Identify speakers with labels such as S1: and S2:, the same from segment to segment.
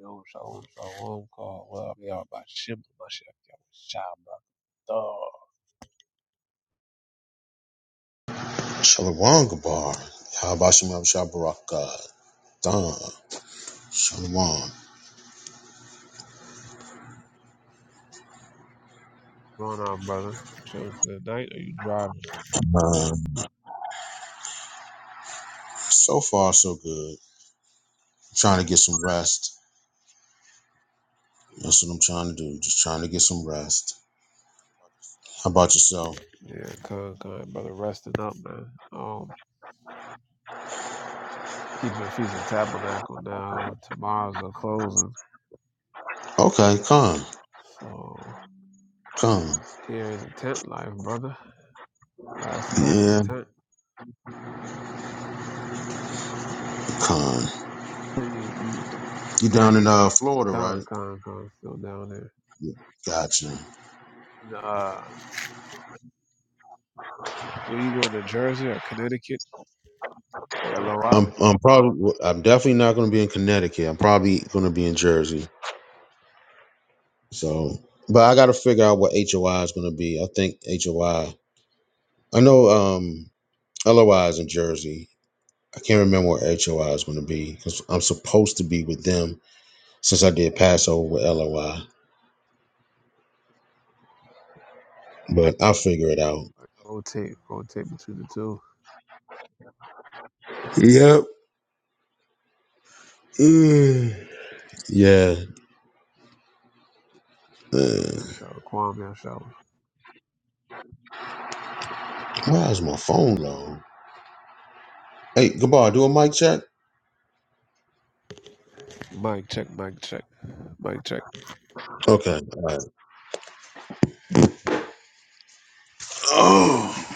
S1: Yo, so so roll call. What up, y'all? About shipping myself. Yo, shot my dog.
S2: Shalom Gabar. Habashim Shabaraka. Don. Shalom.
S1: What's Going on, brother. Chilling for the night. Are you driving?
S2: Um, so far, so good. I'm trying to get some rest. That's what I'm trying to do. Just trying to get some rest. How about yourself?
S1: Yeah, come, come, brother. Resting up, man. Um, keeping the feast and tabernacle now. Tomorrow's the closing.
S2: Okay,
S1: Okay,
S2: come.
S1: fine. So
S2: Come.
S1: here in the tent life, brother. Last night in the
S2: Yeah,
S1: tent.
S2: come.
S1: You, you,
S2: You down in uh, Florida,
S1: Con,
S2: right?
S1: con, con, still down there.
S2: Gotcha.
S1: Uh, were you going to Jersey or Connecticut? Where LOI?
S2: I'm, I'm probably, well, I'm definitely not going to be in Connecticut. I'm probably going to be in Jersey. So, but I got to figure out what HOI is going to be. I think HOI I I know. Um, LOIs in Jersey. I can't remember where HOI is going to be because I'm supposed to be with them since I did Passover with LOI, but I'll figure it out.
S1: Rotate, rotate between the two.
S2: Yep. Mm. Yeah. Uh,
S1: Man shower, Quan man shower.
S2: why is my phone on? Hey, goodbye. Do a mic check.
S1: Mic check, mic check, mic check.
S2: Okay. All right. Oh,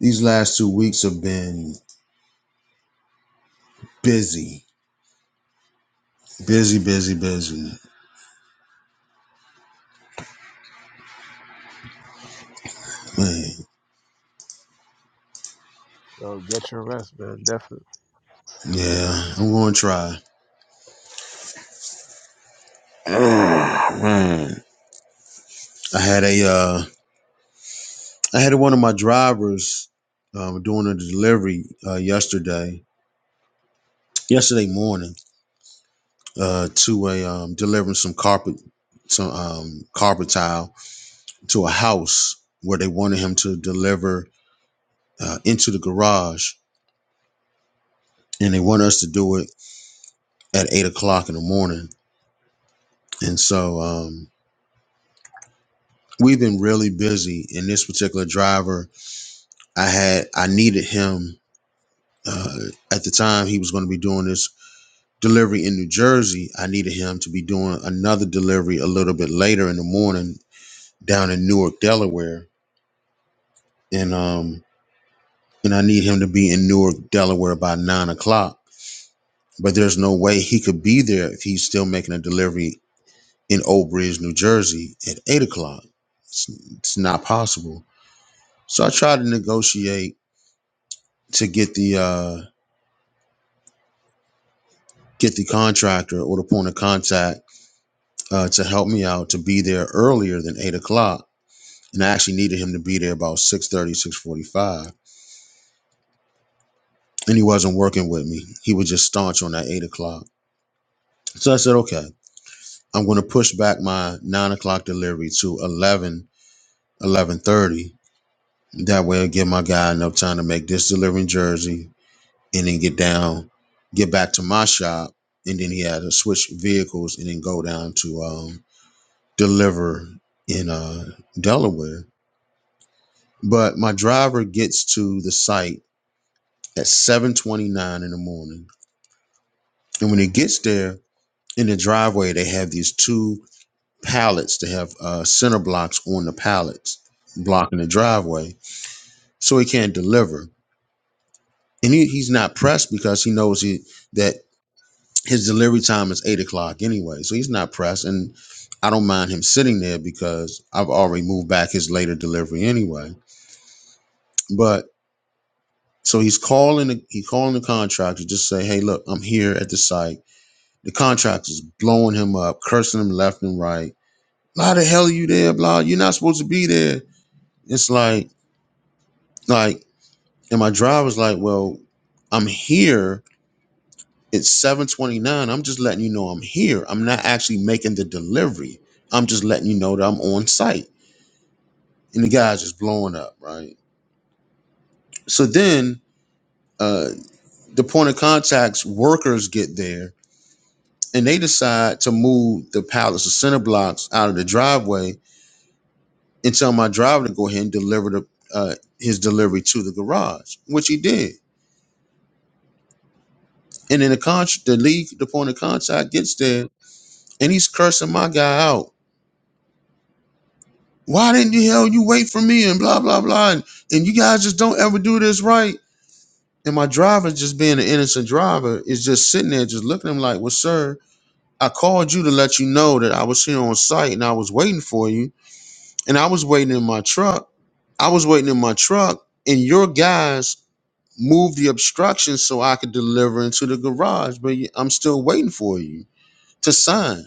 S2: these last two weeks have been busy, busy, busy, busy. Man,
S1: Yo, get your rest, man. Definitely.
S2: yeah, I'm going to try. Oh, man, I had a uh, I had one of my drivers um, doing a delivery uh, yesterday, yesterday morning, uh, to a um, delivering some carpet, some um, carpet tile to a house where they wanted him to deliver uh, into the garage, and they want us to do it at eight o'clock in the morning. And so um, we've been really busy. And this particular driver, I had, I needed him uh, at the time he was going to be doing this delivery in New Jersey, I needed him to be doing another delivery a little bit later in the morning down in Newark, Delaware, and um and I need him to be in Newark, Delaware by nine o'clock. But there's no way he could be there if he's still making a delivery in Old Bridge, New Jersey at eight o'clock. It's, it's not possible. So I tried to negotiate to get the uh, get the contractor or the point of contact uh, to help me out to be there earlier than eight o'clock and I actually needed him to be there about six thirty, six forty-five, And he wasn't working with me. He was just staunch on that 8 o'clock. So I said, okay, I'm going to push back my 9 o'clock delivery to eleven, eleven thirty. That way I'll give my guy enough time to make this delivery in Jersey and then get down, get back to my shop. And then he had to switch vehicles and then go down to um, deliver in uh, Delaware. But my driver gets to the site at 7.29 in the morning And when it gets there in the driveway, they have these two pallets. They have uh, center blocks on the pallets blocking the driveway, so he can't deliver. And he, he's not pressed because he knows he that his delivery time is eight o'clock anyway, so he's not pressed. And I don't mind him sitting there because I've already moved back his later delivery anyway. But so he's calling the he calling the contractor just say, hey, look, I'm here at the site. The contractor's blowing him up, cursing him left and right How the hell are you there? Blah, you're not supposed to be there. It's like, like, and my driver's like, well, I'm here. It's 729. I'm just letting you know I'm here. I'm not actually making the delivery. I'm just letting you know that I'm on site. And the guy's just blowing up, right? So then uh the point of contact's workers get there and they decide to move the pallets of center blocks out of the driveway and tell my driver to go ahead and deliver the uh, his delivery to the garage, which he did. And then the con- the league, the point of contact gets there, and he's cursing my guy out. Why didn't you hell you wait for me and blah blah blah and, and you guys just don't ever do this right. And my driver just being an innocent driver is just sitting there just looking at him like, Well, sir, I called you to let you know that I was here on site and I was waiting for you. And I was waiting in my truck. I was waiting in my truck, and your guys moved the obstruction so I could deliver into the garage, but you- I'm still waiting for you to sign.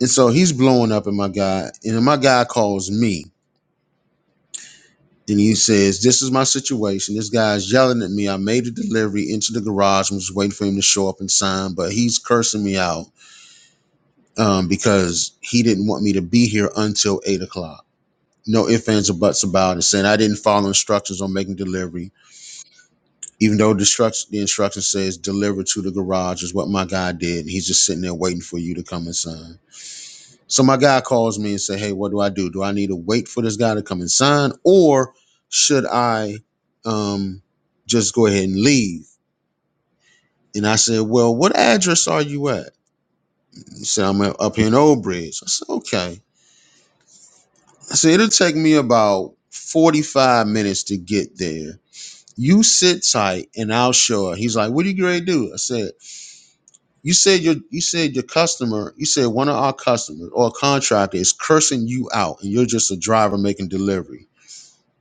S2: And so he's blowing up at my guy, and then my guy calls me and he says, This is my situation. This guy's yelling at me. I made a delivery into the garage and was waiting for him to show up and sign, but he's cursing me out um, because he didn't want me to be here until eight o'clock. No ifs, ands, or buts about it, saying I didn't follow instructions on making delivery, even though the instruction, the instruction says deliver to the garage is what my guy did. And he's just sitting there waiting for you to come and sign. So my guy calls me and say, "Hey, what do I do? Do I need to wait for this guy to come and sign, or should I um, just go ahead and leave?" And I said, "Well, what address are you at?" He said, "I'm up here in Old Bridge." I said, "Okay." I said, "It'll take me about 45 minutes to get there. You sit tight, and I'll show her." He's like, "What are you going to do?" I said, "You said your you said your customer, you said one of our customers or a contractor is cursing you out, and you're just a driver making delivery."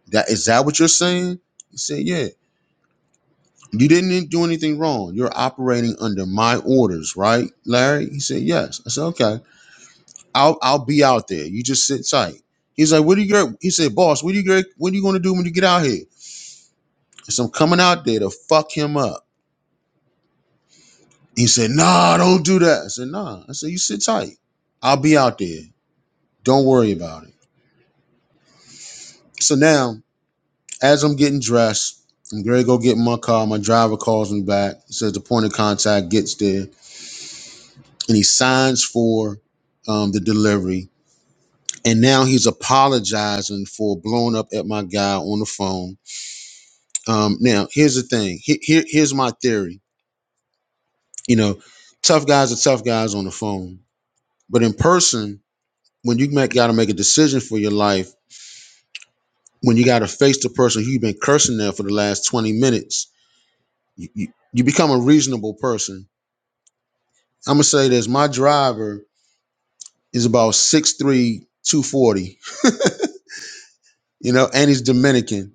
S2: That is that what you're saying? He said, Yeah. You didn't do anything wrong. You're operating under my orders, right, Larry? He said, Yes. I said, Okay. I'll I'll be out there. You just sit tight. He's like, What do you get? He said, Boss, what do you get? What are you gonna do when you get out here? I said, I'm coming out there to fuck him up. He said, Nah, don't do that. I said, Nah. I said, You sit tight. I'll be out there. Don't worry about it. So now, as I'm getting dressed, I'm going to go get in my car. My driver calls me back. He says the point of contact gets there. and he signs for um, the delivery. And now he's apologizing for blowing up at my guy on the phone. Um, now, here's the thing. Here, here, here's my theory. You know, tough guys are tough guys on the phone, but in person, when you make, got to make a decision for your life, when you got to face the person who you've been cursing there for the last 20 minutes, you, you, you become a reasonable person. I'm gonna say this: my driver is about six three, two forty. You know, and he's Dominican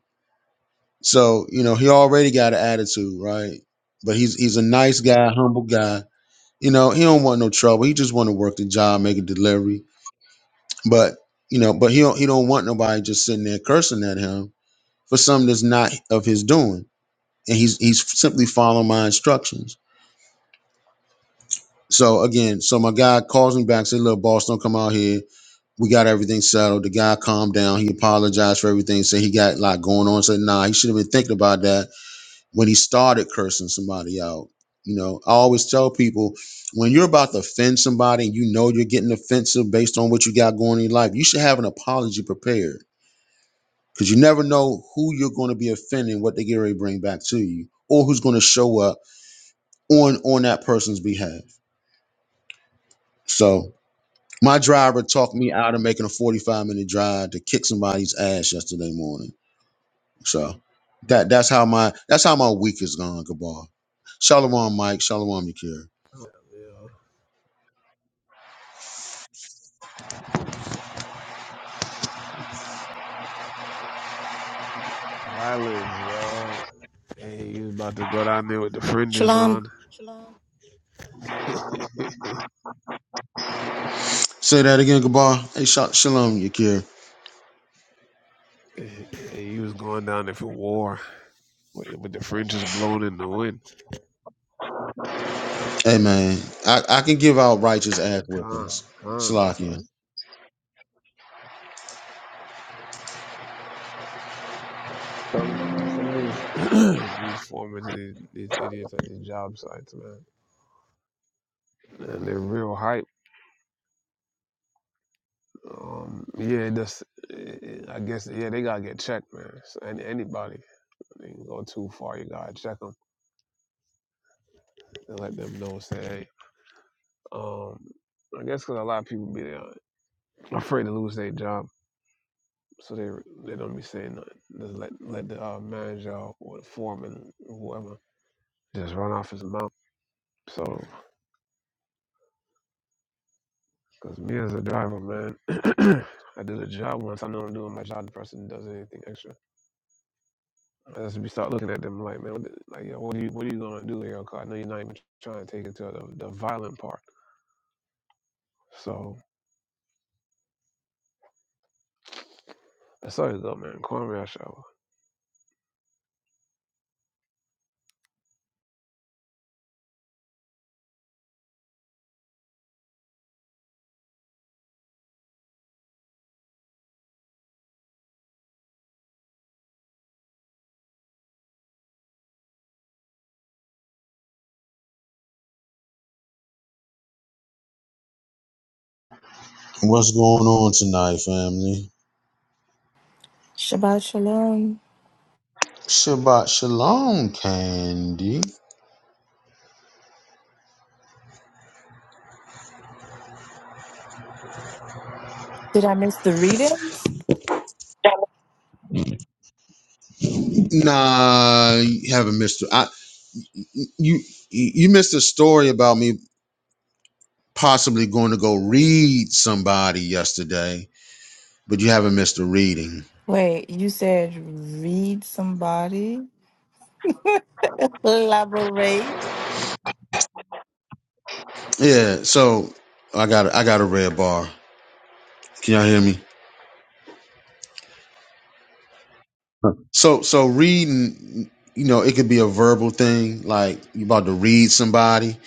S2: So you know he already got an attitude, right? But he's he's a nice guy, humble guy. You know he don't want no trouble. He just want to work the job, make a delivery. But you know, but he don't he don't want nobody just sitting there cursing at him for something that's not of his doing. And he's he's simply following my instructions. So again, so my guy calls me back, said, "Look, boss, don't come out here. We got everything settled." The guy calmed down. He apologized for everything. Said he got a lot going on. Said, "Nah, he should have been thinking about that." when he started cursing somebody out. You know, I always tell people when you're about to offend somebody and you know you're getting offensive based on what you got going in your life, you should have an apology prepared because you never know who you're going to be offending, what they get ready to bring back to you, or who's going to show up on on that person's behalf. So my driver talked me out of making a 45 minute drive to kick somebody's ass yesterday morning. So that that's how my that's how my week is gone, Gabar. Shalom, Mike. Shalom, Yakir.
S1: Yo. Violence, yo. Hey, he was about to go down there with the fringes
S3: Shalom.
S1: on. hey,
S2: Say that again, Gabar. Hey, sha- shalom, Yakir.
S1: you was going down there for war with, with the fringes blowing in the wind.
S2: Hey, man, I, I can give out righteous ass
S1: Gone,
S2: whippings.
S1: gone. That's all
S2: Salakia.
S1: right. Some some of these these formers, these, these idiots at these job sites, man, and they're real hype. Um, yeah, that's, I guess, yeah, they gotta get checked, man. So any, anybody, they can go too far, you gotta check them and let them know, say, hey, um, I guess 'cause a lot of people be there, afraid to lose their job, so they they don't be saying nothing. Just let let the uh, manager or the foreman, whoever, just run off his mouth. So, cause me as a driver, man, I do the job once I know I'm doing my job. The person does anything extra. As we start looking at them like, man, what, the- like, yo, what are you, what are you gonna do here? Cause I know you're not even trying to take it to the, the violent part. So that's all it up, man. Kwame shower.
S2: What's going on tonight, family?
S4: Shabbat Shalom.
S2: Shabbat shalom, Candy.
S4: Did I miss the readings?
S2: Nah, you haven't missed. I you you missed a story about me possibly going to go read somebody yesterday, but you haven't missed a reading.
S4: Wait, you said read somebody? Elaborate?
S2: Yeah, so I got a, I got a red bar. Can y'all hear me? So so reading, you know, it could be a verbal thing, like you about to read somebody,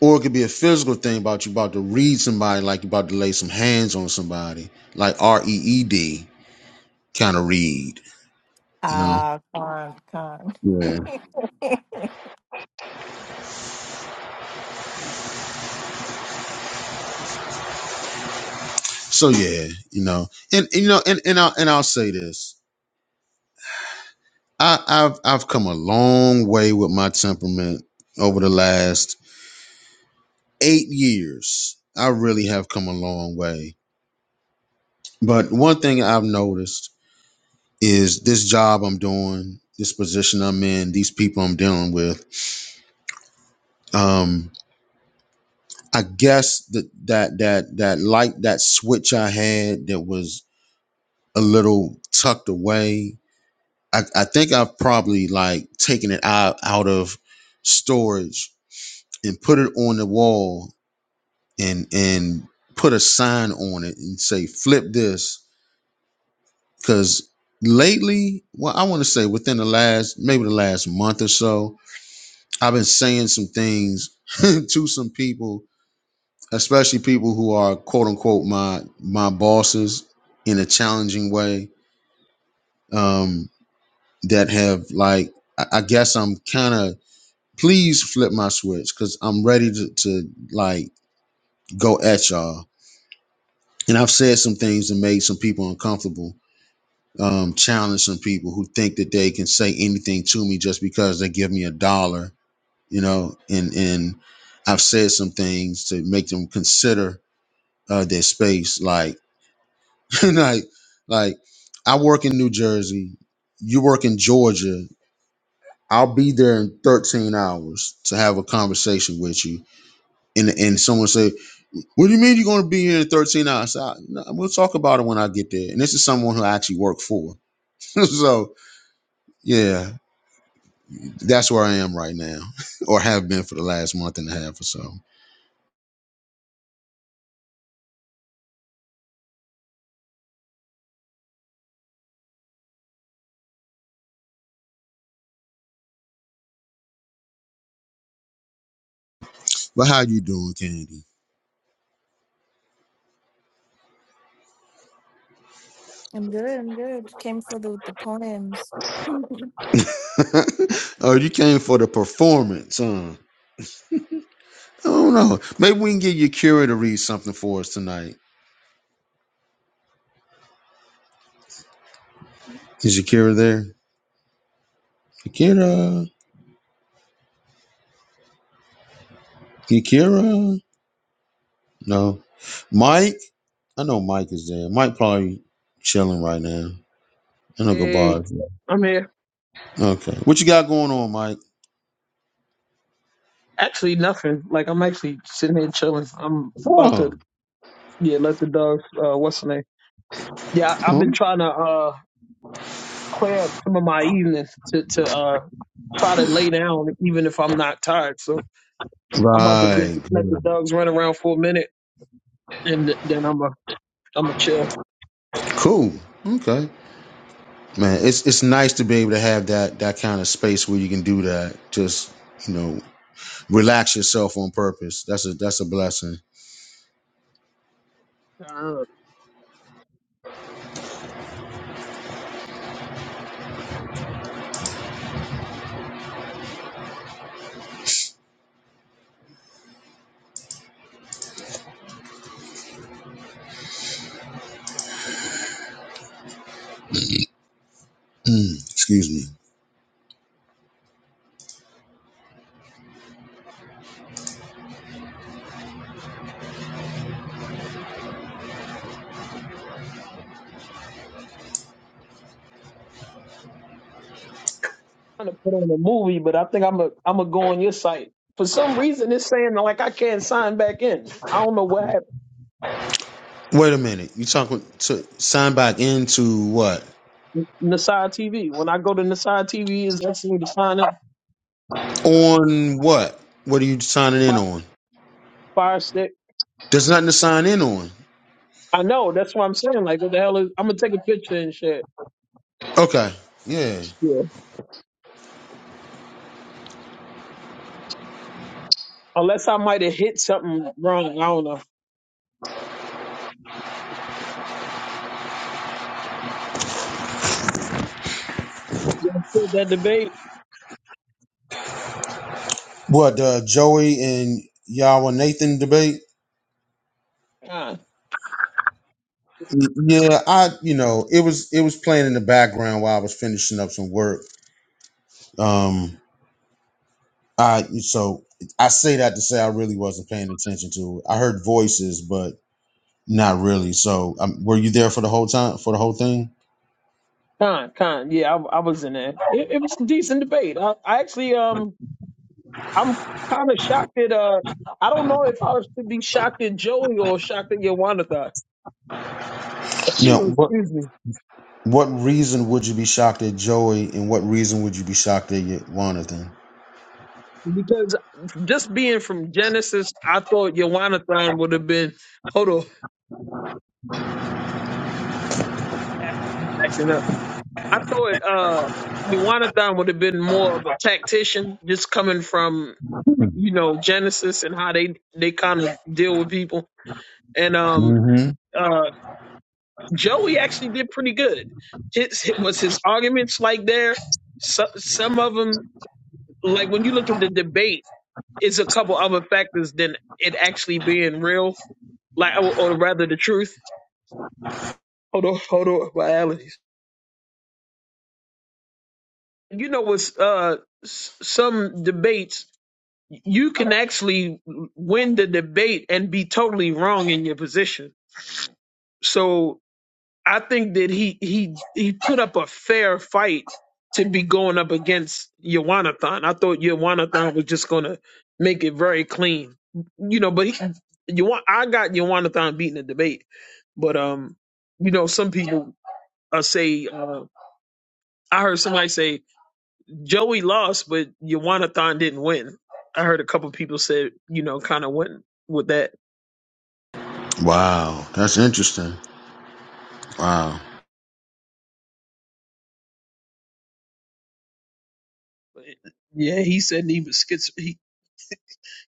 S2: or it could be a physical thing about you about to read somebody, like you about to lay some hands on somebody, like R E E D kind of read, you know.
S4: Ah, con, con.
S2: Yeah. So yeah, you know, and, and, you know, and and I'll and I'll say this, I, I've I've come a long way with my temperament over the last eight years. I really have come a long way. But one thing I've noticed is this job I'm doing, this position I'm in, these people I'm dealing with. Um, I guess that that that that light that switch I had that was a little tucked away. I, I think I've probably like taken it out out of storage and put it on the wall and and put a sign on it and say flip this because lately well i want to say within the last maybe the last month or so I've been saying some things to some people, especially people who are quote unquote my my bosses in a challenging way. Um, that have like I, I guess I'm kind of please flip my switch because I'm ready to, to like go at y'all. And I've said some things that made some people uncomfortable. Um, challenge some people who think that they can say anything to me just because they give me a dollar you know, and and I've said some things to make them consider uh, their space. Like, like, like, I work in New Jersey, you work in Georgia. I'll be there in 13 hours to have a conversation with you, and and someone say, "What do you mean you're going to be here in 13 hours?" I, no, we'll talk about it when I get there. And this is someone who I actually work for, so yeah, that's where I am right now, or have been for the last month and a half or so. But how you doing, Candy?
S4: I'm good, I'm good. Came for the, the poems.
S2: oh, you came for the performance, huh? I don't know. Maybe we can get Yakira to read something for us tonight. Is Yakira there? Yakira? Yakira? No. Mike? I know Mike is there. Mike probably chilling right now. I know
S5: Hey,
S2: Gabard's
S5: I'm here.
S2: there. Okay. What you got going on, Mike?
S5: Actually, nothing. Like I'm actually sitting here chilling. I'm about to
S2: Oh.
S5: yeah let the dogs. Uh, what's the name? Yeah, I- I've been
S2: oh.
S5: trying to uh clear up some of my evenings to to uh try to lay down even if I'm not tired. So I'm about to get
S2: Right.
S5: let the dogs run around for a minute and then I'm a I'm a chill.
S2: Cool. Okay. Man, it's it's nice to be able to have that that kind of space where you can do that. Just you know Relax yourself on purpose. That's a that's a blessing.
S5: Uh,
S2: excuse me.
S5: trying to put on a movie, but I think I'm a I'm a go on your site. For some reason, it's saying like I can't sign back in. I don't know what happened.
S2: Wait a minute. You talking to sign back into what?
S5: Nasai TV. When I go to Nasai TV, is that seem to sign up
S2: On what? What are you signing in
S5: fi-
S2: on?
S5: Fire Stick?
S2: There's nothing to sign in on.
S5: I know. That's what I'm saying. Like, what the hell is? I'm gonna take a picture and shit.
S2: Okay. Yeah.
S5: Yeah. Unless I might have hit something wrong. I don't know. Yeah, that debate.
S2: What uh, Joey and Yahweh Nathan debate?
S5: Con,
S2: Yeah, I you know it was it was playing in the background while I was finishing up some work. Um, I so I say that to say I really wasn't paying attention to it. I heard voices, but Not really. So, um, were you there for the whole time for the whole thing?
S5: con, con. Yeah, I, I was in there. It, it was a decent debate. I, I actually, um, I'm kind of shocked that uh, I don't know if I was to be shocked at Joey or shocked at Yawanda.
S2: Now,
S5: Excuse
S2: what
S5: me.
S2: what reason would you be shocked at Joey, and what reason would you be shocked at Jonathan?
S5: Because just being from Genesis, I thought Yawanathan would have been. Hold on, backing up. I thought uh, Yawanathan would have been more of a tactician, just coming from you know Genesis and how they they kind of deal with people. And um,
S2: Mm-hmm.
S5: uh, Joey actually did pretty good. His was his arguments like there. So, some of them, like when you look at the debate, it's a couple other factors than it actually being real, like or or rather the truth Hold on, hold on, my allergies. You know, with uh, s- some debates, you can actually win the debate and be totally wrong in your position. So I think that he he he put up a fair fight to be going up against Yawanathan. I thought Yawanathan was just gonna make it very clean, you know. But he, you want I got Yawanathan beating the debate, but um, you know, some people uh, say uh, I heard somebody say. Joey lost, but Thon didn't win. I heard a couple people said, you know, kind of went with that.
S2: Wow, that's interesting. Wow.
S5: But yeah, he said he was schizo. He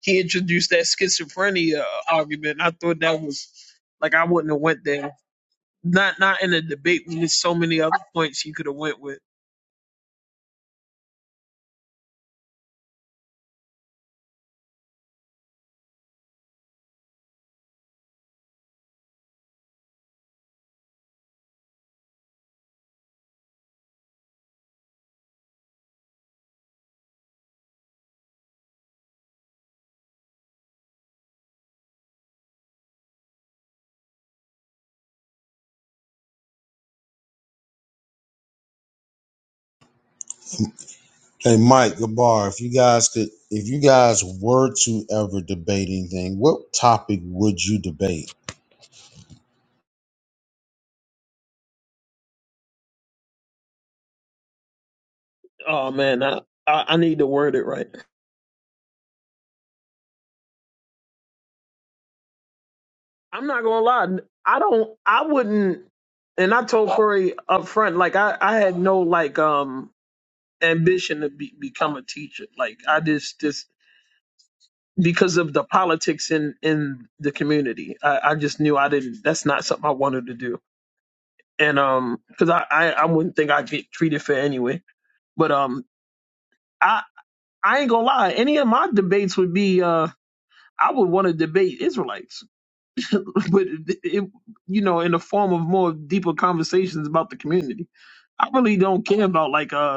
S5: he introduced that schizophrenia argument. I thought that was like I wouldn't have went there. Not not in a debate when there's so many other points you could have went with.
S2: Hey, Mike Gabar, if you guys could, if you guys were to ever debate anything, what topic would you debate?
S5: Oh man, I, I I need to word it right. I'm not gonna lie. I don't. I wouldn't. And I told Corey up front, like I I had no like um ambition to be, become a teacher. Like I just just because of the politics in in the community. I, I just knew I didn't. That's not something I wanted to do. And um, because I, I I wouldn't think I'd get treated fair anyway. But um, I I ain't gonna lie. Any of my debates would be uh, I would want to debate Israelites, but it, it you know in the form of more deeper conversations about the community. I really don't care about like uh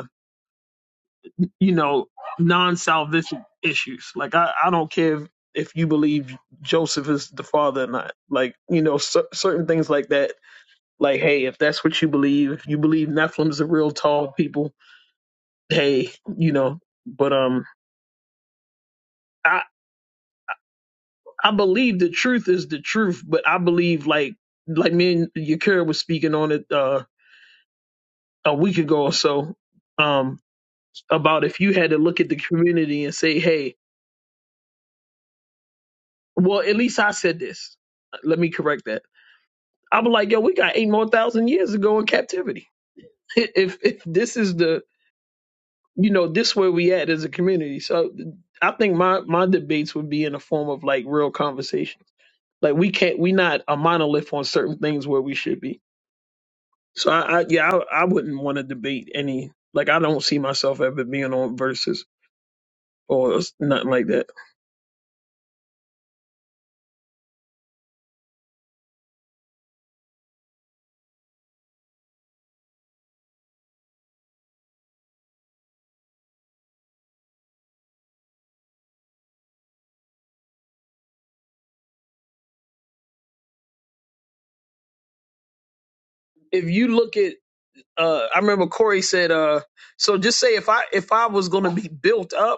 S5: you know, non-salvific issues. Like I, I don't care if, if you believe Joseph is the father or not. Like you know, cer- certain things like that. Like hey, if that's what you believe, if you believe Nephilim's the real tall people, hey, you know. But um, I I believe the truth is the truth, but I believe like like me and Yakira was speaking on it uh a week ago or so um about if you had to look at the community and say hey well at least i said this let me correct that I'm like, yo, we got eight more thousand years to go in captivity. If if this is the you know this where we at as a community, so I think my my debates would be in the form of like real conversation. Like we can't we not a monolith on certain things where we should be. So I, I yeah I, I wouldn't want to debate any like I don't see myself ever being on versus or nothing like that. If you look at uh I remember Corey said uh so just say if I if I was gonna be built up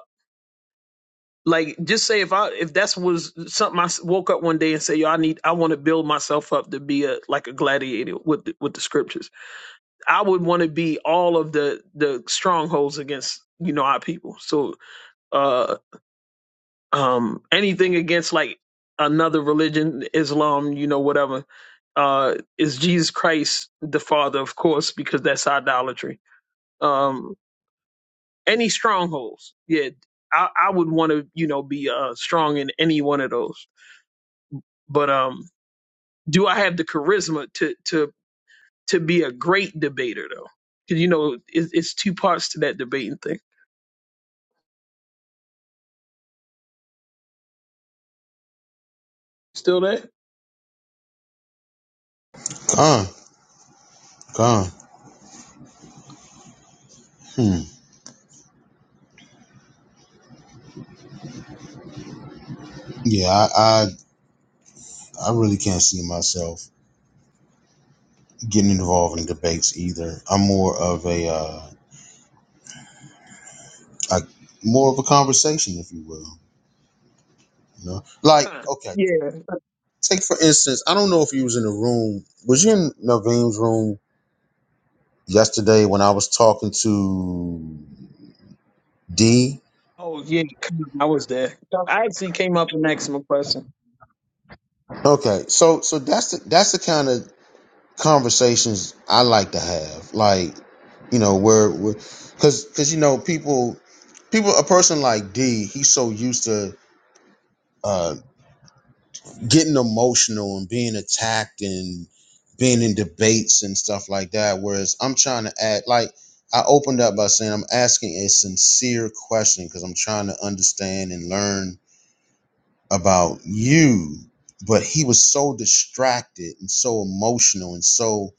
S5: Like, just say if I if that's was something I s- woke up one day and say, yo, I need I want to build myself up to be a like a gladiator with the, with the scriptures. I would want to be all of the the strongholds against you know our people. So, uh, um, anything against like another religion, Islam, you know, whatever, uh, is Jesus Christ the Father, of course, because that's idolatry. Um, any strongholds, yeah, I, I would want to you know be uh strong in any one of those. But um, do I have the charisma to to to be a great debater though? Because you know it, it's two parts to that debating thing. Still that?
S2: Con, con. Hmm. Yeah, I, I, I really can't see myself. getting involved in debates either. I'm more of a, uh, a more of a conversation, if you will. You know, like
S5: Huh.
S2: okay,
S5: Yeah.
S2: take for instance. I don't know if you was in the room. Was you in Naveen's room yesterday when I was talking to D?
S5: Oh yeah. Khan, I was there. I actually came up and asked him a question.
S2: Okay, so so that's the that's the kind of conversations I like to have. Like, you know, where because because you know people people a person like D, he's so used to. uh. getting emotional and being attacked and being in debates and stuff like that. Whereas I'm trying to add, like, I opened up by saying I'm asking a sincere question because I'm trying to understand and learn about you. But he was so distracted and so emotional and so,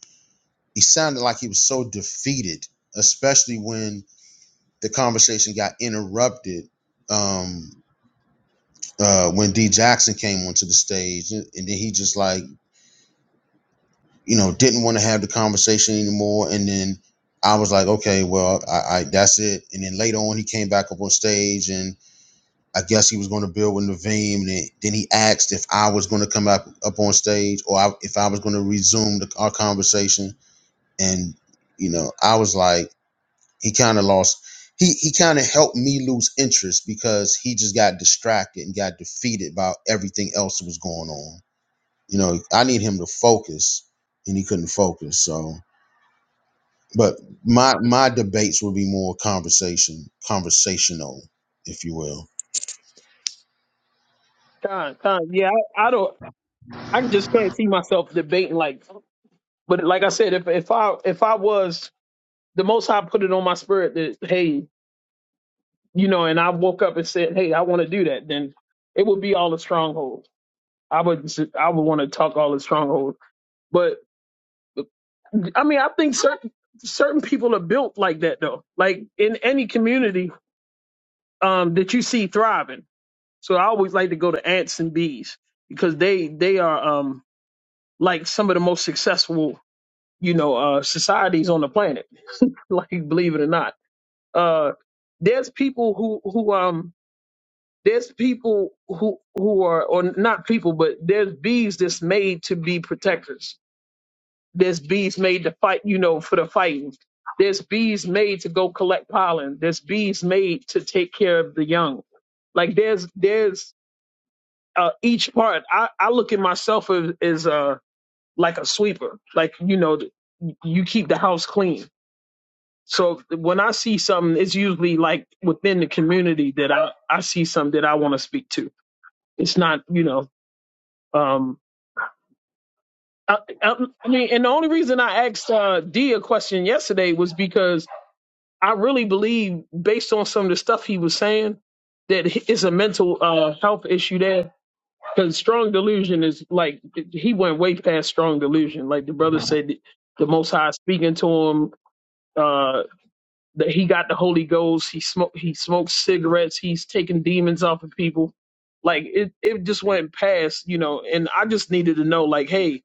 S2: he sounded like he was so defeated, especially when the conversation got interrupted. Um, uh, when D Jackson came onto the stage, and and then he just like you know, didn't want to have the conversation anymore. And then I was like, okay, well, I, I that's it. And then later on, he came back up on stage, and I guess he was going to build with Naveem. And then, then he asked if I was going to come back up on stage or I, if I was going to resume the, our conversation. And you know, I was like, he kind of lost. He, he kind of helped me lose interest because he just got distracted and got defeated by everything else that was going on. You know, I need him to focus, and he couldn't focus. So, but my my debates will be more conversation, conversational, if you will.
S5: Con, con. Yeah, I, I don't. I just can't see myself debating like But like I said, if if I if I was the Most High put it on my spirit that hey, you know, and I woke up and said, hey, I want to do that, then it would be all the strongholds. I would s- I would want to talk all the strongholds. But I mean, I think certain certain people are built like that though. Like in any community um, that you see thriving. So I always like to go to ants and bees because they they are um, like some of the most successful you know uh, societies on the planet. like believe it or not Uh, there's people who who um there's people who who are or not people, but there's bees that's made to be protectors. There's bees made to fight, you know, for the fighting. There's bees made to go collect pollen. There's bees made to take care of the young. Like there's there's uh, each part. I I look at myself as, as uh like a sweeper. Like you know, you keep the house clean So when I see something, it's usually like within the community that I, I see something that I want to speak to. It's not, you know, um, I, I, I mean, and the only reason I asked uh, D a question yesterday was because I really believe, based on some of the stuff he was saying, that he- it's a mental uh, health issue there. Because strong delusion is like he went way past strong delusion. Like the brother said, the Most High is speaking to him. Uh, that he got the Holy Ghost. He smoked he smokes cigarettes. He's taking demons off of people. Like it, it just went past, you know. And I just needed to know, like, hey,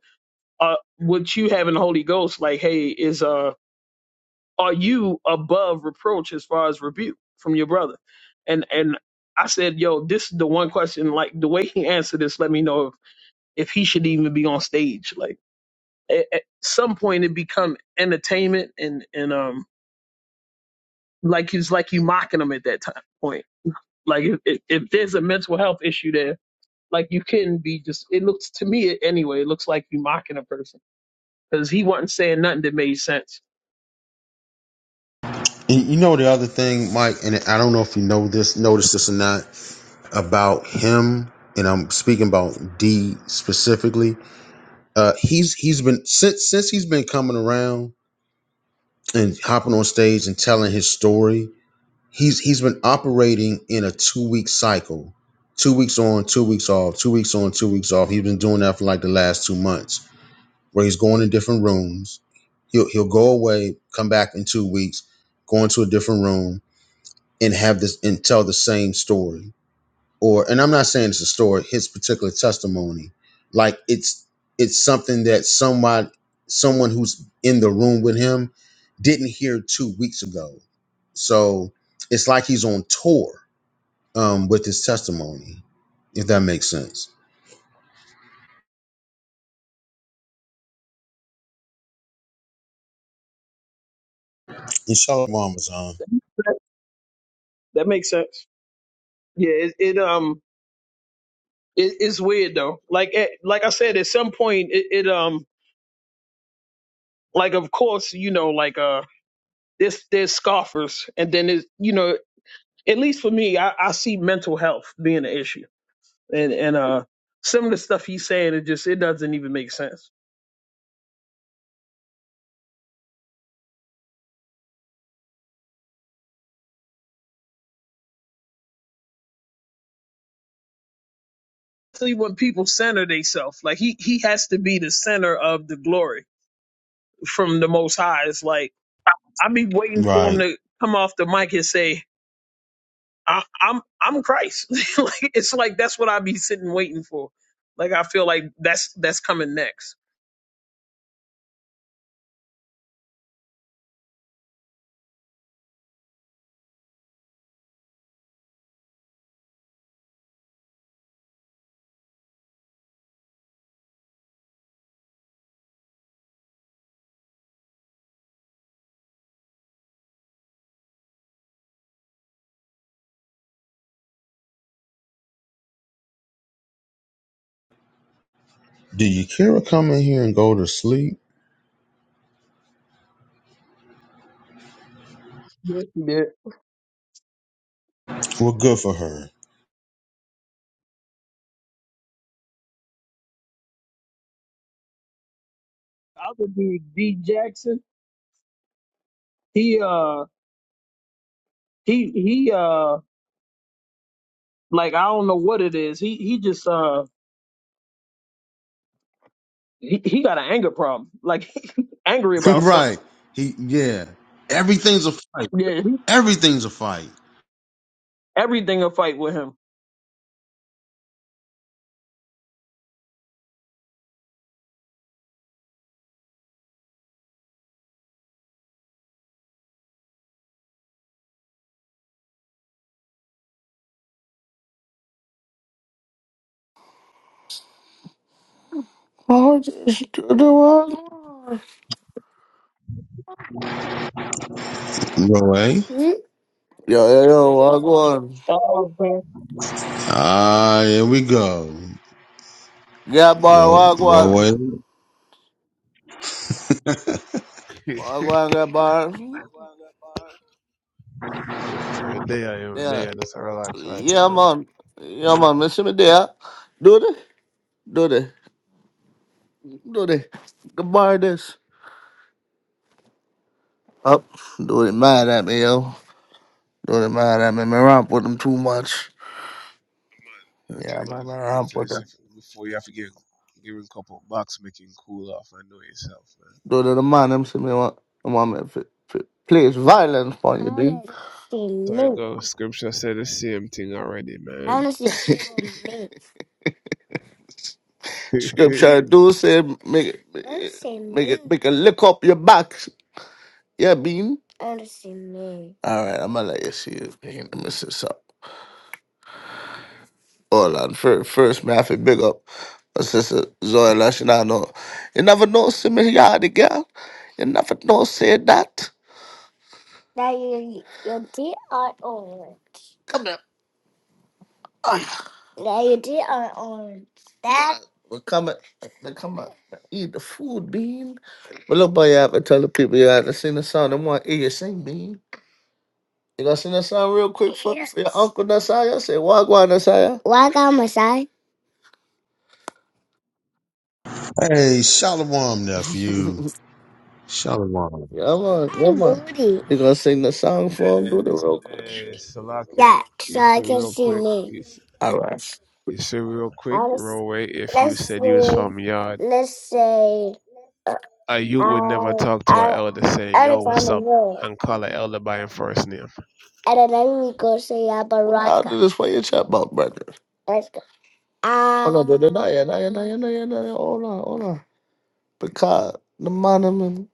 S5: uh, what you having the Holy Ghost? Like, hey, is uh, are you above reproach as far as rebuke from your brother? And and I said, yo, this is the one question. Like the way he answered this, let me know if if he should even be on stage. Like at, at some point, it become entertainment and and um like it's like you mocking him at that time point Like if, if if there's a mental health issue there, like you couldn't be just. It looks to me anyway. It looks like you mocking a person because he wasn't saying nothing that made sense.
S2: And you know the other thing, Mike, and I don't know if you know this, notice this or not, about him, and I'm speaking about D specifically. Uh, he's he's been since since he's been coming around and hopping on stage and telling his story. He's he's been operating in a two week cycle, two weeks on, two weeks off, two weeks on, two weeks off. He's been doing that for like the last two months where he's going in different rooms. He'll he'll go away, come back in two weeks, go into a different room and have this and tell the same story. Or and I'm not saying it's a story, his particular testimony. Like it's it's something that somebody someone who's in the room with him didn't hear two weeks ago. So it's like he's on tour um, with his testimony, if that makes sense. Inshallah, Ramazan.
S5: That makes sense. Yeah. It, it um. It, it's weird though. Like at, like I said, at some point it, it um. Like of course you know like uh. There's there's scoffers and then it's you know at least for me I, I see mental health being an issue and and uh some of the stuff he's saying it just it doesn't even make sense especially when people center themselves. Like he he has to be the center of the glory from the Most High. It's like I be waiting for him
S2: Right.
S5: to come off the mic and say, I, "I'm I'm Christ." like it's like that's what I be sitting waiting for. Like I feel like that's that's coming next.
S2: Do you care to come in here and go to sleep?
S5: Yes, he did.
S2: Well, good for her.
S5: Other dude, D Jackson, he uh he he uh like I don't know what it is. He he just uh he, he got an anger problem. Like angry about something.
S2: right. He yeah. Everything's a fight.
S5: Yeah, he-
S2: Everything's a fight.
S5: everything a fight with him.
S6: Oh, just do the one.
S2: Roy.
S6: Yo, yo, yo, Wagwan.
S5: Oh, okay.
S2: Ah, here we go.
S6: Got
S2: Ro
S6: bar, Wagwan.
S2: Roy.
S1: yeah,
S6: Wagwan got bars.
S1: every day I am,
S6: Yeah,
S1: day I just relax right there
S6: yeah,
S1: now.
S6: man. Yeah, man. Miss me there. Do the, do the, do the. The bar this. Up. Do it mad at me, yo. Do it mad at me. Me romp with them too much. Yeah,
S1: Come on,
S6: man, me
S1: uh,
S6: romp
S1: to
S6: with
S1: this
S6: them.
S1: second before you have to give, give him a couple of bucks, making cool off. I know yourself, man.
S6: Do the, the man, them see me want, I want me to place violence on you, dude. I wanna see
S1: Sorry,
S6: loot.
S1: go. Scripture said the same thing already,
S6: I
S1: man.
S6: wanna see people loot.
S1: hey,
S6: Scripture do say make make, make it make a lick up your back. Yeah, bean. All right, I'm gonna let you see if you can mess this up. Hold on. First, first man, I feel big up. My sister Zoe Lashana, know. You never know, see me yard girl. You never know, say that. Come here. Yeah, you did on, on that. we come and they come and eat the food, Bean. But look, boy, you have to tell the people you have to sing the song. They want to hear you sing, Bean. You gonna sing the song real quick for, for your Yes. uncle Nasaya? Say, Wagwan Nasaya. Welcome, Masai.
S2: hey, Shalom,
S6: yeah,
S2: nephew.
S6: man,
S2: Shalom.
S6: yeah, man. booty. You gonna sing the song for him? Do the real quick.
S1: Salakia.
S6: Yeah, so
S1: You
S6: I
S1: see
S6: can
S1: real
S6: see
S1: quick.
S6: me.
S1: You see,
S6: All right.
S1: you see real quick,
S6: Let's,
S1: Roadway, if you
S6: let's
S1: said you was
S6: see.
S1: from Yard,
S6: Let's say.
S1: a youth would never
S6: I
S1: talk to an
S6: I
S1: elder saying,
S6: I
S1: yo,
S6: didn't find
S1: what's
S6: the
S1: up?
S6: word.
S1: And call an elder by his first name.
S6: And then let me go say I'll Yabaraka. do Baraka. this for your chat box, brother. Let's go. Oh no, Ah, no, no, no, yeah, no, yeah, no, yeah, no, yeah, no, yeah. Hold on, hold on. Because the monument.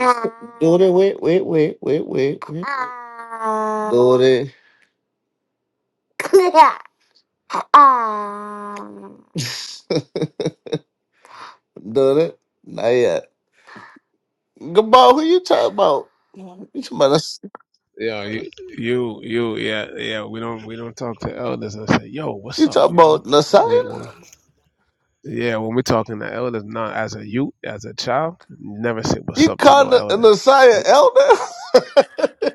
S6: ah, Do it, wait, wait, wait, wait, wait, wait. ah, Do it, ah. do it. Not yet. Goodbye. Who you talking about? You talking about? Nas-
S1: Yeah, you, you, you, yeah, yeah. We don't, we don't talk to elders and say, "Yo, what's
S6: You
S1: up,
S6: talking
S1: yo?"
S6: about
S1: We,
S6: Nasiah?
S1: when, yeah, when we're talking to elders, not as a youth, as a child, never say "what's
S6: You
S1: up" to
S6: call
S1: no
S6: the
S1: elder.
S6: Messiah
S1: It-
S6: elder?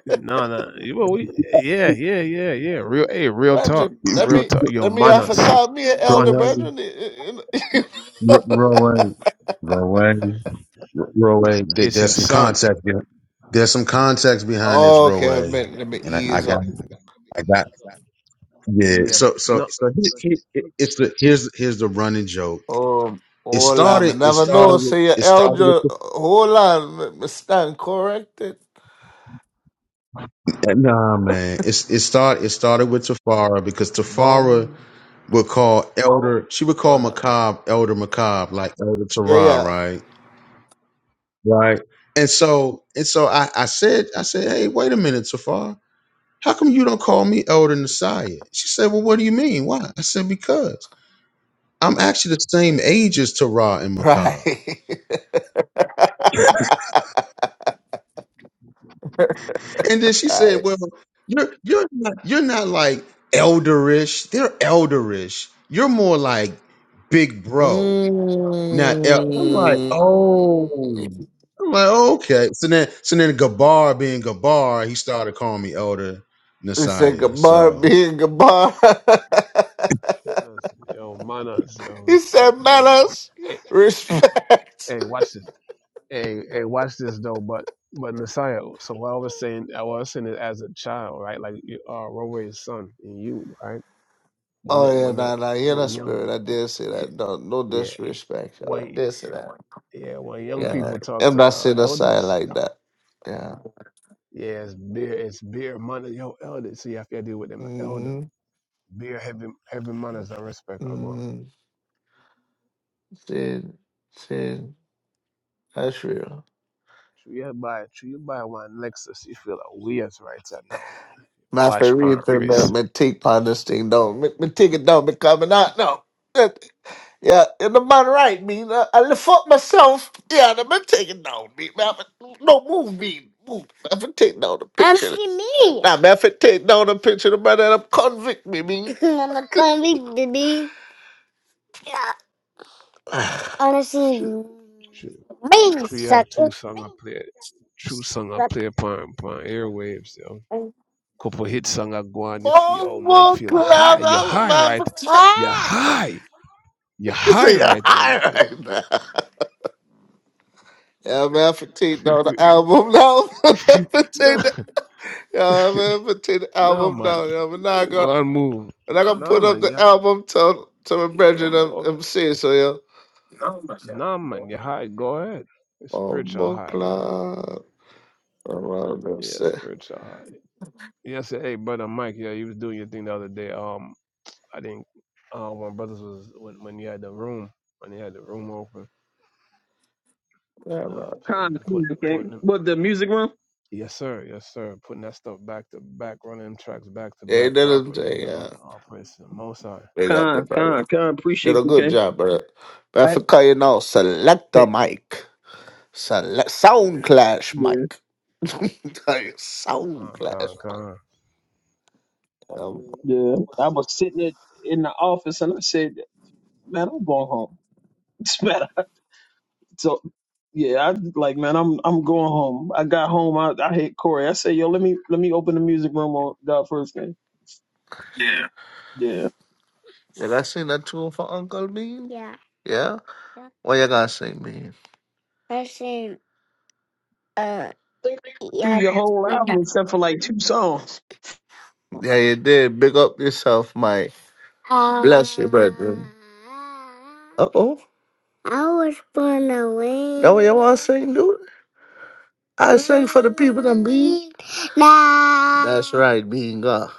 S1: No, no, you- well, we, yeah, yeah, yeah, yeah. Real, hey, real talk,
S6: Brethren, that
S1: real
S6: mean
S1: talk. Yo,
S6: that mean I
S1: manas,
S6: called me an elder,
S1: manas,
S2: Roy.
S6: brethren.
S2: R- Roy. Roy. Roy. There-
S1: it's your
S2: There's some
S1: son.
S2: context. here. There's some context behind this,
S6: okay, let
S2: Roy.
S6: me, let me
S2: And I, I
S6: ease
S2: got,
S6: up.
S2: I got, yeah.
S1: Yeah,
S2: So, so,
S1: no,
S2: so here- here- it's the here's here's the running joke
S6: Um,
S2: It
S6: hold on, me
S2: started. It
S6: never
S2: started
S6: know.
S2: with.
S6: Say your
S2: It started
S6: elder.
S2: with.
S6: Hold on, me, me stand corrected.
S2: The, nah, man. It's it started. It started with Tafara because Tafara
S6: Boom.
S2: would call Elder. She would call
S6: Hold on, me.
S2: Macab Elder Macab, like Elder
S6: Yeah,
S2: Tarah,
S6: yeah.
S2: right? Right. And so and so I I said I said, hey, wait a minute, Tafara. How come you don't call me Elder Messiah? She said, well, what do you mean? Why? I said, because I'm actually the same age as Tarah and
S6: Right.
S2: Macab. And then she said,
S6: right.
S2: "Well, you're you're not you're not like elderish. They're elderish. You're more like big bro, not." El-. I'm like, oh.
S6: Mm.
S2: I'm like, okay. So then, so then, Gabar being Gabar, he started calling me Elder
S6: He said,
S2: Messiah.
S6: Gabar
S2: So,
S6: being Gabar.
S1: manas, yo, manas, yo,
S6: he said,
S1: respect manas.
S6: manners,
S1: Hey,
S6: respect.
S1: hey, watch this. And hey, watch this though. But but Messiah. So what I was saying, I was saying it as a child, right? Like you are Rome's son and you, right? When
S6: Oh,
S1: it,
S6: yeah,
S1: when the
S6: nah, nah, you're
S1: when young,
S6: spirit. I did say that. No, no
S1: yeah,
S6: disrespect, y'all. I
S1: when
S6: did say that.
S1: yeah, when young
S6: Yeah.
S1: people talk
S6: I'm
S1: to
S6: not
S1: uh,
S6: saying a side
S1: elders,
S6: like that. Yeah.
S1: yeah, it's beer, it's beer money. Yo, elder, so you have to deal with them elder.
S6: Mm-hmm.
S1: Beer heavy heavy manners and respect are gone.
S6: Mm-hmm. Sin, sin. That's real.
S1: Should you buy should you buy one Lexus? You feel like we as right now.
S6: My
S1: Watch pound
S6: favorite thing,
S1: wrist.
S6: man, me take on this thing, though. Me, me take it down, me coming out, no. Yeah, and the man right, mean. I, I lift up myself. Yeah, and I've been taking down, mean. Man, I've been- no, move, mean. Move. I've been taking down the I'm picture. see me. Nah, man, if I taking down the picture, the man that I'm convict, me, mean. I'm a convict, baby. Yeah. Honestly,
S1: Should
S6: brain
S1: should you
S6: suck.
S1: have two
S6: It
S1: songs. I play true song I
S6: suck.
S1: play upon upon airwaves, yo. Couple hit song I go on you feel
S6: More,
S1: oh man
S6: more
S1: feel high,
S6: crap,
S1: you're
S6: I'm-
S1: high
S6: man.
S1: right.
S6: for-
S1: You're
S6: Ah!
S1: high. You're
S6: You
S1: high
S6: see, you're
S1: right I
S6: high
S1: know,
S6: right
S1: yo.
S6: now. Yeah, man, I take down the album now.
S1: no
S6: I Yeah, man, put the
S1: no
S6: album
S1: man.
S6: down, yo. We're not
S1: Go
S6: gonna,
S1: on move.
S6: we're not gonna
S1: No
S6: put up
S1: man,
S6: the
S1: you have
S6: album till till my
S1: to
S6: brethren them,
S1: go
S6: them say so, yo.
S1: no man, you're high, go ahead. It's
S6: Oh,
S1: spiritual
S6: my
S1: high, man.
S6: God, around them
S1: Yeah,
S6: say,
S1: spiritual high. Yeah, say, hey brother Mike, yeah, you was doing your thing the other day. Um I didn't. Uh, when brothers was when when you had the room when they had the room open,
S6: yeah, man.
S1: uh, playing
S5: Con,
S1: and
S5: con,
S1: putting
S5: okay.
S1: putting them.
S5: What the music room?
S1: Yes sir, yes sir. Putting that stuff back to back, running them tracks back to
S6: Yeah, they
S1: back
S6: didn't
S1: properly,
S6: say,
S1: yo.
S6: yeah.
S1: All praise to the Most High.
S6: They got the
S5: Con,
S6: brother.
S5: con, con.
S6: Did
S5: Appreciate
S6: a
S5: you,
S6: good
S5: okay.
S6: job, brother. But I
S5: I,
S6: forgot you now, select the mic. Select sound clash
S5: yeah,
S6: mic. Like, sound
S1: Con
S6: clash
S1: con
S6: mic.
S1: con.
S6: Um,
S5: yeah. I was sitting at, in the office and I said, "Man, I'm going home." It's better. So, yeah, I like, man, I'm I'm going home. I got home. I, I hit Corey. I said, "Yo, let me let me open the music room on God first thing."
S6: yeah.
S5: Yeah.
S6: You gotta sing that tune for Uncle Bean? Yeah. Yeah? What you gonna sing, Bean? I seen uh
S5: I think I through
S6: yeah.
S5: your whole
S6: Linda.
S5: album except for like two songs.
S6: Yeah, you did. Big up yourself, Mike. Bless you, brethren. Uh oh. I was born away. That what you want to sing, dude? I sing for the people that be. Nah. That's right, being God.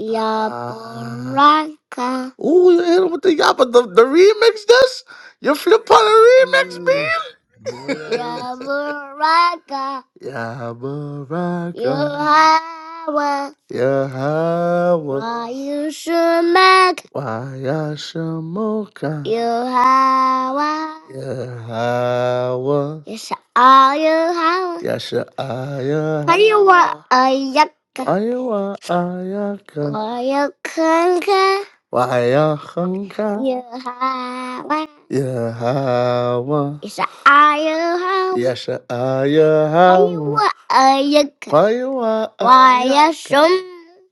S6: Yabaraka. Ooh, you hit him with the yap, the, the remix, this? You flip on the remix,
S1: Mm,
S6: bean?
S1: boy, that it.
S6: ya Yabaraka, Yabaraka, Yahweh, Yahweh, Wayushamak, Wayashamoka, Yahweh, Yahweh, Yeshayah, Haywa, Yashaayahawa, Ayaka, Ayawa Ayaka, Ayakanka, 哇呀哼哈，Yehovah 耶哈哇，is I Yehovah. 也是啊呀哈 Why 哇，what are you? 哇呀哇啊 Why 呀 are 个，some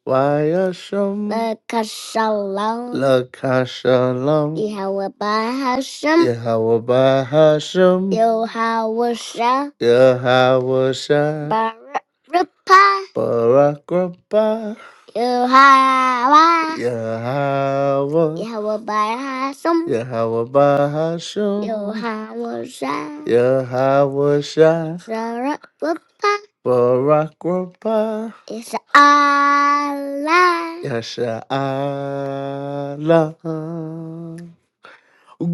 S6: 哇呀什，the castle? 拉卡沙朗，Yehovah has some. 耶哈我巴哈什，Yehovah 耶哈我沙，Barapa 巴拉格巴。Yahweh, Yahweh, Yahweh by Hashem, Yahweh Bahashem, Yahweh Shai, Yahweh Shai, Sarah Papa, Barak Rabah, It's Allah. Yasha Allah. Good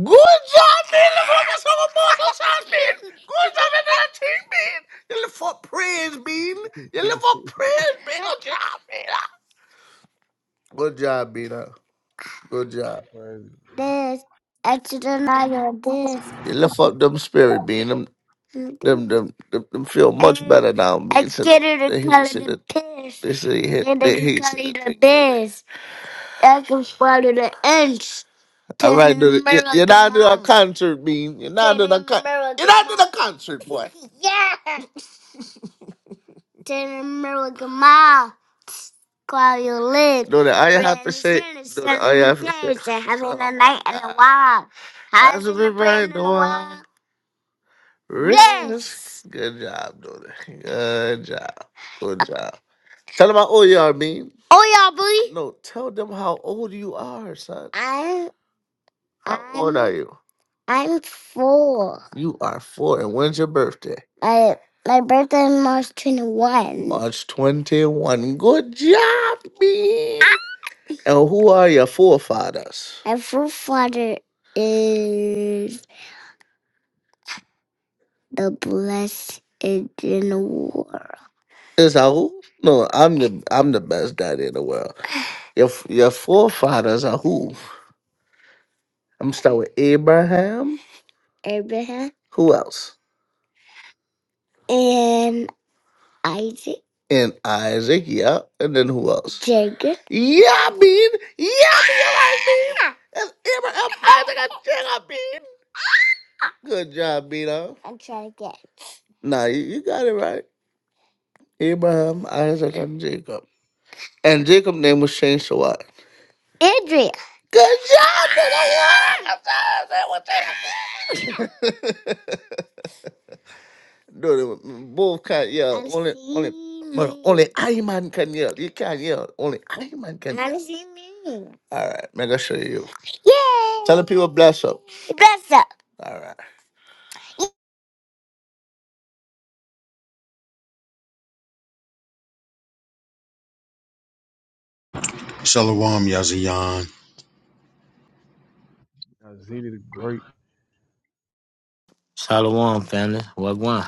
S6: job, man. Look what that's all about. That's all, man. Good job in that team, man. You live for praise, man. You live for praise, man. Good job, man. Good job, Bina. Good job.
S1: Praise
S6: This extra night of this. You lift up them spirit, Bean. Them them them them, them feel much better now, Bean. I'm Said that scared of the that he color said the that piss. they said he hit And that the he color said called it that the they. bears. I can swallow the inch. All Tell right, dude. You- You're miracle not doing a mom. concert, Bean. You're not Tell doing a con- You're miracle not doing mom. a concert, boy. Yeah. Mouth while you live. Lord, all you have to say. Lord, all you have to say. Having a night and a wild. How's it been right in the wild? Yes. Good job, Dora. Good job. Good job. Tell them how old you are, Bean. Oh, y'all, boy. No, tell them how old you are, son. I. How old are you? I'm four. You are four. And when's your birthday? I, my birthday is March 21. March 21. Good job, B. And who are your forefathers? My forefather is the blessed in the world. Is that who? No, I'm the I'm the best daddy in the world. Your your forefathers are who? I'm gonna start with Abraham. Abraham. Who else? And. Isaac, And Isaac, yeah. And then who else? Jacob, Yeah, Bean. Yeah, Bean, all right, Bean. That's Abraham, Isaac, and Jacob, Bean. Good job, Bean. I'm trying to get. Nah, you, you got it right. Abraham, Isaac, and Jacob. And Jacob's name was changed to what? Andrea. Good job, Bean. Yeah, good job. That was it. No, no, both can't yell. I'm Only, only, seen but only screaming. I man can yell. You can't yell. Only I man can yell. I'm screaming. All right, mega show you. Yay! Tell the people bless up. Bless up. All right.
S2: Shalom Yaziyan,
S1: Azini the Great.
S7: Shalom, family. Wagwan.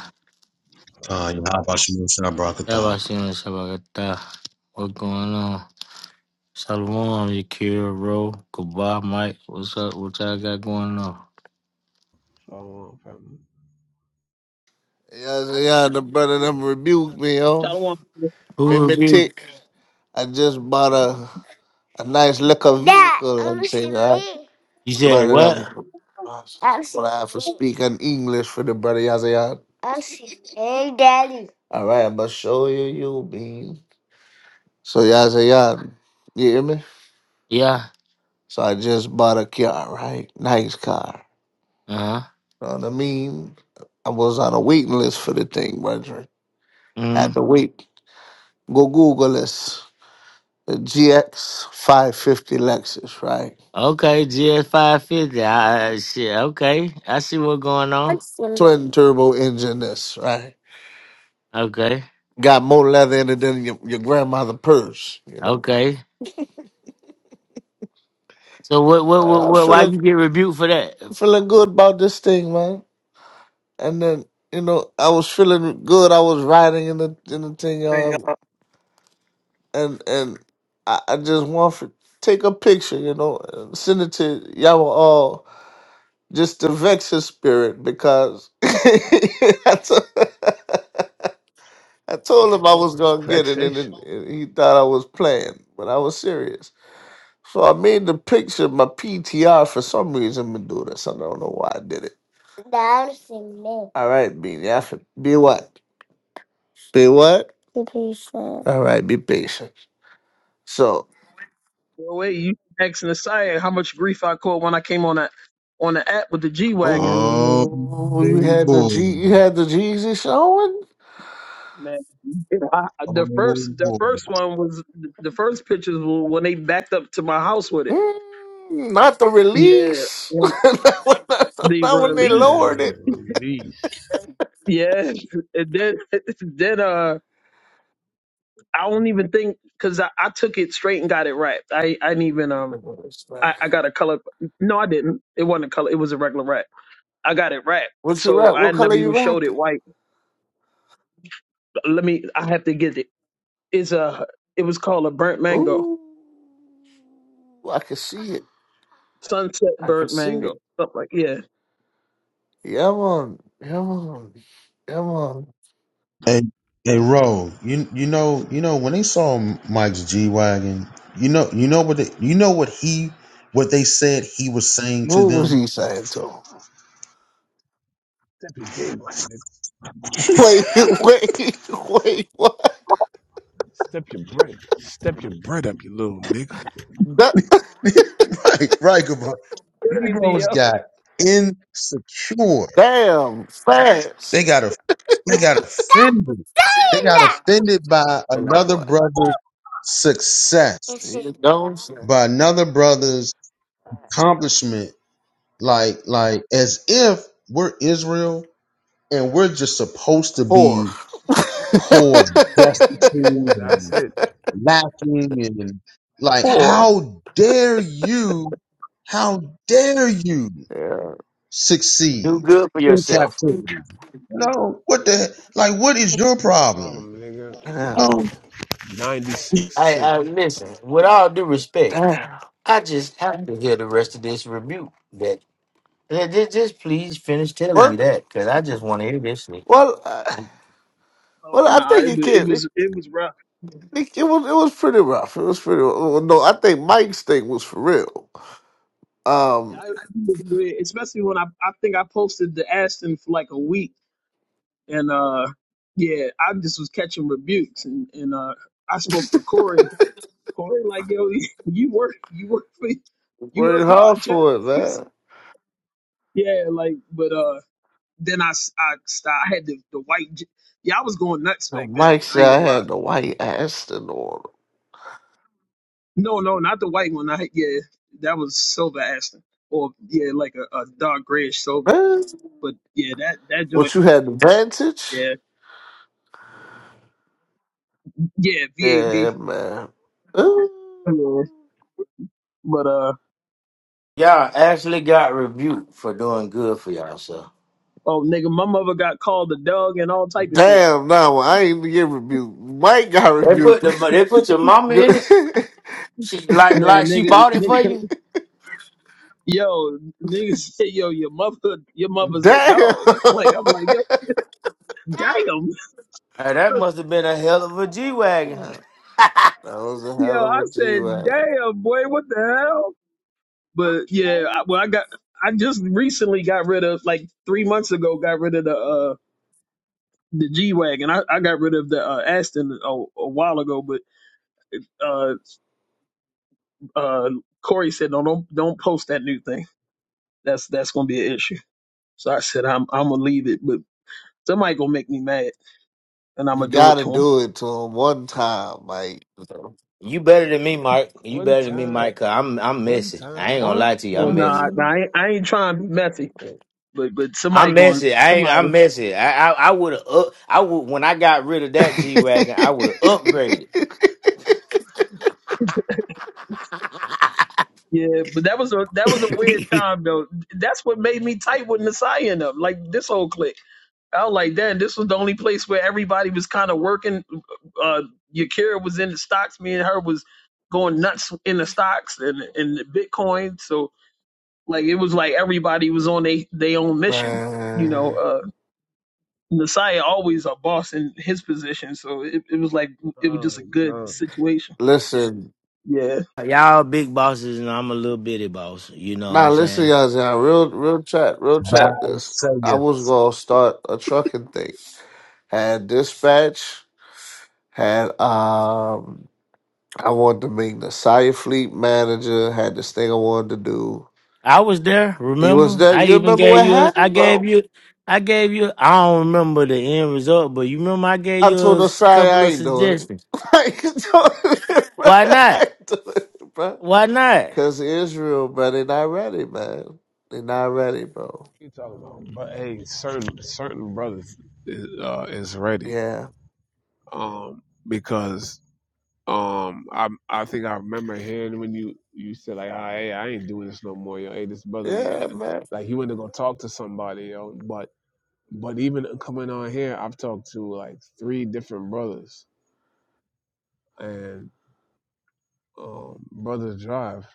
S2: Uh,
S1: oh,
S2: Yahabashim Shabrakata.
S7: Yabashin Shabakata. What's going on? Shalom, Yakira, Ro, Goodbye, Mike. What's up? What y'all got going on?
S1: oh, family.
S6: Yeah, so yeah, the brother them rebuked me,
S5: I
S6: yo.
S5: do want to
S7: Who
S6: Made me
S7: rebuke?
S6: tick. I just bought a a nice liquor Dad, vehicle I'm and I'm thing, all right? screaming.
S7: You said
S6: But
S7: what?
S6: um, I'm but I have to screaming. speak in English for the brother Yazayan. I'm screaming. Hey, Daddy. All right, I'm gonna show you you bean. So y'all say y'all, you hear me?
S7: Yeah.
S6: So I just bought a car, right? Nice car.
S7: Uh huh.
S6: You know what I mean? I was on a waiting list for the thing, brethren. Had
S7: Mm.
S6: to wait. Go Google this. The GX five fifty Lexus, right?
S7: Okay, GS 550. I, I, shit, okay. I see what's going on.
S6: Excellent. Twin turbo engine this, right?
S7: Okay.
S6: Got more leather in it than your, your grandmother purse, you know.
S7: Okay. So, what, what,
S6: I
S7: what,
S6: was
S7: what, why
S6: feeling
S7: you get rebuked for that?
S6: feeling good about this thing, man. And then, you know, I was feeling good. I was riding in the in the thing, y'all. and and I, I just want for take a picture, you know, and send it to y'all all just to vex his spirit because I to- I told him I was gonna get it, and,
S1: Vexation
S6: then and he thought I was playing, but I was serious. So I made the picture my PTR for some reason, me do this. I don't know why I did it. Dancing me. All right, Beanie. I fin- Be what? Be what? Be patient. All right, be patient. So
S5: go away. You asking the side how much grief I caught when I came on that on the app with the G wagon.
S2: Oh
S6: Oh, you had the
S2: boy,
S6: G, you had the Jeezy showing.
S5: Man, I,
S2: oh
S5: the first the first one was the first pictures were when they backed up to my house with it.
S6: Mm, not the
S5: Yeah,
S6: release.
S5: when
S6: not, when,
S5: the
S6: not when they
S1: and
S5: release.
S6: lowered it.
S1: release.
S5: Yeah, and then then uh, I don't even think because I, I took it straight and got it wrapped. I I didn't even um I, I got a color. No, I didn't. It wasn't a color. It was a regular wrap. I got it wrapped,
S6: What you
S5: so
S6: wrap?
S5: I
S6: What color
S5: never even
S6: you
S5: showed
S6: wrapped
S5: it
S6: it?
S5: white. Let me. I have to get it. It's a. It was called a burnt mango,
S6: Ooh, I can see it.
S5: sunset
S6: I can
S5: burnt
S6: see
S5: mango,
S6: it.
S5: something like yeah.
S6: Yeah, man. Yeah, man. Yeah, man.
S2: Hey, hey, Ro, you you know you know when they saw Mike's G wagon, you know you know what they, you know what he what they said he was saying
S6: What
S2: to
S6: was
S2: them.
S6: he saying to him?
S1: Step your game up, nigga.
S6: Wait, wait, wait. What?
S1: Step your bread. Step your bread up, you little nigga.
S6: Da-
S2: right, right, Gabo.
S5: Crazy,
S2: Negroes
S5: yo.
S2: got insecure.
S6: damn,
S2: They
S6: fast.
S2: got a they got offended. They got offended by
S6: to that
S2: another
S6: boy.
S2: brother's
S6: It's He
S2: success,
S6: the gone
S2: by another brother's accomplishment. Like like as if we're Israel and we're just supposed to
S6: poor.
S2: be poor and
S1: Boy,
S2: destitute
S1: boy, that's
S2: and
S1: it.
S2: lacking and, and like
S6: poor.
S2: how dare you how dare you
S6: Yeah.
S7: Do
S2: succeed
S7: good for
S2: in
S7: yourself.
S2: captivity no what the like what is your
S1: It's your
S2: problem
S1: problem, nigga.
S6: Damn.
S2: no
S1: 96
S7: I,
S1: Civic.
S7: I, listen, with all due respect.
S6: Damn.
S7: I just have to hear the rest of this rebuke. That that- just, just please finish telling
S6: Well,
S7: me that, because I just want to hear this. shit.
S6: well, uh,
S5: Oh
S6: well. I
S5: no,
S6: think
S5: it was
S6: it
S5: it
S6: can. It,
S5: was it was rough.
S6: it, it was it was pretty rough. It was pretty. Well, no, I think Mike's thing was for real. Um,
S5: I, it was weird, especially when I I think I posted the Ashton for like a week, and uh, yeah, I just was catching rebukes, and and uh, I spoke to Corey. Corey, like yo, you work you work for you
S6: worked
S5: work
S6: hard
S5: hard, Jack.
S6: for it,
S5: He said,
S6: man.
S5: yeah, like but uh, then I s- I st- I had the the white. j- Yeah, I was going nuts
S6: No,
S5: back then.
S6: Mike
S5: I
S6: said
S5: ain't gonna
S6: I
S5: lie.
S6: had the white Aston on.
S5: No, no, not the white one. I yeah, that was silver Ashton, or yeah, like a, a dark grayish silver.
S6: Man,
S5: But yeah, that that joint,
S6: what you had the vantage?
S5: yeah, yeah,
S6: Yeah,
S5: VAV.
S6: man. Ooh.
S5: Yeah. But uh,
S7: Y'all actually got rebuked for doing good for y'all, y'allself.
S5: oh nigga, my mother got called a dog and all type of shit.
S6: Damn, no, I ain't even get rebuked. Mike got
S7: They
S6: rebuked.
S7: put the they put your mama
S6: Damn.
S7: in it. She like like
S5: Man,
S7: she
S5: nigga,
S7: bought it for
S5: nigga,
S7: you.
S5: yo, nigga say, yo, your mother, your mother's a dog.
S6: that
S5: Like I'm like, yo, damn,
S7: Hey, that must have been a hell of a G wagon.
S6: was a
S5: yo,
S6: hell of
S5: I
S6: a G
S5: said,
S6: Wagon.
S5: damn, boy, what the hell? But yeah, I, well, I got, I just recently got rid of, like three months ago, got rid of the uh the G wagon. I, I got rid of the uh, Aston a, a while ago, but. uh. Uh, Corey said, "No, don't don't post that new thing. That's that's gonna be an issue." So I said, "I'm I'm gonna leave it, but somebody gonna make me mad, and I'm
S6: You
S5: gonna do it
S6: gotta
S5: to him."
S6: do it to him one time, Mike.
S7: You better than me, Mike. You
S1: One
S7: better than me,
S1: time,
S7: Mike. Cause I'm I'm
S1: one
S7: messy. I ain't
S1: time.
S7: gonna
S6: One
S7: lie to you.
S5: Oh
S7: I'm
S5: no, nah,
S7: messy.
S5: nah,
S6: time.
S5: I, ain't- I ain't trying to be messy, but but somebody
S7: I'm
S5: going
S7: messy. I ain't,
S5: somebody.
S7: I'm messy. I I, I would have up. I would when I got rid of that G wagon. I would have upgraded.
S5: Yeah, but that was a that was a weird time though. That's what made me tight with Messiah and them, like this whole clique. I was like, damn, this was the only place where everybody was kind of working. Uh, Yakira was in the stocks. Me and her was going nuts in the stocks and and the Bitcoin. So Like it was like everybody was on they they own mission. You
S6: Man.
S5: know, uh Messiah always a boss in his position, so it, it was like it was
S1: Oh,
S5: just a good
S1: God. What
S5: situation.
S6: Listen,
S5: Yeah.
S7: Y'all big bosses and I'm a little bitty boss. You know what
S6: Nah,
S7: I'm
S6: listen,
S7: saying?
S6: y'all, y'all, real, real chat, real chat.
S2: Bible
S6: This
S2: say
S6: I
S2: you.
S6: was gonna start a trucking thing. Had dispatch, had um, I wanted to make the Sire fleet manager. Had this thing I wanted to do.
S7: I was there,
S6: You was
S7: remember?
S6: there.
S7: I
S6: You
S7: even
S6: remember
S7: gave
S6: what
S7: you a, I
S6: happened,
S7: gave
S6: bro?
S7: you I gave you I don't remember the end result, but you remember I gave
S6: I
S7: you
S6: told
S7: a s-
S6: Nasai I
S7: couple of
S6: ain't doing it.
S7: suggestions.
S6: I ain't doing it, bro.
S7: Why
S6: I
S7: not?
S6: ain't doing it, bro.
S7: Why not?
S6: Cause Israel, bro, they not ready, man. They not ready, bro.
S1: You talking about? But hey, certain certain brothers is, uh, is ready.
S6: Yeah,
S1: Um, because Um, I I think I remember hearing when you you said like, ah, hey, I ain't doing this no more, yo. Hey, this brother was
S6: yeah, man.
S1: like he went to go talk to somebody, yo. But but even coming on here, I've talked to like three different brothers, and um, brothers drive,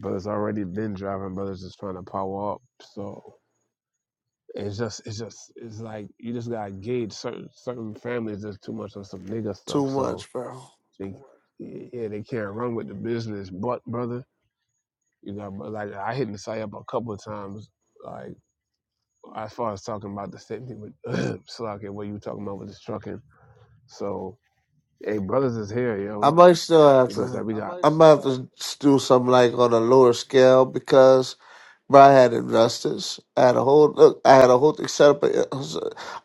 S1: brothers already been driving, brothers just trying to power up. So it's just it's just it's like you just gotta gauge certain certain families is too much on some nigga
S6: Too
S1: stuff. So
S6: much, bro.
S1: they yeah they can't run with the business, but brother. You know, but like I hit Nasai up a couple of times, like as far as talking about the same thing with Slack and what you talking about with this trucking. So, hey, brothers is here,
S6: I
S1: yo.
S6: might still have
S1: It's just that
S6: to.
S1: we got.
S6: I might have to do something like on a lower scale because bro, I had investors. I had a whole look. I had a whole thing set up. It was-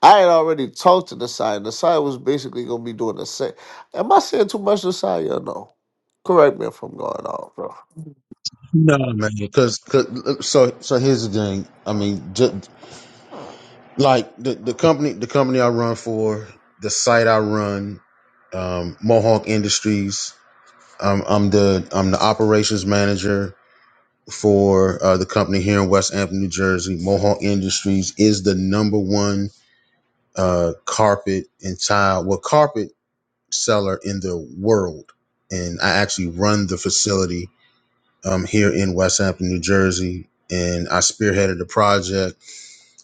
S6: I had already talked to the side. The side was basically gonna be doing the same. Am I saying too much to the side? Y'all know. Correct me if I'm going off, bro.
S2: no man because so so here's the thing i mean just, like the, the company the company i run for the site i run um mohawk industries I'm I'm the I'm the operations manager for uh, the company here in West Hampton, New Jersey. Mohawk Industries is the number one uh, carpet and tile, well, carpet seller in the world, and I actually run the facility um, here in West Hampton, New Jersey. And I spearheaded a project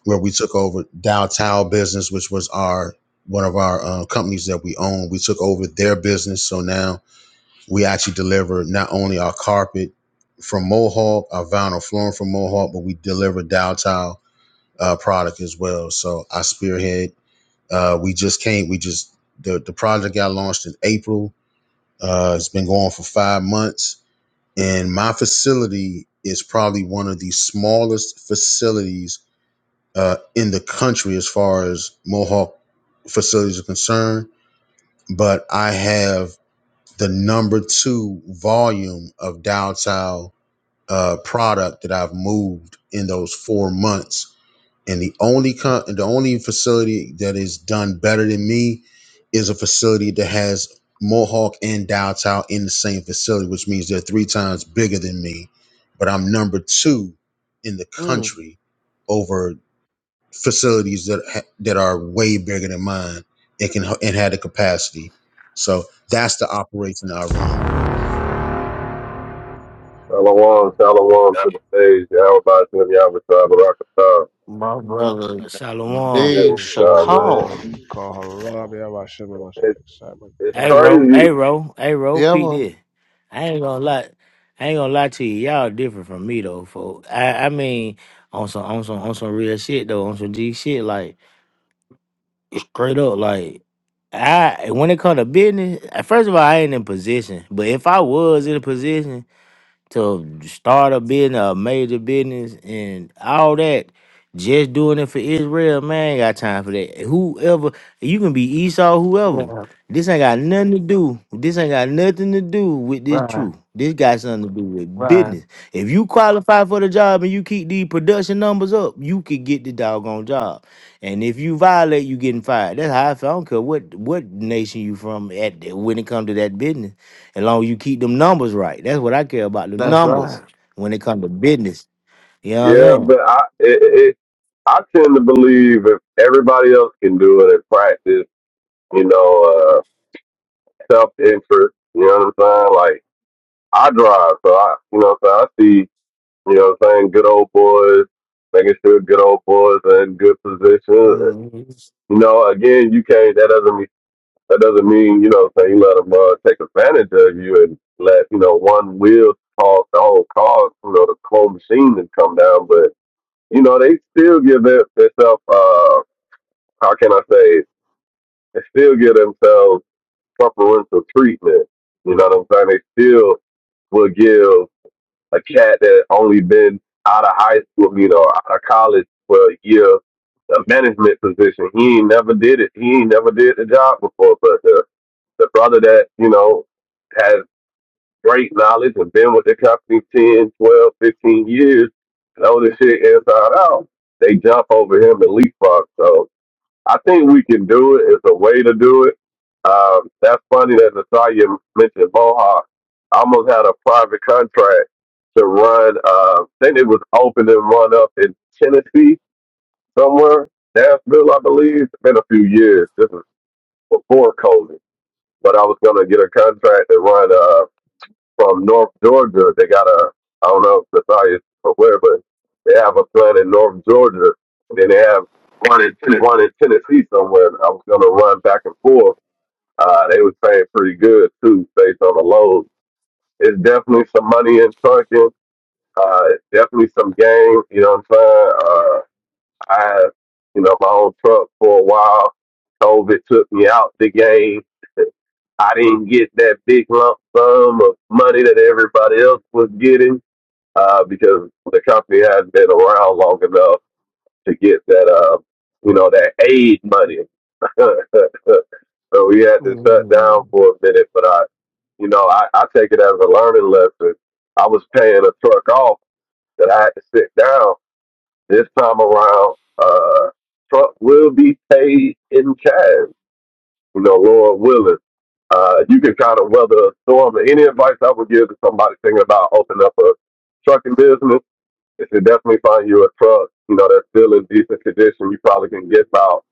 S2: where we took over Dow Tile business, which was our one of our uh, companies that we own. We took over their business, so now we actually deliver not only our carpet from Mohawk, our vinyl flooring from Mohawk, but we deliver Dowtown uh, product as well. So I spearhead. Uh, we just came. We just the the project got launched in April. Uh, it's been going for five months, and my facility is probably one of the smallest facilities uh, in the country as far as Mohawk facilities are concerned. But I have the number two volume of Dow Tao uh, product that I've moved in those four months. And the only co- the only facility that is done better than me is a facility that has Mohawk and Dow Tao in the same facility, which means they're three times bigger than me. But I'm number two in the
S6: Mm.
S2: country over facilities that ha- that are way bigger than mine and can and had the capacity. So that's the operation I run.
S8: Shalom, shalom
S6: Yeah.
S8: to the stage. Everybody to the Yabba Shabba Rock Star.
S6: My brother,
S7: Shalom.
S8: Yeah,
S6: Dave
S1: Hey,
S8: nah,
S1: Shalom,
S8: man.
S6: Chacal.
S1: call her up. Yeah, I should be much
S8: It's,
S1: excitement.
S8: it's
S7: Hey
S1: So,
S7: Ro, hey
S8: crazy.
S7: Ro, hey Ro,
S6: Yeah,
S7: Pete
S6: man.
S7: this. I ain't gonna lie. I ain't gonna lie to you. Y'all different from me though, folks. I, I mean on some on some on some real shit though, on some G shit like Straight up, like I when it come to business, uh, first of all, I ain't in position. But if I was in a position, to start a business, a major business, and all that. Just doing it for Israel, man, ain't got time for that. Whoever you can be Esau, whoever.
S6: Yeah,
S7: This ain't got nothing to do. This ain't got nothing to do with this
S6: right,
S7: truth. This got something to do with
S6: right.
S7: business. If you qualify for the job and you keep the production numbers up, you could get the doggone job. And if you violate, you getting fired. That's how I feel. I don't care what what nation you from at when it comes to that business as long as you keep them numbers right. That's what I care about, the
S6: That's
S7: numbers
S6: right.
S7: when it comes to business. You know what I'm
S8: Yeah,
S7: saying?
S8: but I it, it I tend to believe if everybody else can do it and practice, you know, uh, self interest, you know what I'm saying? Like I drive, so I you know so I see, you know what I'm saying, good old boys, making sure good old boys are in good position.
S6: Mm.
S8: You know, again, you can't that doesn't mean That doesn't mean, you know, say you let them uh, take advantage of you and let, you know, one wheel cause the whole car, you know, the whole machine to come down. But, you know, they still give their- themselves, uh, how can I say, it? they still give themselves preferential treatment. You know what I'm saying? They still will give a cat that only been out of high school, you know, out of college for a year, a management position. He ain't never did it. He ain't never did the job before, but the brother that, you know, has great knowledge and been with the company 10, 12, 15 years, know this shit inside out, they jump over him and leapfrog. So I think we can do it. It's a way to do it. Um, that's funny that Natalia mentioned Mohawk. I almost had a private contract to run, uh, I think it was open and run up in Tennessee somewhere, Nashville, I believe. It's been a few years. This is before COVID but I was gonna get a contract and run uh from North Georgia. They got a I don't know if Nathalia or where, but they have a plant in North Georgia. And then they have one in Tennessee somewhere. And I was gonna run back and forth. Uh, they was paying pretty good too, based on the load. It's definitely some money in trucking. Uh, it's definitely some game. You know what I'm saying? Uh, I had you know my own truck for a while. COVID took me out the game. I didn't get that big lump sum of money that everybody else was getting uh, because the company hadn't been around long enough to get that, uh, you know, that aid money. so we had to shut down
S6: Mm.
S8: for a minute, but I, you know, I, I take it as a learning lesson. I was paying a truck off that I had to sit down this time around. Uh, truck will be paid in cash you know, Lord willing, uh, you can kind of weather a storm. And any advice I would give to somebody thinking about opening up a trucking business is to definitely find you a truck, you know, that's still in decent condition. You probably can get about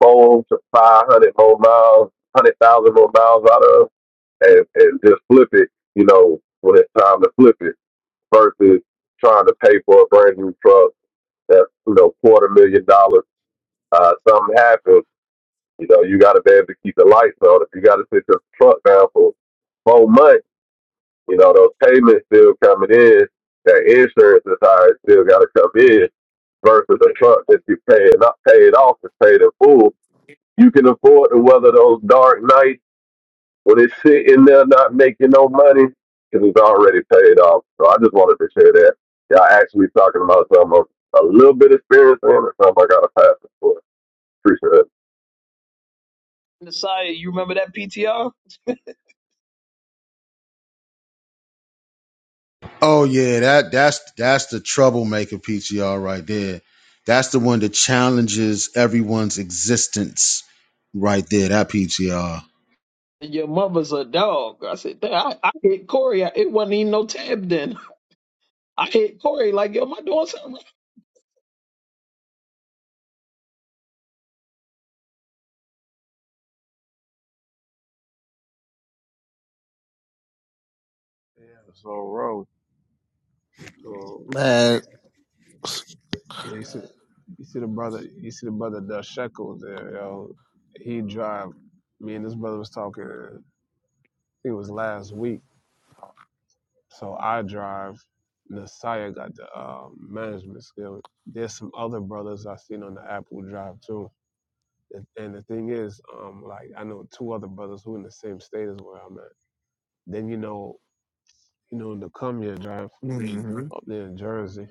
S8: four to 500 more miles, 100,000 more miles out of and, and just flip it, you know, when it's time to flip it versus trying to pay for a brand new truck that's, you know, quarter million dollars. Uh, something happens you know, you got to be able to keep the lights on. If you got to sit your truck down for four months, you know, those payments still coming in. That insurance is high, it still got to come in versus a truck that you pay not paid off is paid in full. You can afford to weather those dark nights when it's sitting there not making no money because it's already paid off. So I just wanted to share that. Y'all actually talking about something I'm a little bit experienced in and something I got to pass it for. Appreciate it.
S5: Messiah, you remember that PTR?
S2: Oh yeah, that that's that's the troublemaker PTR right there. That's the one that challenges everyone's existence right there. That PTR.
S5: Your mother's a dog. I said, "Damn, I, I hit Corey. I- It wasn't even no tab then. I hit Corey like, yo, am I doing something wrong?
S1: road. So,
S6: Man.
S1: yeah, you see, you see the brother, you see the brother Dutch Shekels there, yo. He drive. Me and this brother was talking. I think it was last week. So I drive. Nasiah got the um, management skill. There's some other brothers I seen on the app who drive too. And and the thing is, um, like I know two other brothers who in the same state as where I'm at. Then you know, you know, the come here drive
S6: Mm-hmm.
S1: up there in Jersey.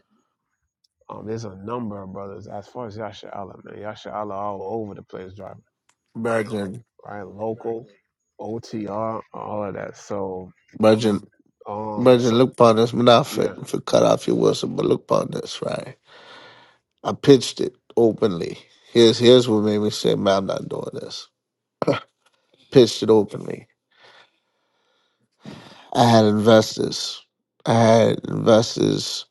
S1: Um, there's a number of brothers as far as Yasha Allah, man. Yasha Allah all over the place driving,
S6: Virgin,
S1: right? Local, OTR, all of that. So,
S6: virgin,
S1: um,
S6: virgin.
S1: so,
S6: Look upon this. I'm not fit
S1: yeah,
S6: for cut off your Wilson, but look upon this, right? I pitched it openly. Here's here's what made me say, man, I'm not doing this. Pitched it openly. I had investors. I had investors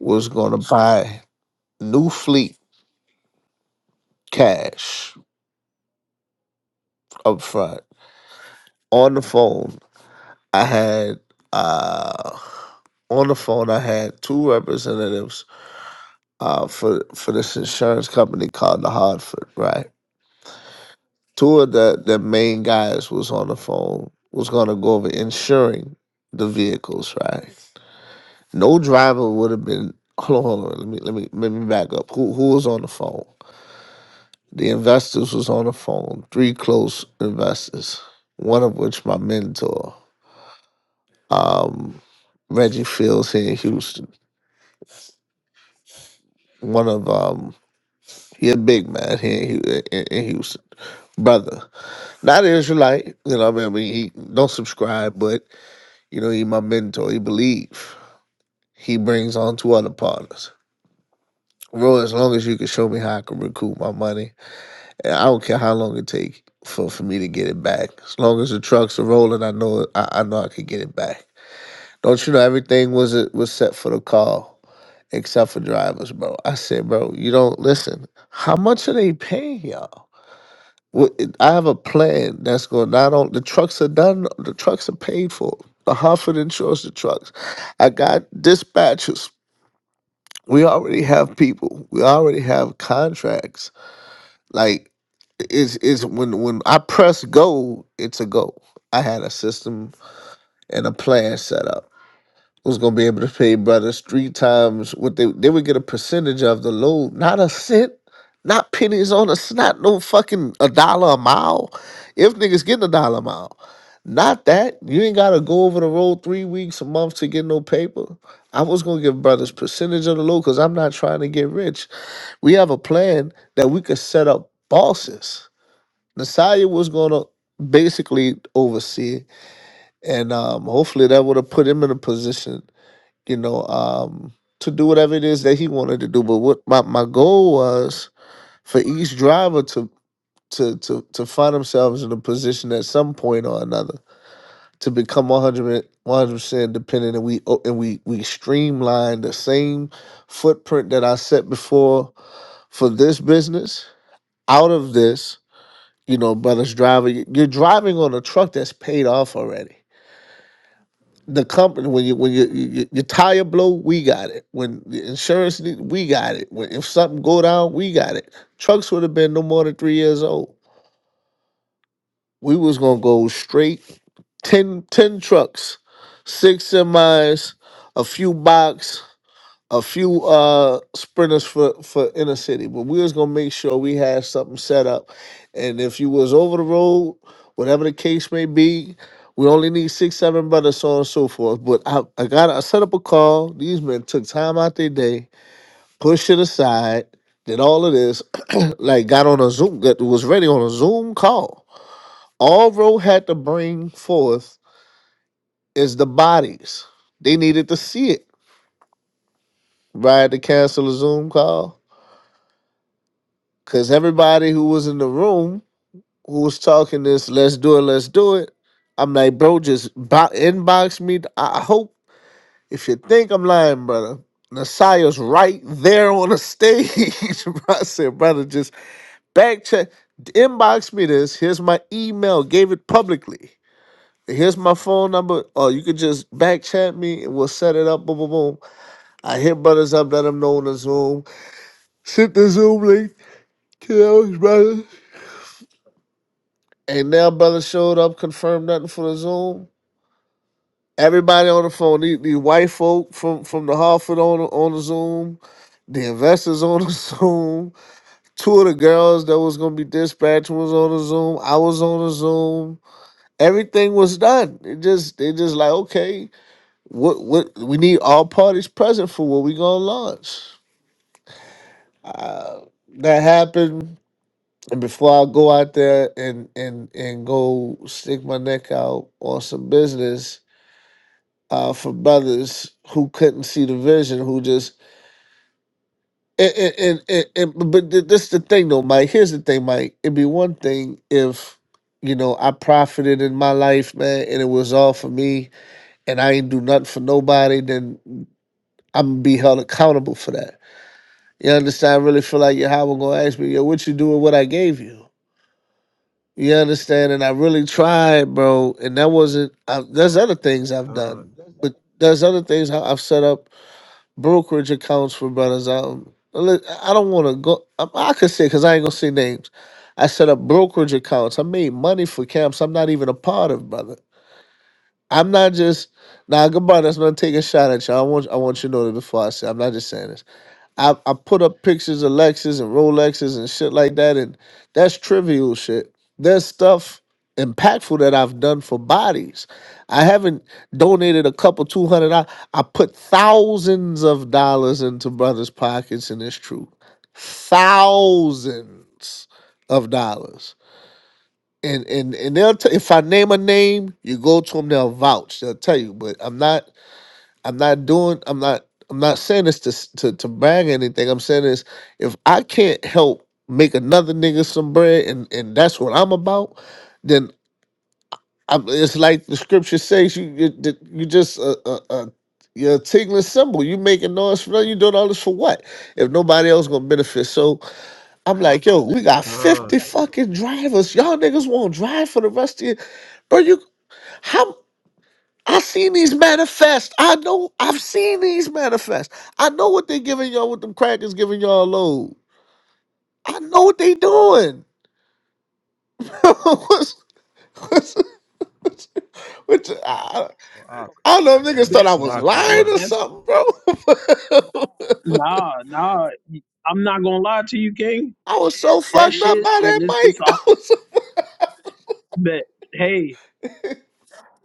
S6: was going to buy new fleet cash up front on the phone. I had uh on the phone. I had two representatives uh, for for this insurance company called the Hartford, right? Two of the, the main guys was on the phone, was gonna go over insuring the vehicles, right? No driver would have been hold on, hold on, let me let me let me back up. Who who was on the phone? The investors was on the phone, three close investors, one of which my mentor, um, Reggie Fields here in Houston. One of um he a big man here in, Hu- in in Houston. Brother. Not an Israelite, you know. I mean, he don't subscribe, but you know, he my mentor. He believe. He brings on two other partners. bro. as long as you can show me how I can recoup my money, and I don't care how long it take for, for me to get it back. As long as the trucks are rolling, I know I, I know I can get it back. Don't you know everything was was set for the call except for drivers, bro? I said, bro, you don't listen. How much are they paying y'all? Well, I have a plan that's going not on. The trucks are done. The trucks are paid for. The Hartford insures the trucks. I got dispatchers. We already have people. We already have contracts. Like it's is when when I press go, it's a go. I had a system and a plan set up was gonna be able to pay brothers three times what they they would get a percentage of the load, not a cent, not pennies on us, not no fucking a dollar a mile. If niggas getting a dollar a mile, not that you ain't gotta go over the road three weeks a month to get no paper. I was gonna give brothers percentage of the load because I'm not trying to get rich. We have a plan that we could set up bosses. Nasaya was gonna basically oversee it, and um, hopefully that would have put him in a position you know, um, to do whatever it is that he wanted to do. But what my, my goal was for each driver to to to to find themselves in a position at some point or another to become 100 percent dependent, and we o- and we we streamline the same footprint that I set before for this business out of this. You know, brothers driver, you- you're driving on a truck that's paid off already the company when you when you, you, your tire blow, we got it. When the insurance, need- we got it. When if something go down, we got it. Trucks would have been no more than three years old. We was gonna go straight 10 10 trucks, six semis, a few box a few uh sprinters for for inner city, but we was gonna make sure we had something set up. And if you was over the road, whatever the case may be, we only need six, seven brothers, so on and so forth. But I, I got I set up a call. These men took time out their day, pushed it aside, did all of this, like got on a Zoom, got, was ready on a Zoom call. All road had to bring forth is the bodies. They needed to see it. Right to cancel a Zoom call. Cause everybody who was in the room who was talking this, let's do it, let's do it. I'm like, bro, just bo- inbox me. I I hope if you think I'm lying, brother, Nasiah's right there on the stage. bro. I said, brother, just back check, inbox me this. Here's my email. Gave it publicly. Here's my phone number. Or you could just back chat me and we'll set it up. Boom, boom, boom. I hit brothers up, let them know on the Zoom. Sent the Zoom link to those brothers. Ain't now brother showed up, confirmed nothing for the Zoom. Everybody on the phone, the, the white folk from, from the Hartford on the, on the Zoom, the investors on the Zoom, two of the girls that was gonna be dispatched was on the Zoom. I was on the Zoom. Everything was done. It just they just like okay, what what we need all parties present for what we gonna launch. Uh, that happened and before I go out there and and and go stick my neck out on some business, uh, for brothers who couldn't see the vision, who just and, and, and, and but th- this the thing though, Mike. Here's the thing, Mike. It'd be one thing if you know I profited in my life, man, and it was all for me, and I ain't do nothing for nobody. Then I'm gonna be held accountable for that. You understand? I really feel like your Yahweh gonna ask me, yo, what you do with what I gave you? You understand? And I really tried, bro. And that wasn't. I, there's other things I've
S1: con,
S6: done, but there's other things I- I've set up brokerage accounts for brothers. I don't, I don't want to go. I, I could say because I ain't gonna say names. I set up brokerage accounts. I made money for camps. I'm not even a part of, brother. I'm not just now. Nah, goodbye. That's not take a shot at you. I want I want you to know that before I say. I'm not just saying this. I, I put up pictures of Lexus and Rolexes and shit like that, and that's trivial shit. There's stuff impactful that I've done for bodies. I haven't donated a couple two hundred. I I put thousands of dollars into brothers' pockets, and it's true, thousands of dollars. And and and they'll t- if I name a name, you go to them, they'll vouch, they'll tell you. But I'm not. I'm not doing. I'm not. I'm not saying this to s- to to brag or anything. I'm saying this if I can't help make another nigga some bread, and and that's what I'm about, then I'm, it's like the scripture says. You you you just a a, a you're a tingling symbol. You making noise for nothing. You doing all this for what? If nobody else gonna benefit. So I'm like, yo, we got 50 fucking
S1: con.
S6: drivers. Y'all niggas won't drive for the rest of your bro. You how? I seen these manifest. I know I've seen these manifest. I know what they giving y'all with them crackers giving y'all load. I know what they doing. what's, what's, what's, which I, I don't know if
S1: Man,
S6: niggas
S5: That,
S6: thought I was
S1: Salakia,
S6: lying
S5: that
S1: brother.
S6: or
S5: that's
S6: something, bro.
S5: nah, nah. I'm not gonna lie to you, King.
S6: I was so
S5: That
S6: fucked up
S5: shit
S6: by that
S5: and this this
S6: mic.
S5: all
S6: I was so-
S5: that. Hey,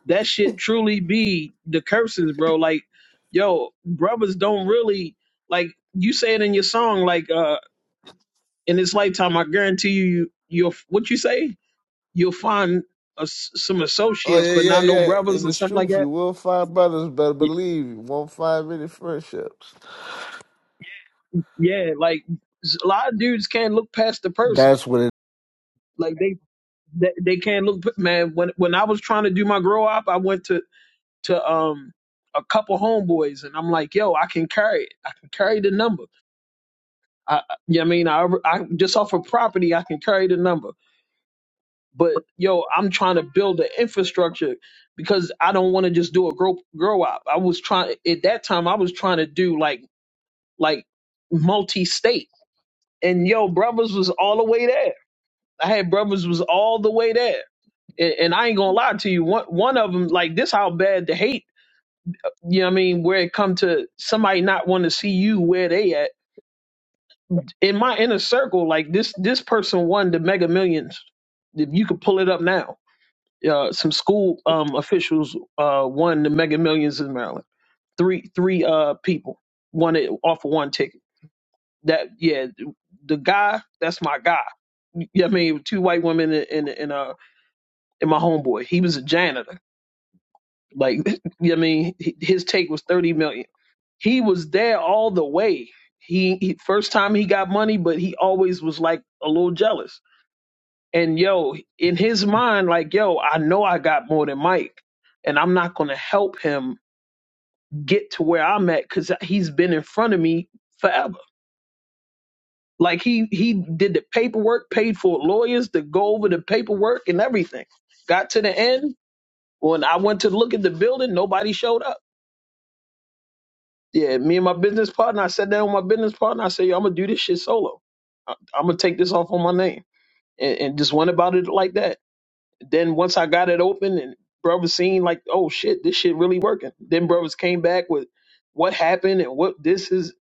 S5: that shit truly be the curses, bro. Like, yo, brothers don't really like you say it in your song, like uh in this lifetime, I guarantee you, you you'll what you say, you'll find a s some
S6: oh
S5: associates,
S6: yeah,
S5: but
S6: yeah,
S5: not no
S6: yeah. It
S5: brothers and
S6: is
S5: stuff like
S6: truth.
S5: that.
S6: You will find brothers, better
S5: Y-
S6: believe you won't find many friendships.
S5: Yeah, like s- a lot of dudes can't look past the person.
S6: That's what
S5: Like they they, they can't look. Man, when when I was trying to do my grow up, I went to to um a couple homeboys, and I'm like, yo, I can carry it. I can carry the number. I, you I mean, I, I just off of property, I can carry the number. But yo, I'm trying to build the infrastructure because I don't want to just do a grow grow up. I was trying at that time. I was trying to do like like multi state, and yo, brothers was all the way there. I had brothers was all the way there, and, and I ain't gonna lie to you. One one of them like this, how bad the hate. You know what I mean? Where it come to somebody not want to see you where they at in my inner circle, like this this person won the Mega Millions. If You could pull it up now. Uh, some school um, officials uh, won the Mega Millions in Maryland. Three three uh, people won it off of one ticket. That yeah, the guy that's my guy. Yeah, I mean two white women and and and uh and my homeboy. He was a janitor. Like you know what I mean, H- his take was thirty million. He was there all the way. He, he first time he got money, but he always was like a little jealous And yo, in his mind, like, yo, I know I got more than Mike, and I'm not going to help him get to where I'm at because he's been in front of me forever. Like he he did the paperwork, paid for lawyers to go over the paperwork and everything. Got to the end when I went to look at the building, nobody showed up. Yeah, me and my business partner, I sat down with my business partner. I said, yo, I'm gonna do this shit solo. I, am gonna take this off on my name and, and just went about it like that then once I got it open and brothers seen like, oh shit, this shit really working. Then brothers came back with what happened and what this is.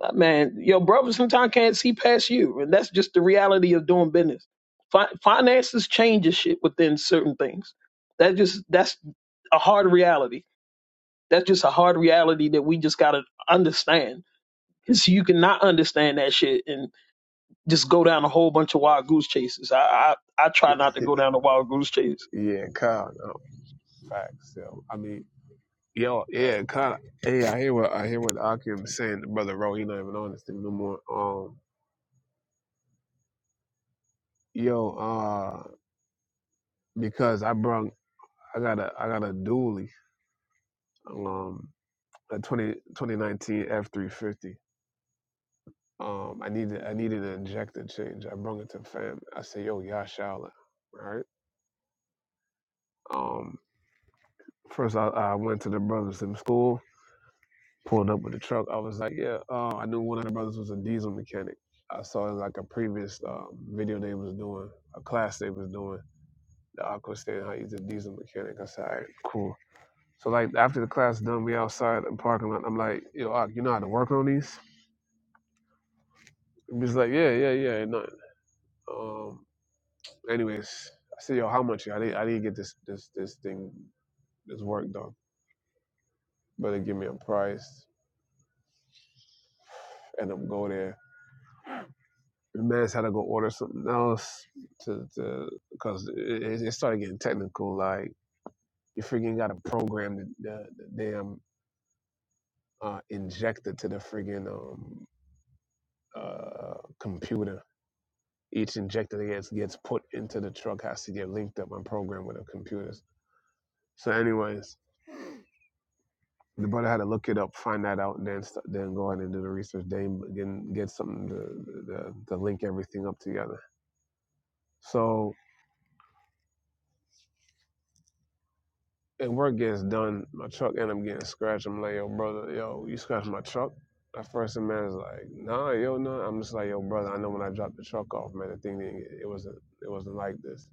S5: Uh, Man, your brothers sometimes can't see past you, and that's just the reality of doing business. Fi- finances changes shit within certain things. That just that's a hard reality. That's just a hard reality that we just gotta understand. Cause you cannot understand that shit and just go down a whole bunch of wild goose chases. I I, I try not to go down a wild goose chase
S1: Yeah, Kyle, no, facts. Yo. I mean, yo, yeah, Kyle. Hey, I hear what I hear what Akim is saying. to Brother Ro, he not even on this thing no more. Um, yo, uh, because I brung, I got a, I got a dually, um, a 20 2019 F three fifty. Um, I needed, I needed an injector change. I brung it to fam. I said, yo, y'all shout it, right? Um, first I, I went to the brothers in school. pulled up with the truck. I was like, yeah, uh, I knew one of the brothers was a diesel mechanic. I saw in like a previous um, video they was doing, a class they was doing. The aqua stand how he's a diesel mechanic. I said, all right, cool. So like after the class done, we outside in the parking lot. I'm like, yo, Ak, you know how to work on these? And he's like, yeah, yeah, yeah, ain't nothing. Um, anyways, I said, yo, how much? I didn't, I didn't get this, this, this thing, this work done, but they give me a price. And i go there. the man had to go order something else to because it, it it started getting technical. Like you freaking got to program the, the, the damn uh, injector to the friggin' um, uh, computer. Each injector that gets gets put into the truck has to get linked up and programmed with the computers. So, anyways, the brother had to look it up, find that out, and then st- then go ahead and do the research. Then again, get something to, to, to link everything up together. So and work gets done, my truck end up getting scratched. I'm like, yo, brother, yo, you scratched my truck? At first, the man's like, nah, yo, no. Nah. I'm just like, yo, brother, I know when I dropped the truck off, man, the thing didn't get, it wasn't, it wasn't like this.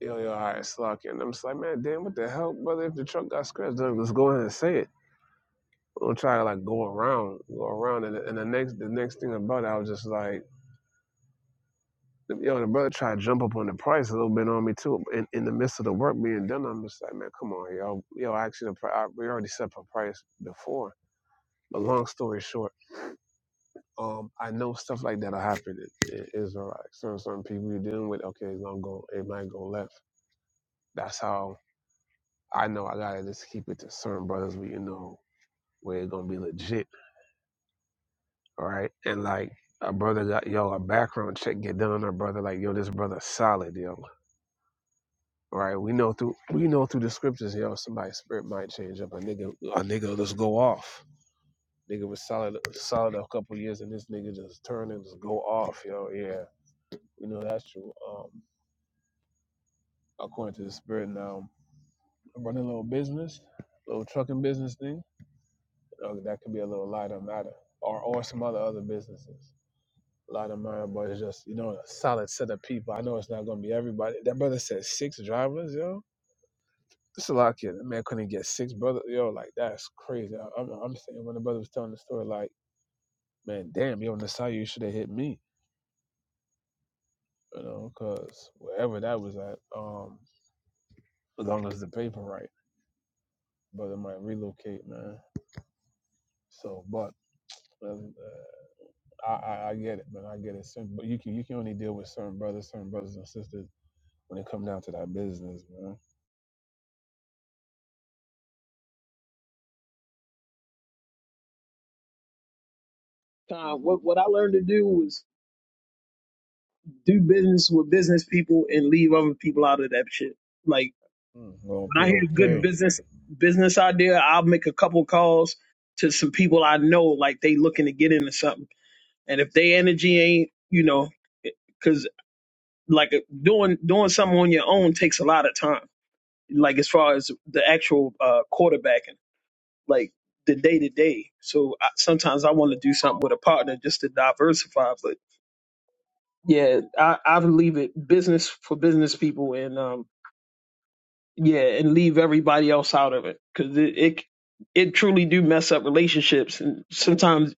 S1: Yo, yo, all right, slack it. And I'm just like, man, damn, what the hell, brother? If the truck got scratched, then let's go ahead and say it. I'm gonna try to like go around, go around, and, and the next, the next thing about it, I was just like. Yo, the brother tried to jump up on the price a little bit on me too. In, in the midst of the work being done, I'm just like, man, come on, yo, yo. Actually, the pri- I, we already set up a price before. But long story short, um, I know stuff like that'll happen in, in Israel. Like certain certain people you're dealing with, okay, it's gonna go, it might go left. That's how I know I gotta just keep it to certain brothers where you know where it's gonna be legit, all right? And like a brother got yo a background check get done on a brother like yo, this brother solid, yo. right? We know through we know through the scriptures, yo, somebody's spirit might change up. A nigga, a nigga will just go off. Nigga was solid, solid a couple years, and this nigga just turn and just go off, yo. Yeah, we know that's true. Um, according to the spirit, now I'm running a little business, little trucking business thing. Uh, that could be a little lighter matter, or or some other other businesses. Lighter matter, but it's just you know a solid set of people. I know it's not gonna be everybody. That brother said six drivers, yo It's a lot kid. That man couldn't get six brothers. Yo, like that's crazy. I, I'm, I'm saying when the brother was telling the story, like, man, damn, yo, Nasai, you should have hit me, you know, because wherever that was at, um, as long as the paper right, brother might relocate, man. So, but um, uh, I, I, I get it, man. I get it. Certain, but you can you can only deal with certain brothers, certain brothers and sisters when it come down to that business, man.
S5: Con, what what I learned to do was do business with business people and leave other people out of that shit. Like
S1: Mm,
S5: when I
S1: Okay,
S5: hear good
S1: okay.
S5: business business idea, I'll make a couple calls to some people I know, like they looking to get into something. And if they energy ain't, you know, because like doing doing something on your own takes a lot of time. Like as far as the actual uh, quarterbacking, like the day to day. So I, sometimes I want to do something with a partner just to diversify, but yeah, I, I would leave it business for business people, and um, yeah, and leave everybody else out of it because it, it it truly do mess up relationships, and sometimes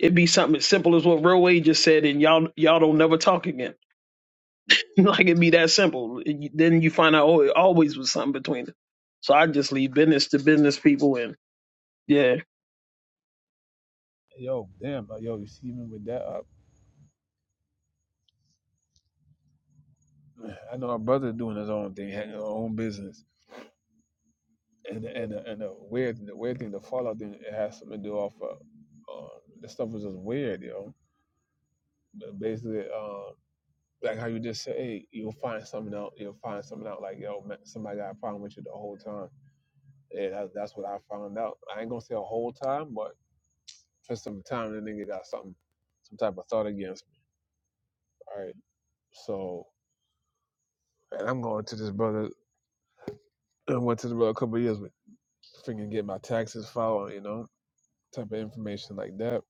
S5: it be something as simple as what Real Wade just said, and y'all y'all don't never talk again. like it be that simple. And you- Then you find out oh, it always was something between them. So I just leave business to business people, and yeah,
S1: Yo, damn, like, yo, you see, even with that, I, I know our brother doing his own thing, having his own business. and and and the weird the weird thing, the Fallout thing, it has something to do off of uh, the stuff was just weird, yo. But basically, um, like how you just say, hey, you'll find something out. You'll find something out. Like yo, man, somebody got a problem with you the whole time. Yeah, that, that's what I found out. I ain't gonna say a whole time, but for some time, the nigga got something, some type of thought against me. All right, so and I'm going to this brother. I went to the brother a couple of years with freaking get my taxes filed, you know, type of information like that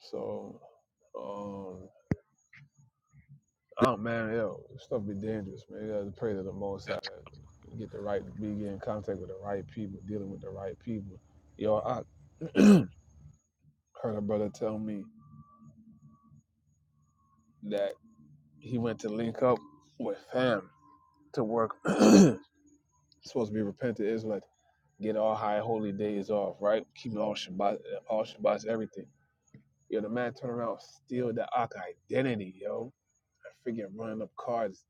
S1: So, um, oh man, yo, this stuff be dangerous, man. You gotta pray to the Most High that you get the right, be in contact with the right people, dealing with the right people. Yo, I heard a brother tell me that he went to link up with fam to work. supposed to be repentant Israelite, get all high holy days off, right? Keep all Shabbat, all Shabbats, everything. Yo, the man turn around, steal the Ak identity, yo. I freaking running up cards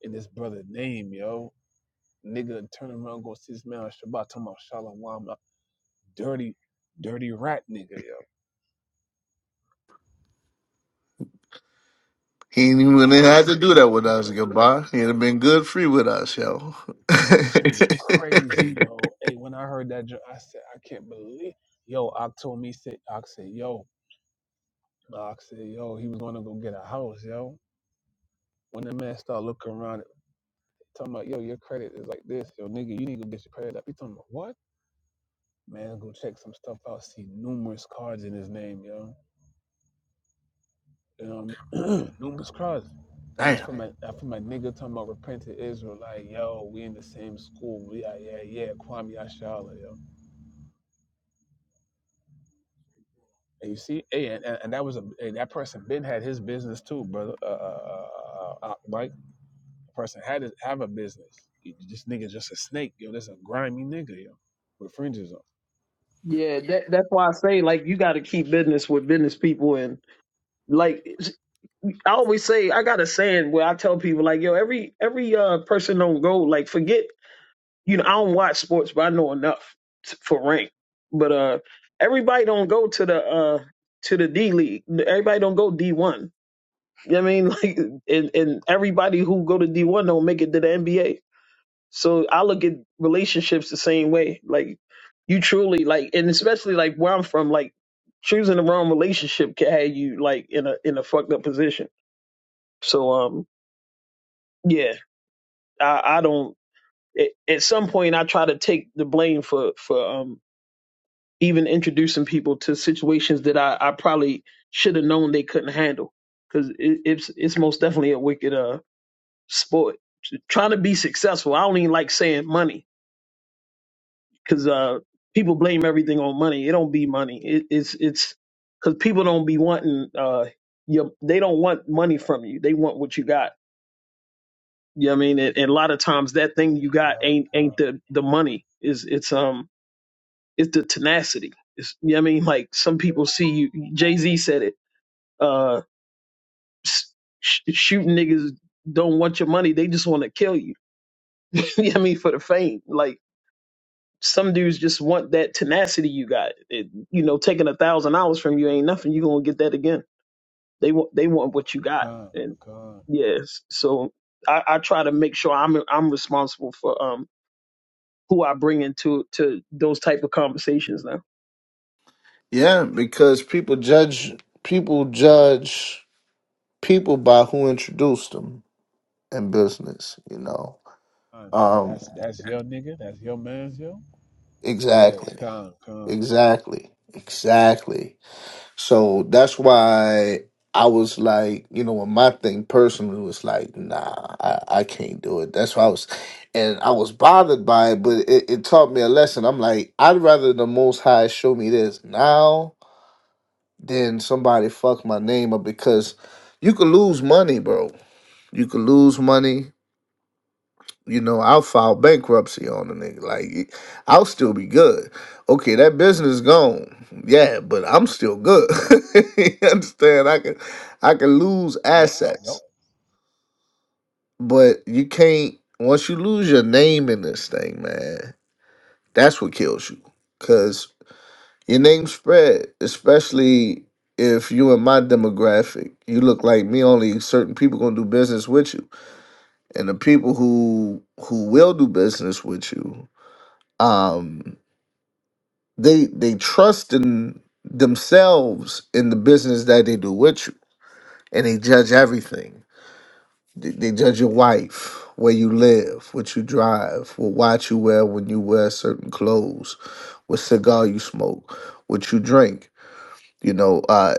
S1: in this brother's name, yo Nigga turn around go see this man on Shabbat talking about Shalom. a dirty, dirty rat nigga, yo.
S6: He ain't even wouldn't have had
S1: Crazy.
S6: to do that with
S1: do
S6: us,
S1: that with us,
S6: goodbye. He'd
S1: goodbye.
S6: have been good free with us, yo.
S1: This nigga crazy, yo. Hey, when I heard that, jo- I said, I can't believe. Yo, Ock told me, said, Ock said, yo, Ock said, yo, he was gonna go get a house, yo. When that man started looking around, talking about, yo, your credit is like this, yo, nigga, you need to go get your credit up. He talking about what? Man, go check some stuff out. See numerous cards in his name, yo. um, numerous crowds. And it's
S6: Damn.
S1: from my, from my nigga talking about repentant Israel, like, yo, we in the same school. We are, yeah, yeah, Kwame Ashala, yo. And you see, hey, and, and, and that was a hey, that person Ben had his business too, brother. Uh, uh, uh, uh, uh, Mike, the person had his, have a business. You- This nigga just a snake, yo. This a grimy nigga, yo, with fringes on.
S5: yeah, that that's why I say like you got to keep business with business people, and like I always say I got a saying where I tell people like, yo, every every uh person on gold, like forget, you know, I don't watch sports, but I know enough t- for rank. But uh everybody don't go to the uh to the D League. Everybody don't go D one. You know what I mean? Like and, and everybody who go to D one don't make it to the NBA. So I look at relationships the same way. Like you truly like and especially like where I'm from, like choosing the wrong relationship can have you like in a in a fucked up position. So um yeah, I, I don't. At at some point, I try to take the blame for for um, even introducing people to situations that I, I probably should have known they couldn't handle because it, it's it's most definitely a wicked uh sport. Trying to be successful, I don't even like saying money because uh people blame everything on money. It don't be money. It, it's it's because people don't be wanting uh your they don't want money from you. They want what you got You know what I mean? And, and a lot of times that thing
S1: Yeah,
S5: you got ain't ain't the the money. Is it's um it's the tenacity. It's, you know what I mean? Like some people see you Jay Z said it, uh s- sh- shooting niggas don't want your money, they just want to kill you. you know what I mean? For the fame. Like some dudes just want that tenacity you got. It, you know, taking a thousand dollars from you ain't nothing. you gonna get that again. They want they want what you
S1: come,
S5: got.
S1: come,
S5: And
S1: come,
S5: yes, so I, I try to make sure I'm I'm responsible for um who I bring into to those type of conversations now.
S6: Yeah, because people judge people judge people by who introduced them in business, you know.
S1: come. Yo,
S6: Um
S1: that's that's your nigga. That's your man's, yo. Yeah,
S6: exactly.
S1: come, come.
S6: Exactly. Exactly. So that's why I was like, you know, when my thing personally was like, nah, I, I can't do it. That's why I was, and I was bothered by it, but it, it taught me a lesson. I'm like, I'd rather the Most High show me this now than somebody fuck my name up because you could lose money, bro. You could lose money you know, I'll file bankruptcy on the nigga. Like, it- I'll still be good. Okay, that business gone. Yeah, but I'm still good. you understand? I can, I can lose
S1: Nope, nope.
S6: assets, but you can't. Once you lose your name in this thing, man, that's what kills you. Cause your name spread, especially if you in my demographic. You look like me. Only certain people gonna do business with you, and the people who who will do business with you. Um, they they trust in themselves in the business that they do with you and they judge everything they, they judge your wife where you live what you drive what watch you wear when you wear certain clothes what cigar you smoke what you drink you know uh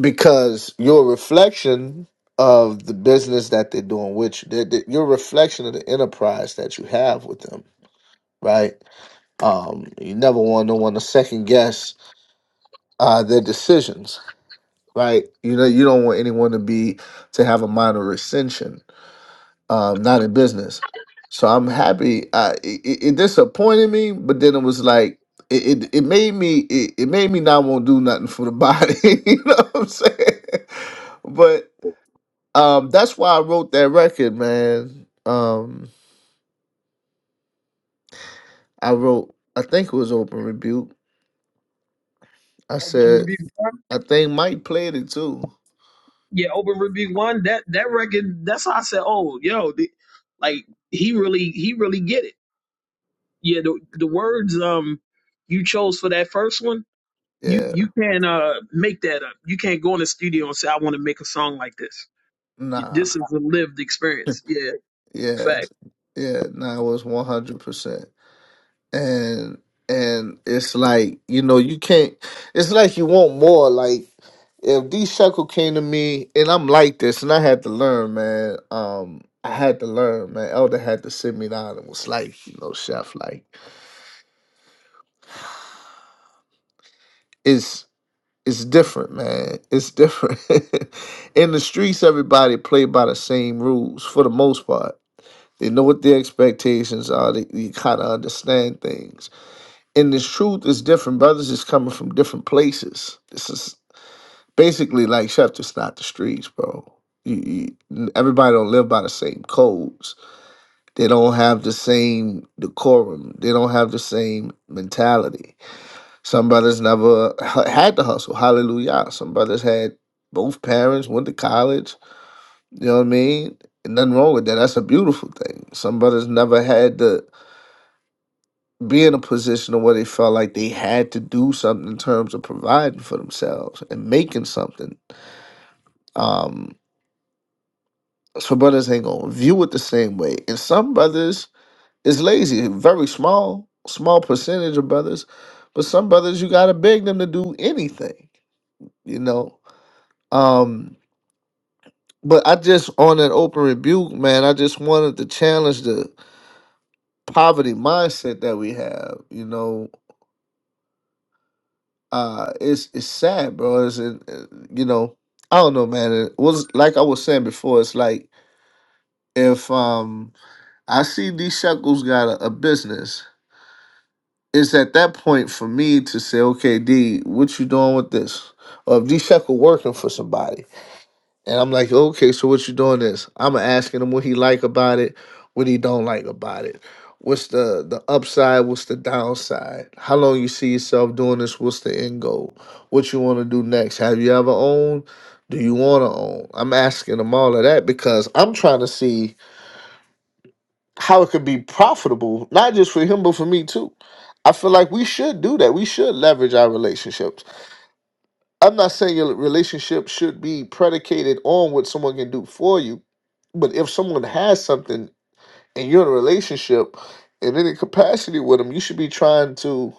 S6: because you're a reflection of the business that they're doing with you they're, they you're a reflection of the enterprise that you have with them right um you never want no one to second guess uh their decisions right? You know, you don't want anyone to be to have a minor ascension, um, not in business. So I'm happy. I it, it it disappointed me, but then it was like it it, it made me it, it made me not want to do nothing for the body. you know what I'm saying? But um, that's why I wrote that record, man. Um, I wrote I think it was Open Rebuke. I
S5: Open
S6: said
S5: review one,
S6: I think Mike played it too.
S5: yeah, open review one. That that record, that's how I said, oh, yo, the, like he really he really get it. Yeah, the the words um you chose for that first one, you
S6: Yeah,
S5: you can not uh make that up. You can't go in the studio and say I want to make a song like this.
S6: nah,
S5: This is a lived experience. Yeah,
S6: yeah,
S5: fact.
S6: yeah, nah. It was one hundred percent. and and it's like you know you can't it's like you want more like if D Shekel came to me and I'm like this and I had to learn man um I had to learn man Elder had to sit me down and was like you know chef like it's it's different man it's different in the streets everybody play by the same rules for the most part they know what their expectations are they, they kind of understand things and this truth is different. Brothers is coming from different places. This is basically like Chef just not the streets, bro. You, you, everybody don't live by the same codes. They don't have the same decorum. They don't have the same mentality. Some brothers never h- had to hustle. Hallelujah. Some brothers had both parents, went to college. You know what I mean? And nothing wrong with that. That's a beautiful thing. Some brothers never had to be in a position of where they felt like they had to do something in terms of providing for themselves and making something. Um, so brothers ain't gonna view it the same way. And some brothers is lazy, very small, small percentage of brothers, but some brothers you gotta beg them to do anything, you know. Um, but I just on an open rebuke, man, I just wanted to challenge the poverty mindset that we have, you know uh it's it's sad bro it's it, it- you know i don't know man it was like i was saying before it's like if um i see d shekels got a, a business it's at that point for me to say okay d what you doing with this or if d shekel working for somebody and I'm like, okay, so what you doing this? I'm asking him what he like about it, what he don't like about it. What's the the upside? What's the downside? How long you see yourself doing this? What's the end goal? What you want to do next? Have you ever owned? Do you want to own? I'm asking him all of that because I'm trying to see how it could be profitable, not just for him but for me too. I feel like we should do that. We should leverage our relationship. I'm not saying your relationship should be predicated on what someone can do for you, but if someone has something and you're in a relationship in any capacity with them, you should be trying to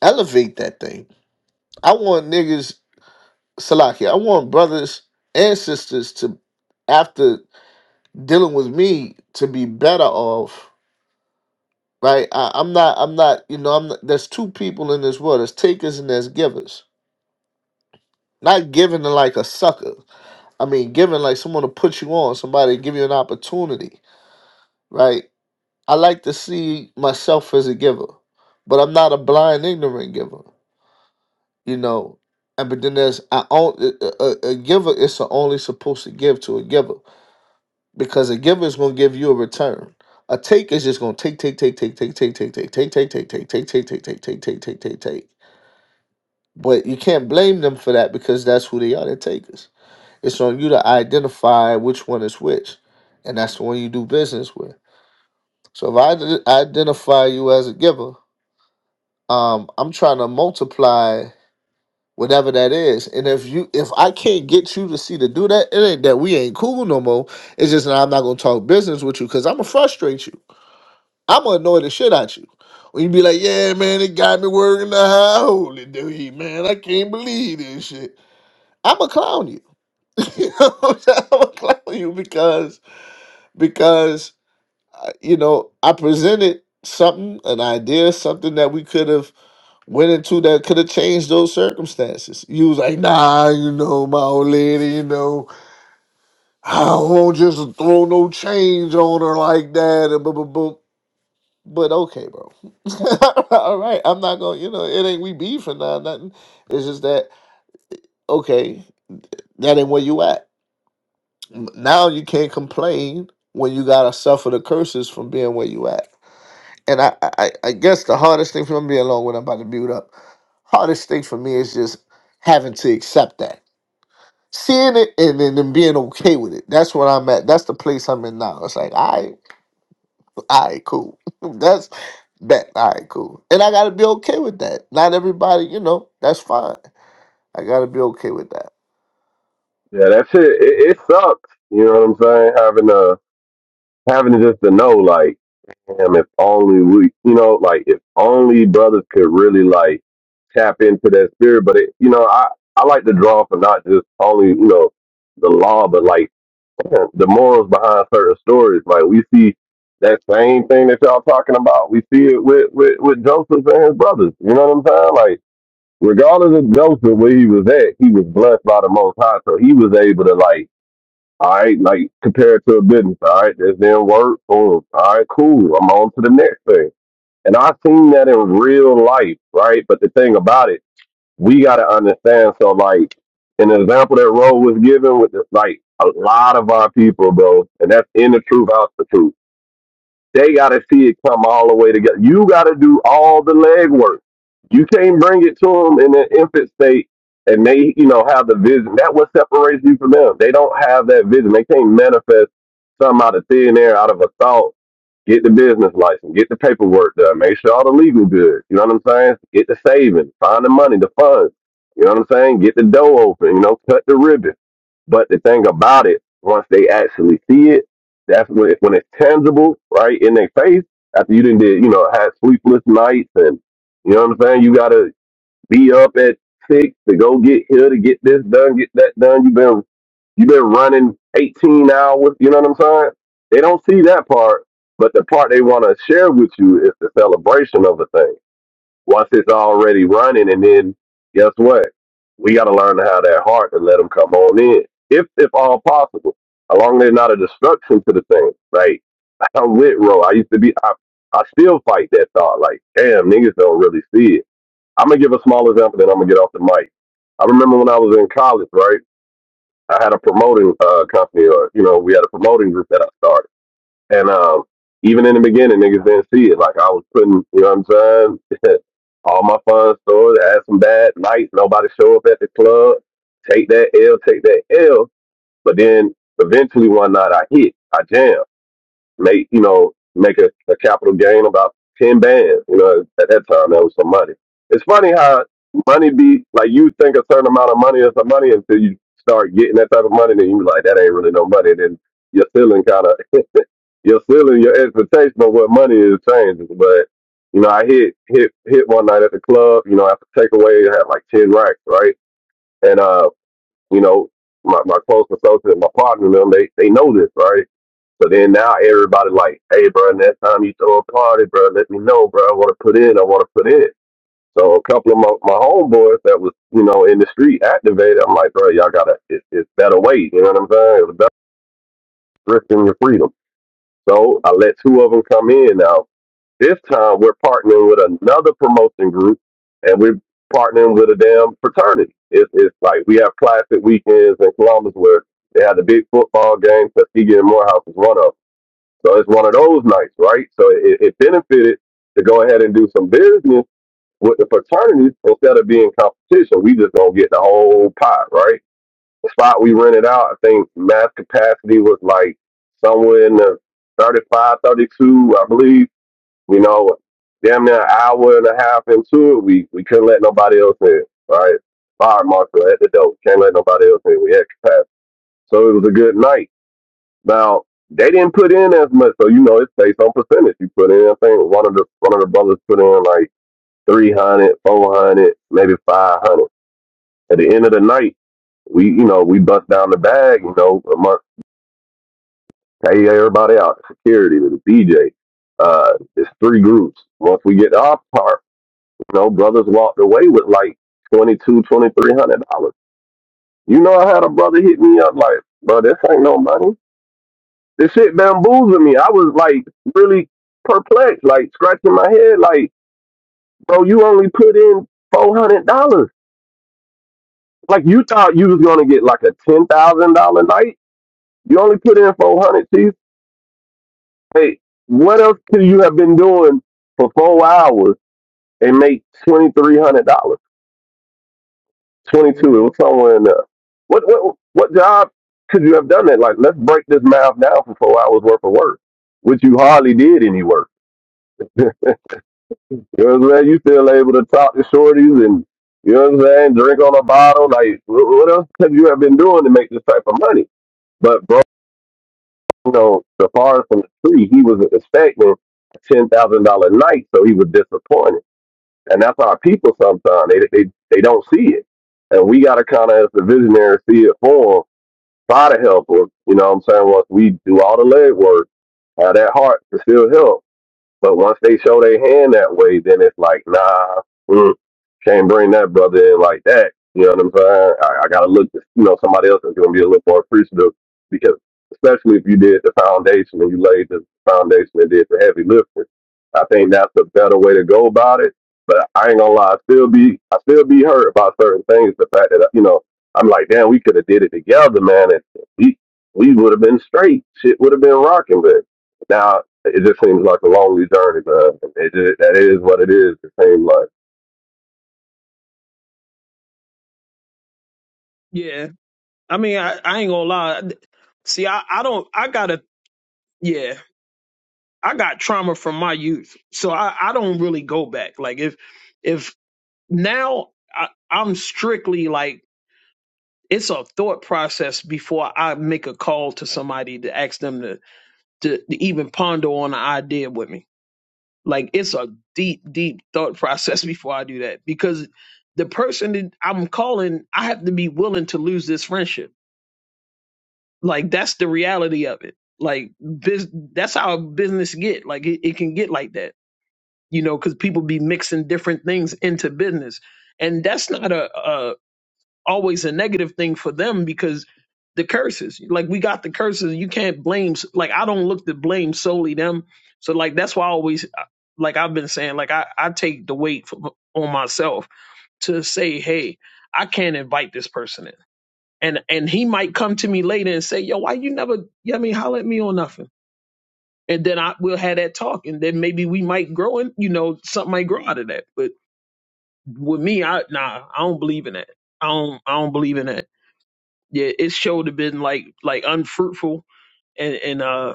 S6: elevate that thing. I want niggas, Salaki, I want brothers and sisters to, after dealing with me, to be better off. Right, I, I'm not. I'm not. You know, I'm. Not, there's two people in this world. There's takers and there's givers. Not giving to like a sucker I mean, given like someone to put you on, somebody to give you an opportunity, right? I like to see myself as a giver, but I'm not a blind, ignorant giver, you know. And but then there's I own a, a a giver is only supposed to give to a giver because a giver is gonna give you a return. A take is just gonna take, take, take, take, take, take, take, take, take, take, take, take, take, take, take, take, take, take, take, take, take. But you can't blame them for that because that's who they are. They're takers. It's on you to identify which one is which, and that's the one you do business with. So if I d- identify you as a giver, um, I'm trying to multiply whatever that is. And if you, if I can't get you to see to do that, it ain't that we ain't cool no more. It's just that I'm not gonna talk business with you because I'm gonna frustrate you. I'm gonna annoy the shit out you. When you be like, yeah, man, it got me working the high holy dude, man. I can't believe this shit. I'm a clown you. I'm a clown you because because uh, you know I presented something, an idea, something that we could have went into that could have changed those circumstances. You was like, nah, you know, my old lady, you know, I won't just throw no change on her like that, and blah, blah, blah. But okay, bro. All right, I'm not gonna, you know, it ain't we beefing or nah, nothing. It's just that okay, that ain't where you at. Now you can't complain when you gotta suffer the curses from being where you at. and I, I, I guess the hardest thing for me being alone when I'm about to build up, hardest thing for me is just having to accept that, seeing it, and then then being okay with it. That's where I'm at. That's the place I'm in now. It's like, all right, all right, cool. that's that. All right, cool. And I got to be okay with that. Not everybody, you know, that's fine. I got to be okay with that.
S8: Yeah, that shit, it, it sucks. You know what I'm saying? Having uh having to just to know, like, damn, if only we, you know, like, if only brothers could really like tap into that spirit. But it, you know, I I like to draw for not just only you know the law, but like damn, the morals behind certain stories. Like we see that same thing that y'all talking about. We see it with with with Joseph and his brothers. You know what I'm saying? Like, regardless of Joseph where he was at, he was blessed by the Most High, so he was able to like all right, like compared to a business. All right, this didn't work. Boom. All right, cool. I'm on to the next thing. And I've seen that in real life, right? But the thing about it, we got to understand. So, like, in the example that Roe was given with, the, like, a lot of our people, bro, and that's in the truth, out the truth they got to see it come all the way together. You got to do all the legwork. You can't bring it to them in an infant state and they, you know, have the vision. That what separates you from them. They don't have that vision. They can't manifest something out of thin air, out of a thought. Get the business license, get the paperwork done, make sure all the legal good. You know what I'm saying? Get the savings, find the money, the funds. You know what I'm saying? Get the dough open, you know, cut the ribbon. But the thing about it, once they actually see it, that's when it, when it's tangible, right, in their face. After you didn't did, you know, had sleepless nights, and you know what I'm saying. You gotta be up at six to go get here to get this done, get that done. You've been you've been running 18 hours. You know what I'm saying? They don't see that part, but the part they want to share with you is the celebration of the thing once it's already running, and then guess what? We got to learn how that heart and let them come on in, if if all possible, as long as they're not a destruction to the thing. Like I'm with Ro. I used to be. I I still fight that thought. Like damn, niggas don't really see it. I'm gonna give a small example, then I'm gonna get off the mic. I remember when I was in college, right? I had a promoting uh, company, or you know, we had a promoting group that I started. And um, even in the beginning, niggas didn't see it. Like I was putting, you know what I'm saying? All my fun stores, I had some bad nights, nobody show up at the club, take that L, take that L. But then eventually one night I hit, I jam, make, you know, make a, a capital gain about 10 bands. You know, at that time that was some money. It's funny how money be, like you think a certain amount of money is some money until you start getting that type of money, then you be like, that ain't really no money. Then your feeling kind of your ceiling, your expectation of what money is changes. But you know, I hit hit hit one night at the club. You know, after takeaway, I had like ten racks, right? And uh, you know, my my close associate, my partner, and them, they they know this, right? So then now everybody like, hey, bro, next time you throw a party, bro, let me know, bro. I want to put in. I want to put in. So a couple of my, my homeboys that was you know in the street activated. I'm like, bro, y'all gotta it, it's better wait. You know what I'm saying? It's better risking your freedom. So I let two of them come in now. This time we're partnering with another promotion group and we're partnering with a damn fraternity. It's, it's like we have classic weekends in Columbus where they had the big football game, Tuskegee and Morehouse is one of them. So it's one of those nights, right? So it, it benefited to go ahead and do some business with the fraternities instead of being competition. We just gonna get the whole pot, right? The spot we rented out, I think mass capacity was like somewhere in the 35, 32, I believe you know, damn near an hour and a half into it, we, we couldn't let nobody else in. All Right? Fire marshal at the door. Can't let nobody else in. We had capacity. So it was a good night. Now they didn't put in as much, so you know it's based on percentage. You put in, I think one of the one of the brothers put in like 300, 400, maybe five hundred. At the end of the night, we you know we bust down the bag, you know, amongst pay everybody out, security, the DJ. Uh, it's three groups. Once we get to our part. You know, brothers walked away with like twenty two, twenty three hundred dollars. You know, I had a brother hit me up like, bro, this ain't no money. This shit bamboozled me. I was like really perplexed, like scratching my head, like, bro, you only put in four hundred dollars. Like you thought you was gonna get like a ten thousand dollar night. You only put in four hundred, chief. Hey, what else could you have been doing for four hours and make twenty three hundred dollars? 22. It was somewhere in there. What what what job could you have done that? Like, let's break this math down for four hours worth of work, which you hardly did any work. You know what I'm saying? You still able to talk to shorties and you know what I'm saying, drink on a bottle. Like, wh- what else could you have been doing to make this type of money? But bro, you know, the forest from the tree, he was expecting a ten thousand dollar night, so he was disappointed. And that's our people sometimes. They they they don't see it. And we gotta kinda as the visionary see it for 'em try to help her. You know what I'm saying? Once we do all the leg work. uh, that heart can still help. But once they show their hand that way, then it's like, nah, mm, can't bring that brother in like that. You know what I'm saying? I, I gotta look, to, you know, somebody else is gonna be a little more appreciative because, especially if you did the foundation and you laid the foundation and did the heavy lifting, I think that's a better way to go about it. But I ain't gonna lie, I still be, I still be hurt about certain things. The fact that you know, I'm like, damn, we could have did it together, man, and we we would have been straight. Shit would have been rocking, but now it just seems like a lonely journey, man. It just, that is what it is. It seems like.
S5: Yeah, I mean, I, I ain't gonna lie. See, I I don't I gotta yeah. I got trauma from my youth, so I, I don't really go back. Like if if now I, I'm strictly like it's a thought process before I make a call to somebody to ask them to to, to even ponder on an idea with me. Like it's a deep, deep thought process before I do that because the person that I'm calling, I have to be willing to lose this friendship. Like that's the reality of it. Like bus- that's how business get. Like it, it can get like that you know, because people be mixing different things into business. And that's not a, a always a negative thing for them because the curses, like we got the curses, you can't blame. Like I don't look to blame solely them. So like that's why I always, like I've been saying, like I I take the weight for, on myself to say, hey, I can't invite this person in. And, and he might come to me later and say, yo, why you never, you know what I mean, holler at me on nothing. And then I we'll have that talk, and then maybe we might grow, and you know, something might grow out of that. But with me, I nah, I don't believe in that. I don't I don't believe in that. Yeah, it showed have been like like unfruitful and and uh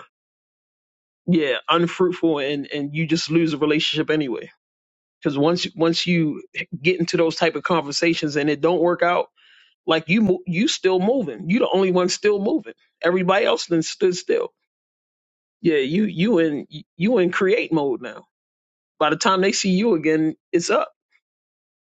S5: yeah, unfruitful and and you just lose a relationship anyway. Because once once you get into those type of conversations and it don't work out, like you mo- you still moving. You the only one still moving. Everybody else then stood still. Yeah, you you in you in create mode now. By the time they see you again, it's up.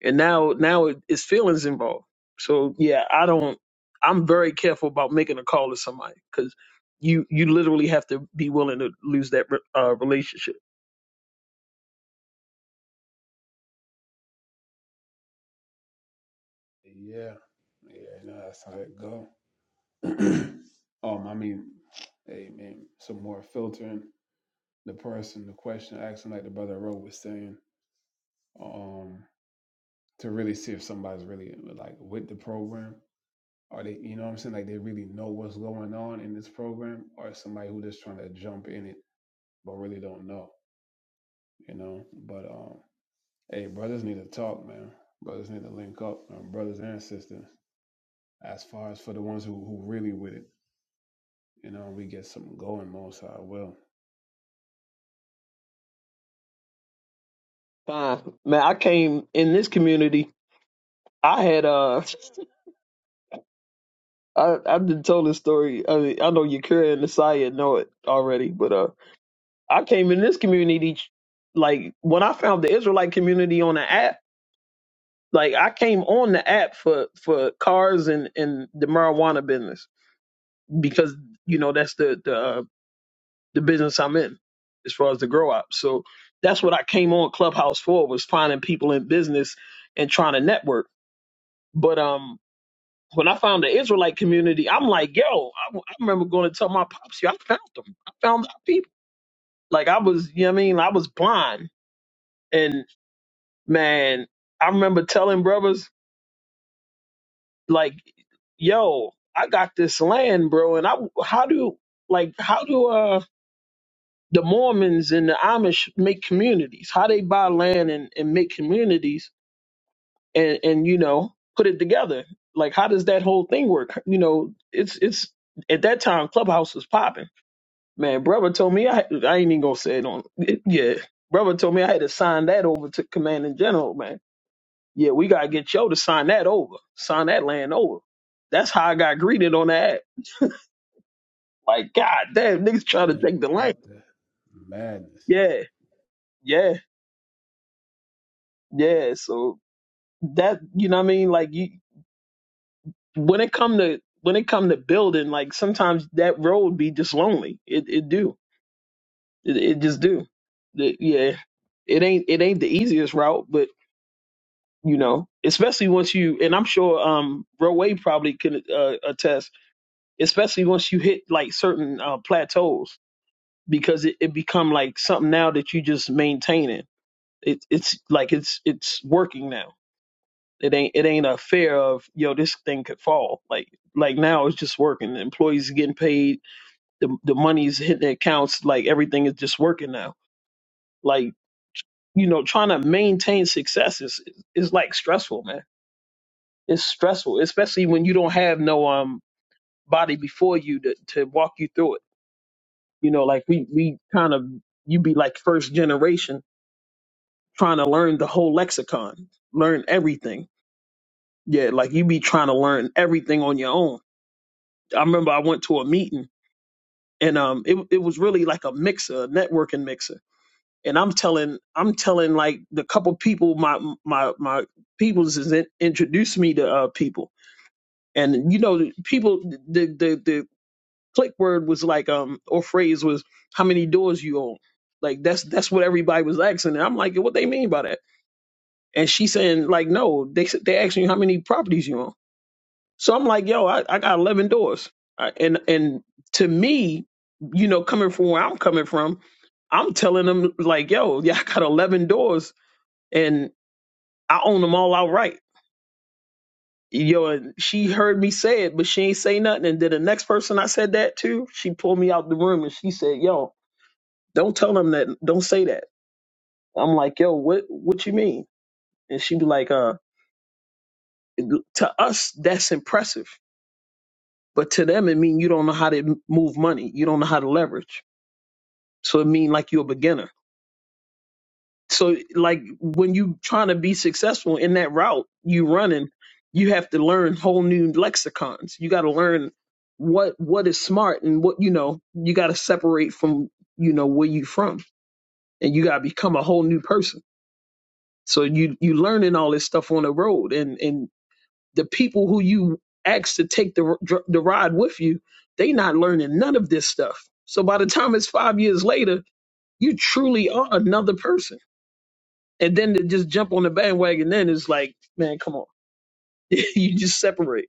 S5: and now now it, it's feelings involved. So yeah, I don't. I'm very careful about making a call to somebody because you you literally have to be willing to lose that re- uh, relationship.
S1: Yeah, yeah, no, that's how it go. um, I mean, hey man, some more filtering the person, the question, asking like the brother Rowe was saying, um, to really see if somebody's really like with the program. Are they, you know what I'm saying? Like they really know what's going on in this program, or somebody who just trying to jump in it but really don't know, you know? But um, hey, brothers need to talk, man. Brothers need to link up, man. brothers and sisters. As far as for the ones who who really with it. You know, we get something going, most I will.
S5: Fine, man. I came in this community. I had uh, I I've been told this story. I mean, I know Yakira and Nasaya know it already, but uh, I came in this community like when I found the Israelite community on the app. Like I came on the app for for cars and and the marijuana business because you know that's the the uh, the business I'm in as far as the grow up. So that's what I came on Clubhouse for was finding people in business and trying to network. But um, when I found the Israelite community, I'm like, yo, I, I remember going to tell my pops, yo, I found them. I found our people. Like I was, you know what I mean? I was blind, and man, I remember telling brothers like, yo, I got this land, bro, and I how do like how do uh, the Mormons and the Amish make communities. How they buy land and, and make communities and, and you know put it together. Like how does that whole thing work? You know, it's it's at that time Clubhouse was popping. Man, brother told me I I ain't even gonna say it on. Yeah, brother told me I had to sign that over to Commanding General. Man, yeah, we gotta get Joe to sign that over, sign that land over. That's how I got greeted on that. Like God damn, niggas trying to
S1: Damn,
S5: take the land.
S1: what the madness?
S5: Yeah, yeah, yeah. So that you know what I mean like you when it come to when it come to building like sometimes that road be just lonely it it do it, it just do The- yeah it ain't it ain't the easiest route but you know especially once you and I'm sure um Roe probably can uh, attest especially once you hit like certain uh, plateaus because it, it become like something now that you just maintaining it it's like it's it's working now It ain't it ain't a fear of yo this thing could fall. Like like now it's just working. The employees are getting paid. The the money's hitting the accounts. Like everything is just working now. Like you know trying to maintain success is is like stressful, man. It's stressful, especially when you don't have no um body before you to to walk you through it. You know, like we we kind of you be like first generation trying to learn the whole lexicon, learn everything. Yeah, like you be trying to learn everything on your own I remember I went to a meeting and um it it was really like a mixer, a networking mixer. And I'm telling I'm telling like the couple people my my my peoples is in, introduced me to uh people. And you know the people the the the click word was like um or phrase was how many doors you own. Like that's that's what everybody was asking. And I'm like, what they mean by that? And she saying like no, they they asking you how many properties you own. So I'm like, yo, I, I got 11 doors. I- And and to me, you know, coming from where I'm coming from, I'm telling them like, yo, yeah, I got 11 doors and I own them all outright. Yo, and she heard me say it, but she ain't say nothing. And then the next person I said that to, she pulled me out the room and she said, yo, don't tell them that. Don't say that. I'm like, yo, what what you mean? And she be like, uh, to us, that's impressive. But to them, it mean you don't know how to move money. You don't know how to leverage So it means like you're a beginner. So like when you trying to be successful in that route you running, you have to learn whole new lexicons. You got to learn what what is smart and what you know. You got to separate from you know where you from, and you got to become a whole new person. So you you learning all this stuff on the road, and and the people who you ask to take the r- the ride with you, they not learning none of this stuff. So by the time it's five years later, you truly are another person and then to just jump on the bandwagon then it's like man come on you just separate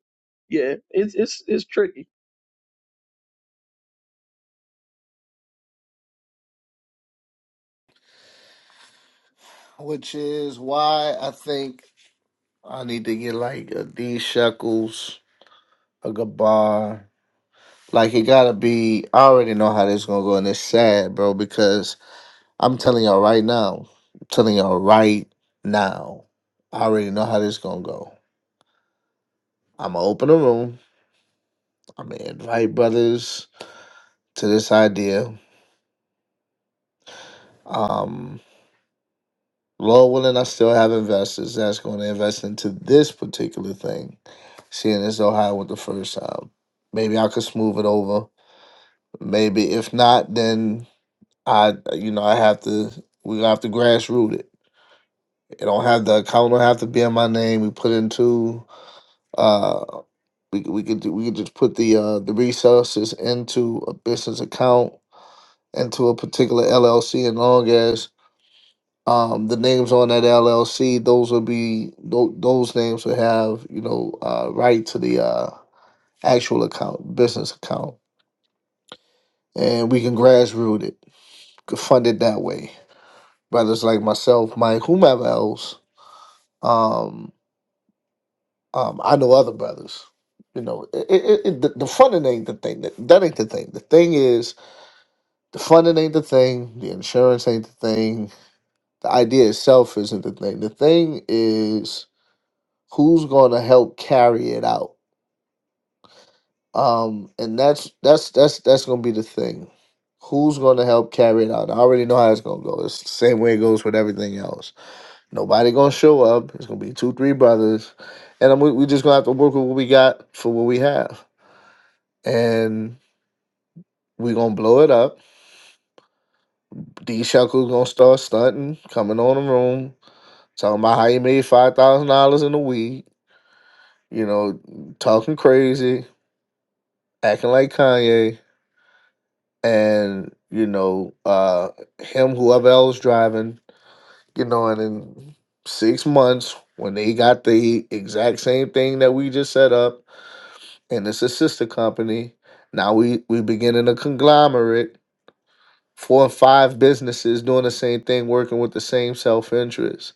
S5: yeah it's it's it's tricky
S6: Which is why I think I need to get like a D Shekels, a Gabar. Like it gotta be. I already know how this gonna go, and it's sad, bro. Because I'm telling y'all right now, I'm telling y'all right now, I already know how this gonna go. I'm gonna open a room. I'm gonna invite brothers to this idea. Um, Lord willing, I still have investors that's going to invest into this particular thing. Seeing as though I went the first time, maybe I could smooth it over. Maybe if not, then I, you know, I have to. We have to grassroot it It don't have the account don't have to be in my name. We put into uh we we could do- we could just put the uh the resources into a business account into a particular LLC and long as um the names on that LLC those will be tho- those names will have you know uh right to the uh actual account business account and we can grassroot it could fund it that way brothers like myself Mike whomever else um. Um, I know other brothers. You know, it, it, it, the, the funding ain't the thing. That, that ain't the thing. The thing is, the funding ain't the thing. The insurance ain't the thing. The idea itself isn't the thing. The thing is who's going to help carry it out. Um, and that's that's that's that's going to be the thing. Who's going to help carry it out? I already know how it's going to go. It's the same way it goes with everything else. Nobody going to show up. It's going to be two, three brothers, and I'm, we we just going to have to work with what we got for what we have and we gonna blow it up. D Shuckle's gonna start stunting, coming on the room, talking about how he made five thousand dollars in a week, you know, talking crazy, acting like Kanye, and you know, uh him, whoever else driving, you know, and in six months when they got the exact same thing that we just set up, and it's a sister company. Now we we beginning a conglomerate Four or five businesses doing the same thing, working with the same self interest.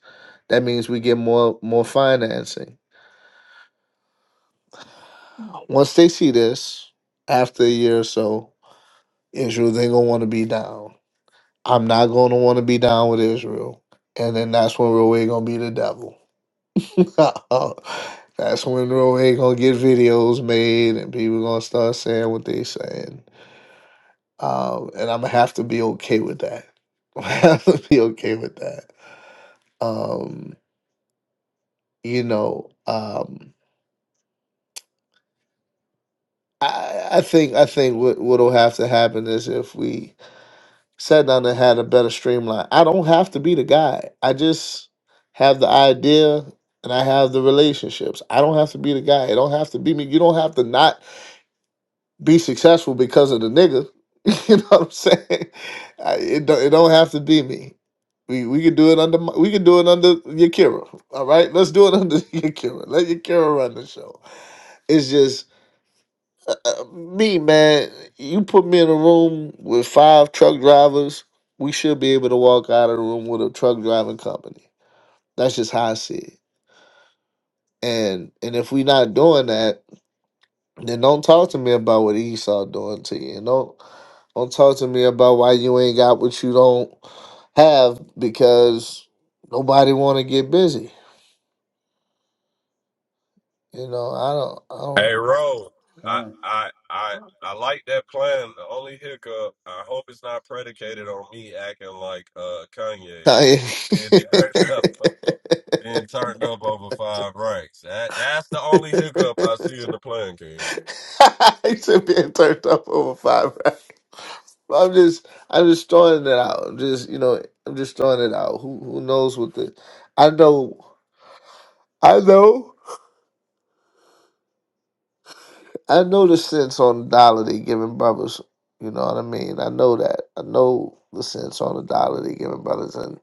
S6: That means we get more more financing. Once they see this, after a year or so, Israel they gonna want to be down. I'm not gonna want to be down with Israel, and then that's when Roe gonna be the devil. that's when Roe gonna get videos made, and people gonna start saying what they saying. Um, and I'm gonna have to be okay with that. I have to be okay with that. Um, you know um i i think i think what what'll have to happen is if we sat down and had a better streamline i don't have to be the guy i just have the idea and i have the relationships i don't have to be the guy it don't have to be me you don't have to not be successful because of the nigga you know what i'm saying I, it, don't, it don't have to be me we, we could do it under my- we could do it under Yakira. All right, let's do it under Yakira. Let Yakira run the show. It's just uh, uh, me, man, you put me in a room with five truck drivers, we should be able to walk out of the room with a truck driving company. That's just how I see it. And and if we not doing that, then don't talk to me about what Esau doing to you. And don't don't talk to me about why you ain't got what you don't have because nobody want to get busy. You know, I don't
S1: Con
S6: I don't. I. he said being turned up over five rounds. I'm just I'm just throwing it out. I'm just you know, I'm just throwing it out. Who who knows what the I know I know I know the sense on the dollar they giving brothers. You know what I mean? I know that. I know the sense on the dollar they giving brothers and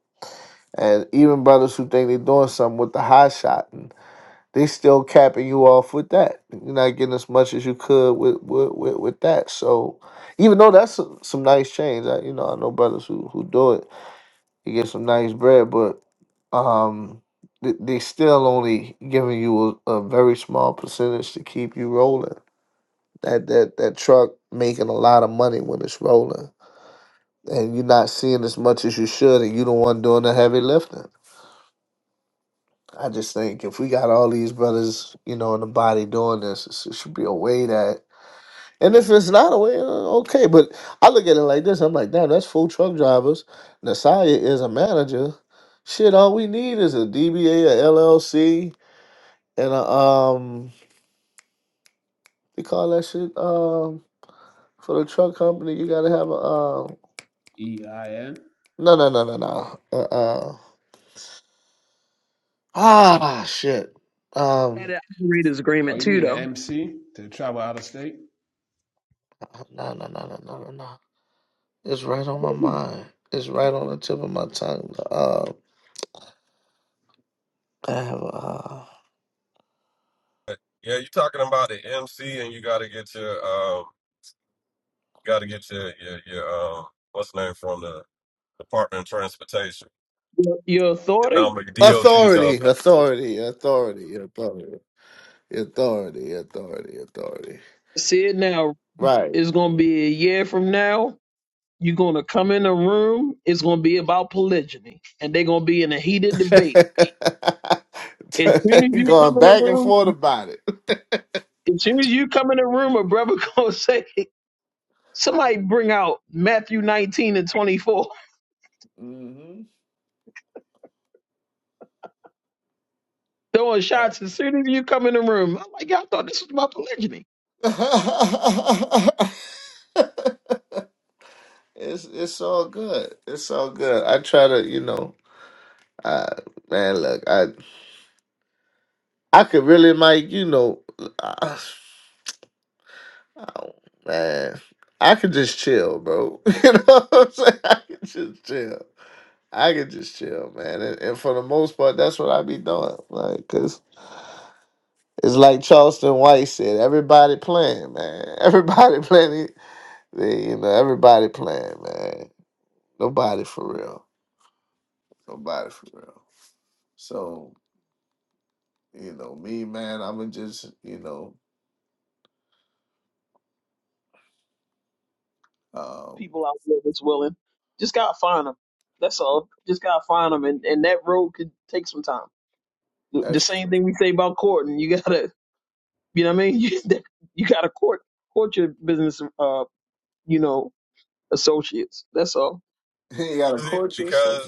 S6: and even brothers who think they're doing something with the high shot. They still capping you off with that. You're not getting as much as you could with with, with, with that. So even though that's some some nice change, I you know I know brothers who, who do it, you get some nice bread, but um they, they still only giving you a, a very small percentage to keep you rolling. That that that truck making a lot of money when it's rolling, and you're not seeing as much as you should, and you the one doing the heavy lifting. I just think if we got all these brothers, you know, in the body doing this, it's- it should be a way that. And if it's not a way, uh, okay. But I look at it like this: I'm like, damn, that's full truck drivers. Nasaya is a manager. Shit, all we need is a DBA, a LLC, and a um, they call that shit um for the truck company. You gotta have a um,
S1: E I N.
S6: no, no, no, no, no, uh, uh ah, shit,
S5: had
S6: um,
S5: an operator's
S1: Oh,
S5: agreement
S1: you
S5: too
S1: mean the
S5: though
S1: MC to travel out of state?
S6: no, no, no, no, no, no, no. It's right on my mind. It's right on the tip of my tongue. Uh, I have uh,
S5: your your authority
S6: authority, authority, authority, authority, authority, authority, authority.
S5: see it now
S6: Right.
S5: is gonna be a year from now you're gonna come in a room it's gonna be about polygyny and they're gonna be in a heated debate as soon as you come
S6: Going
S5: in the
S6: back and
S5: room
S6: forth about it.
S5: as soon as you come in the room a brother gonna say somebody bring out matthew 19 and 24
S6: hmm
S5: throwing shots
S6: Exactly.
S5: as soon as you come in the room. I'm like, y'all thought this was about polygyny.
S6: it's it's all good. It's all good. I try to, you know, I man, look, I I could really like, you know, Oh man, I could just chill, bro. you know what I'm saying? I could just chill. I could just chill, man. And, and for the most part, that's what I be doing. Like, cause it's like Charleston White said, everybody playing, man. Everybody playing. They, you know, everybody playing, man. Nobody for real. Nobody for real. So you know, me, man. I'ma just, you know, um,
S5: People out there that's willing, just gotta find them. That's all. Just gotta find them, and, and that road could take some time. The the
S6: that's
S5: same
S6: true.
S5: thing we say about courting. You gotta, you know what I mean? You, you gotta court court your business, uh, you know, associates. That's all.
S6: you got a court yourself.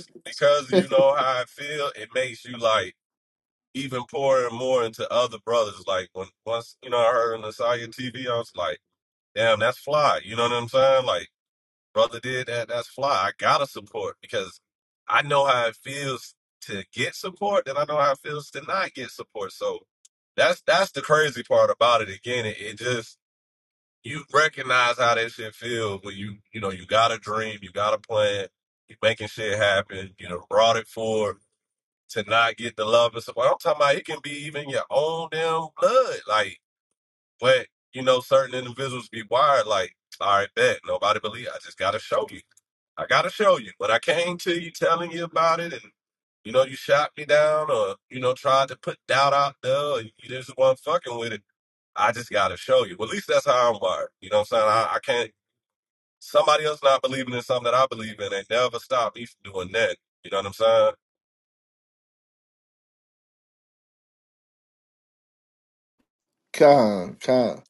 S6: Con, con.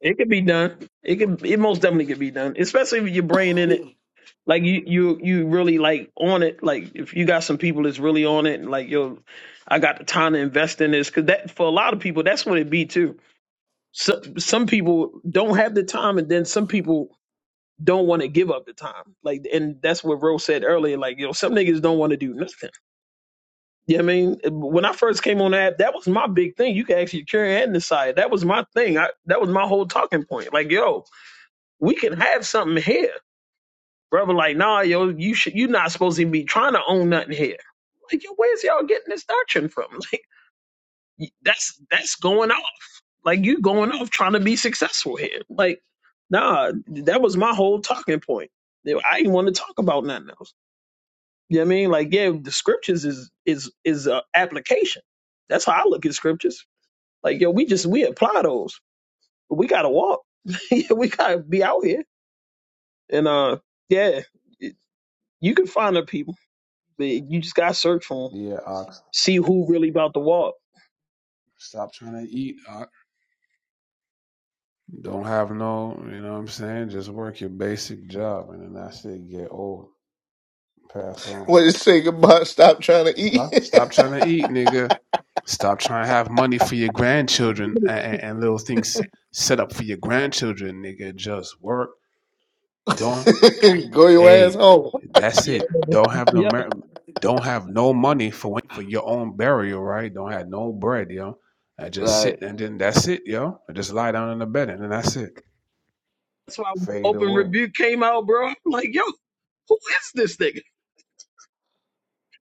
S5: It could be done. It could. It most definitely could be done, especially with your brain in it Like you, you, you really like on it. Like if you got some people that's really on it, and like yo, I got the time to invest in this. Because that for a lot of people, that's what it be too. So, some people don't have the time, and then some people don't want to give up the time. Like, and that's what Rose said earlier. Like yo, some niggas don't want to do nothing. Yeah, I mean, when I first came on the app, that was my big thing. You can actually carry and decide. That was my thing. I, that was my whole talking point. Like yo, we can have something here Brother, like, nah, yo, you should, you are not supposed to be trying to own nothing here. Like, yo, where's y'all getting this doctrine from? Like, that's that's going off. Like, you going off trying to be successful here. Like, nah, that was my whole talking point. You know, I didn't want to talk about nothing else. You know what I mean? Like, yeah, the scriptures is is is a application. That's how I look at scriptures. Like, yo, we just we apply those, but we gotta walk. we gotta be out here. And uh, yeah, you can find the people. But you just gotta search for 'em.
S1: Yeah, Ox.
S5: see who really about to walk.
S1: Stop trying to eat. Ox. Don't have no, you know what I'm saying? Just work your basic job and then that's it. Get old. Pass on.
S6: What is say goodbye? Stop trying to eat.
S1: Stop. Stop trying to eat, nigga. Stop trying to have money for your grandchildren and, and, and little things set up for your grandchildren, nigga. Just work. Don't
S6: Go
S1: Go
S6: your
S1: your Hey,
S6: ass
S1: ass
S6: home.
S1: home. that's
S5: Yeah,
S1: it. Don't have no
S5: yep.
S1: mer- don't have no money for when- for your own burial, right? Don't have no bread, yo. I just sit
S6: Right.
S1: and then that's it, yo. I just lie down in the bed and then that's it.
S5: That's why when
S1: Fade
S5: open
S1: away.
S5: rebuke came out, bro. I'm like, yo, who is this nigga?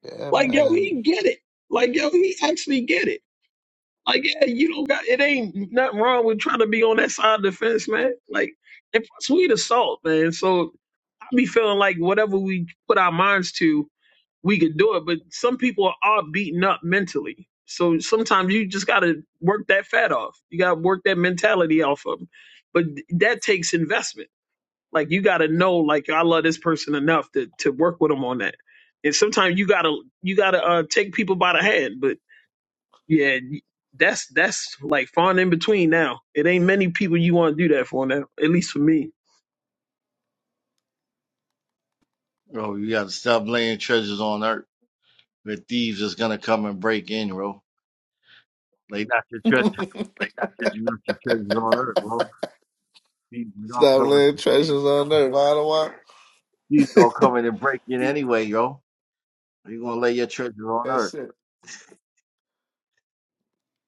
S6: Yeah,
S5: Like, yo,
S6: man.
S5: he get it. Like, yo, he actually get it. Like, yeah, you don't got it. Ain't nothing wrong with trying to be on that side of the fence, man. Like, and plus we the salt, man. So I be feeling like whatever we put our minds to, we could do it, but some people are beaten up mentally. So sometimes you just got to work that fat off. You got to work that mentality off of them. But that takes investment. Like you got to know, like I love this person enough to to work with them on that. And sometimes you gotta you gotta uh, take people by the hand. But yeah, that's that's like far and in between now. It ain't many people you want to do that for now. At least for me.
S9: Bro, you gotta stop laying treasures on earth. The thieves is gonna come and break in, bro. Lay not your treasures, not your treasures on earth, bro. Thieves is gonna
S6: Stop
S9: come, and-
S6: laying treasures on earth. I don't want.
S9: thieves gonna come in and break in anyway, yo. You gonna lay your treasures on
S6: That's
S9: earth?
S6: it.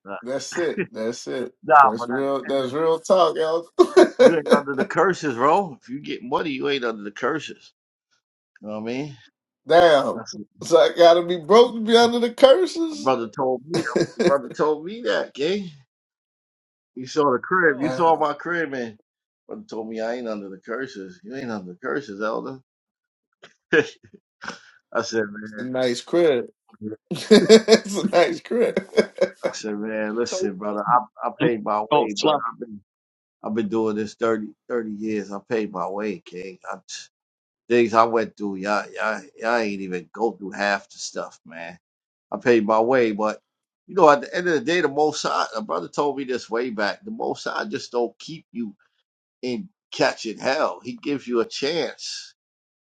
S9: Uh,
S6: That's it. That's it.
S9: Nah,
S6: That's
S9: but at
S6: real.
S9: the end
S6: That's
S9: of,
S6: real talk, y'all.
S9: you ain't under the curses, bro. If you get money, you ain't under the curses. You know what I mean?
S6: Damn.
S9: That's
S6: So I gotta be broke to be under the
S9: my
S6: curses.
S9: brother told me. My brother told me that, gang. You saw the crib. You
S5: Oh,
S9: saw
S6: Damn.
S9: my crib, man. Brother told me I ain't under the curses. You ain't under the curses, elder. I said,
S6: It's a
S9: man,
S6: nice crib. it's a nice crib.
S9: I said, man,
S5: so
S9: listen, brother, I, I paid my
S5: oh
S9: way, but
S5: slap.
S9: I've been I've been doing this 30 30 years. I paid my way, King. I, things I went through, y'all, y'all, y'all ain't even go through half the stuff, man. I paid my way, but you know, at the end of the day, the most I, a brother told me this way back, the most I just don't keep you in catching hell. He gives you a chance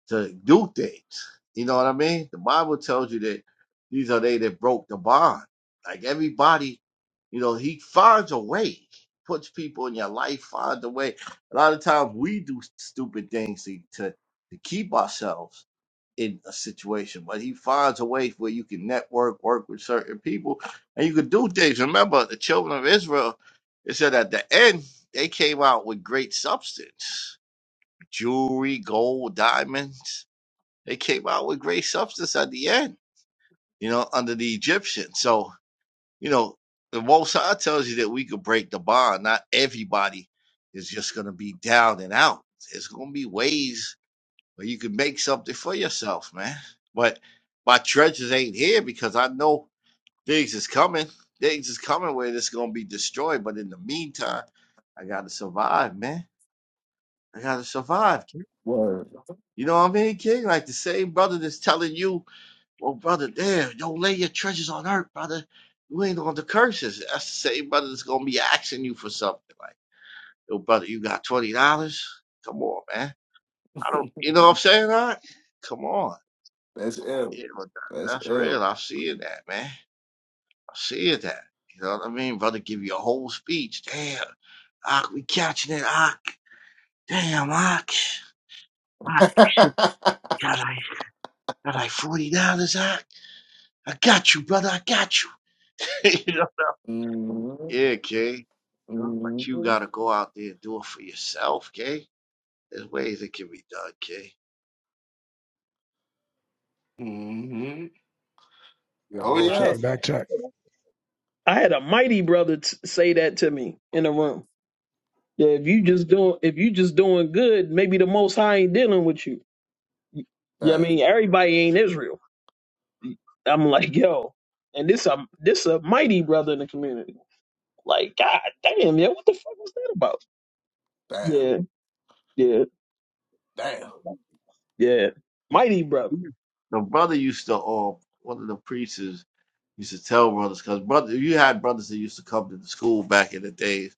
S9: to do things. You know what I mean? The Bible tells you that these are they that broke the bond. Like everybody, you know, he finds a way, puts people in your life, finds a way. A lot of times we do stupid things to, to, to keep ourselves in a situation, but he finds a way where you can network, work with certain people, and you can do things. Remember, the children of Israel, it said at the end, they came out with great substance jewelry, gold, diamonds they came out with great substance at the end, you know, under the Egyptians. So, you know, the Most High tells you that we could break the bond. Not everybody is just going to be down and out. There's going to be ways where you can make something for yourself, man. But my treasures ain't here because I know things is coming. Things is coming where it's going to be destroyed. But in the meantime, I got to survive, man. I got to survive. King.
S6: Word.
S9: You know what I mean, King? Like the same brother that's telling you Well, brother, damn, don't lay your treasures on earth, brother. You ain't on the curses. That's the same brother that's gonna be asking you for something. Like, yo, brother, you got twenty dollars? Come on, man. I don't you know what I'm saying? All right? Come on.
S6: That's ill.
S9: You know, that-
S6: That's
S9: that's real.
S6: ill.
S9: i see it, that, man. i see it, that. You know what I mean? Brother give you a whole speech. Damn. Ah, we catching it, Ock. Damn, Ock. Ock, shit, got like, got like $40, Ock. I got you, brother. I got you.
S6: Mhm,
S9: Yeah, Kay. You know, but you
S6: mhm,
S9: gotta go out there and do it for yourself, Kay. There's ways it can be done, Kay.
S6: mhm.
S1: Yo,
S6: Oh
S1: roll,
S5: I
S1: check
S6: yeah.
S1: your
S5: had.
S1: back check.
S5: I had a mighty brother t- say that to me in the room. Yeah, if you just doing if you just doing good, maybe the Most High ain't dealing with you. Yeah, I
S6: Damn,
S5: mean everybody ain't Israel. I'm like, yo, and this a this a mighty brother in the community. Like, god damn, yeah, what the fuck was that about?
S6: damn,
S5: Yeah, yeah,
S6: damn.
S5: yeah, mighty brother.
S9: Yeah. The brother used to um one of the preachers used to tell brothers because brother you had brothers that used to come to the school back in the days,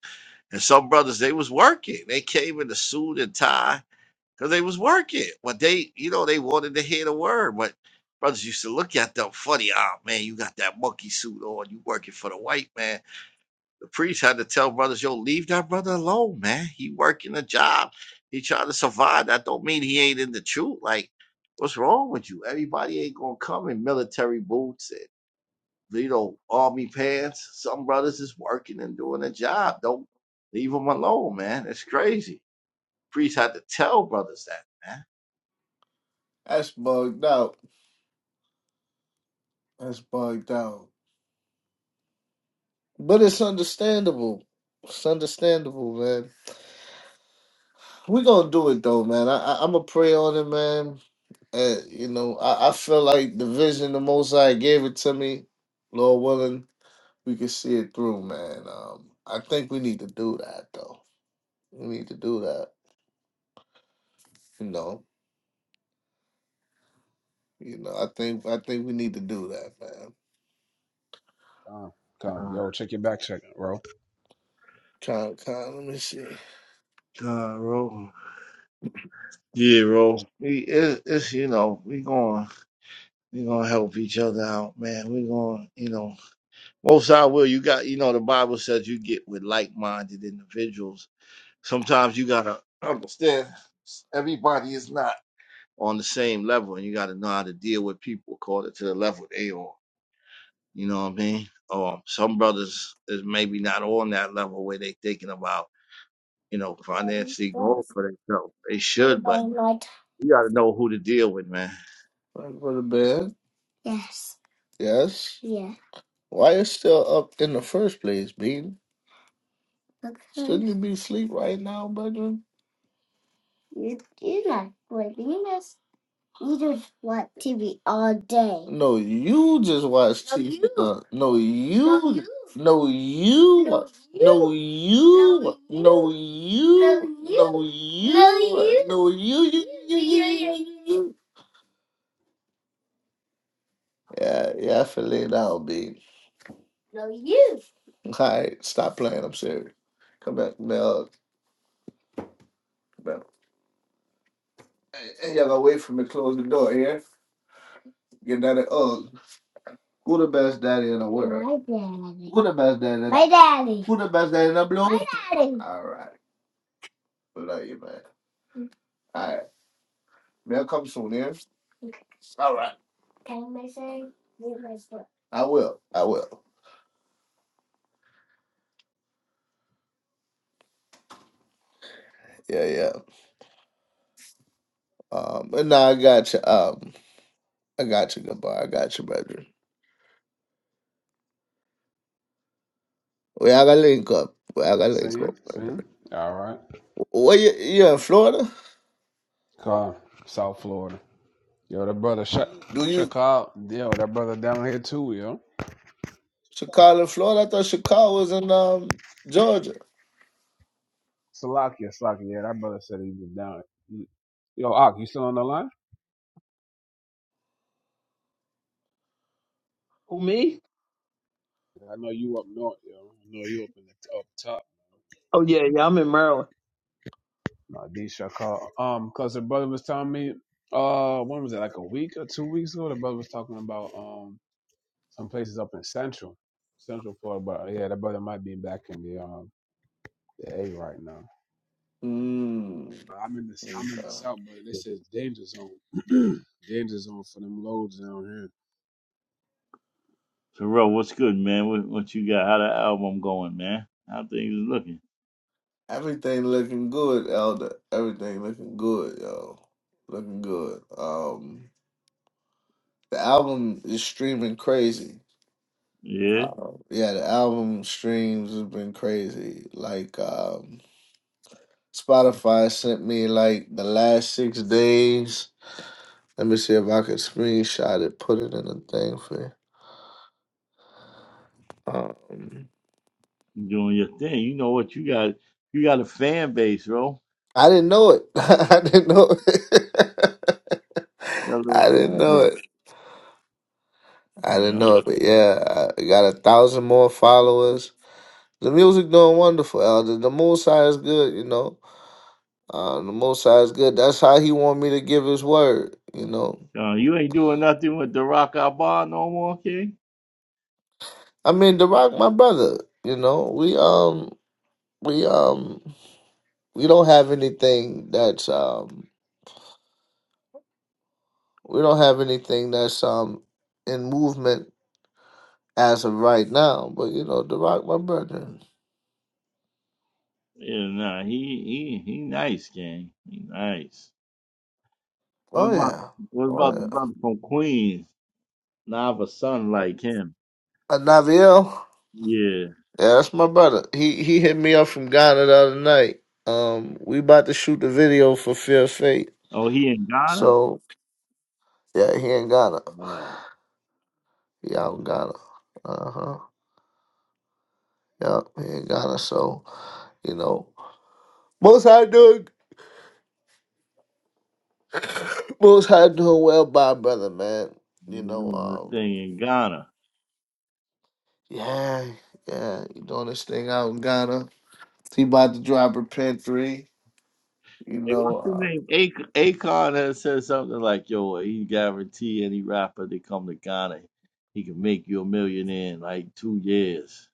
S9: and some brothers they was working. They came in a suit and tie because they was working, but they you know they wanted to hear the word, but. Brothers used to look at them funny. Ah, man, you got that monkey suit on. You working for the white man. The priest had to tell brothers, yo, leave that brother alone, man. He working a job. He trying to survive. That don't mean he ain't in the truth. Like, what's wrong with you? Everybody ain't gonna come in military boots and you know army pants. Some brothers is working and doing a job. Don't leave them alone, man. It's crazy. Priest had to tell brothers that, man.
S6: That's bugged out. That's bugged out. But it's understandable. It's understandable, man. We're gonna do it though, man. I, I I'm gonna pray on it, man. Uh, you know, I, I feel like the vision the most High gave it to me, Lord willing, we can see it through, man. Um I think we need to do that though. We need to do that. You know. You know, I think I think we need to do that, man.
S1: Come, come.
S9: God,
S1: Yo, check your back check, bro.
S6: Con, con, let me see.
S9: God, bro. Yeah, bro. We it, it's you know we going we gonna help each other out, man. We gonna you know Most High will. You got, you know, the Bible says you get with like-minded individuals. Sometimes you gotta understand everybody is not on the same level, and you gotta know how to deal with people according to the level they are. You know what I mean? Um, some brothers is maybe not on that level where they thinking about, you know, financially going
S6: Light.
S9: for themselves. They should, but
S6: Want
S9: you gotta know who to deal with, man.
S6: to go to bed? Yes. Yes. Yeah. Why you still up in the first place, Bean? Because. Shouldn't you be asleep right now, Benjamin? You, you not waking us. You just want TV all day. No, you just watch No, TV. you. Uh, no, No, you. No, you. No, No, you. No, you. No, you. No, you. No, you. No, you. No, you. You. You. You. Yeah, You. yeah. You. you. Yeah, yeah, I feel it out, B. No, you. All right, stop playing. I'm serious. Come back, Mel. Come back. Hey, hey, y'all gonna wait for me to close the door here? Get that. Oh, Who the best daddy in the world? My daddy. Who the best daddy? My daddy. Who the best daddy in the blue? My daddy. All right. Love you, man. All right. They'll come soon, yeah? Okay. All right. Can I say read my book? I will. I will. Yeah, yeah. Um, but no, I got you. Um, I got you, Gabar. I got you, brother. We gotta link up. We gotta link
S1: See,
S6: up,
S1: see.
S6: brother.
S1: All right.
S6: Where you? You in Florida?
S1: Come, South Florida. Yo, that brother, check,
S6: Do you
S1: check out. Yo, that brother down here too, yo.
S6: Chicago, Florida? I thought Chicago was in um Georgia.
S1: Salakia, Salakia. Yeah, that brother said he was down. Yo, Ak, you still on the line?
S5: Who me?
S1: I know you up north, yo. I know you up in the up top.
S5: Oh yeah, yeah, I'm in Maryland,
S1: Nah, D call. Um, cause the brother was telling me, uh, when was it? Like a week or two weeks ago. The brother was talking about um some places up in central, central Florida. But uh, yeah, the brother might be back in the um the A right now.
S6: Mm.
S1: But I'm in the I'm in the
S6: Okay.
S1: south, but this is danger zone. danger zone for them loads down
S9: Terrell, what's good, man? What, what you got? How the album going, man? How things is looking?
S6: Everything looking good, Elder. Everything looking good, yo. Looking good. Um, the album is streaming crazy.
S9: Yeah.
S6: Uh, yeah, the album streams has been crazy. Like, um, Spotify sent me like the last six days. Let me see if I could screenshot it, put it in a thing for you. Um,
S9: you doing your thing. You know what you got? You got a fan base, bro.
S6: I didn't know it. I didn't know it.
S9: You got a little
S6: I didn't
S9: fan
S6: know it.
S9: base.
S6: I didn't
S9: You
S6: know it, but yeah, I got a thousand more followers. The music doing wonderful, Elder. The Most High is good, you know. Uh, the Most High is good. That's how He want me to give His word, you know.
S9: know, uh, you ain't doing nothing with the Rock Our Bar no more, King.
S6: I mean, the Rock, my brother, you know. We um, we um, we don't have anything that's um, we don't have anything that's um, in movement as of right now. But you know, the Rock, my brother.
S9: Yeah, nah, he he he nice, King. He nice. What
S6: Oh
S9: about
S6: yeah,
S9: what
S6: oh
S9: about the
S6: yeah.
S9: brother from Queens? Now I have a son like him.
S6: Uh, Naviel.
S9: Yeah.
S6: Yeah, that's my brother. He he hit me up from Ghana the other night. Um, we about to shoot the video for Fear of Fate.
S9: Oh, he in Ghana?
S6: So yeah, he in Ghana.
S9: Uh,
S6: He out in Ghana. Uh huh. Yeah, he in Ghana. So you know, most high doing most high doing well, by brother man.
S9: he
S6: You know,
S9: doing this
S6: um,
S9: thing in Ghana.
S6: yeah, yeah, he doing this thing out in Ghana. He about to drop Repent three. You
S9: Hey,
S6: know,
S9: what's his
S6: uh,
S9: name? A- Akon has said something like, "Yo, he guarantee any rapper that come to Ghana, he can make you a millionaire in like two years."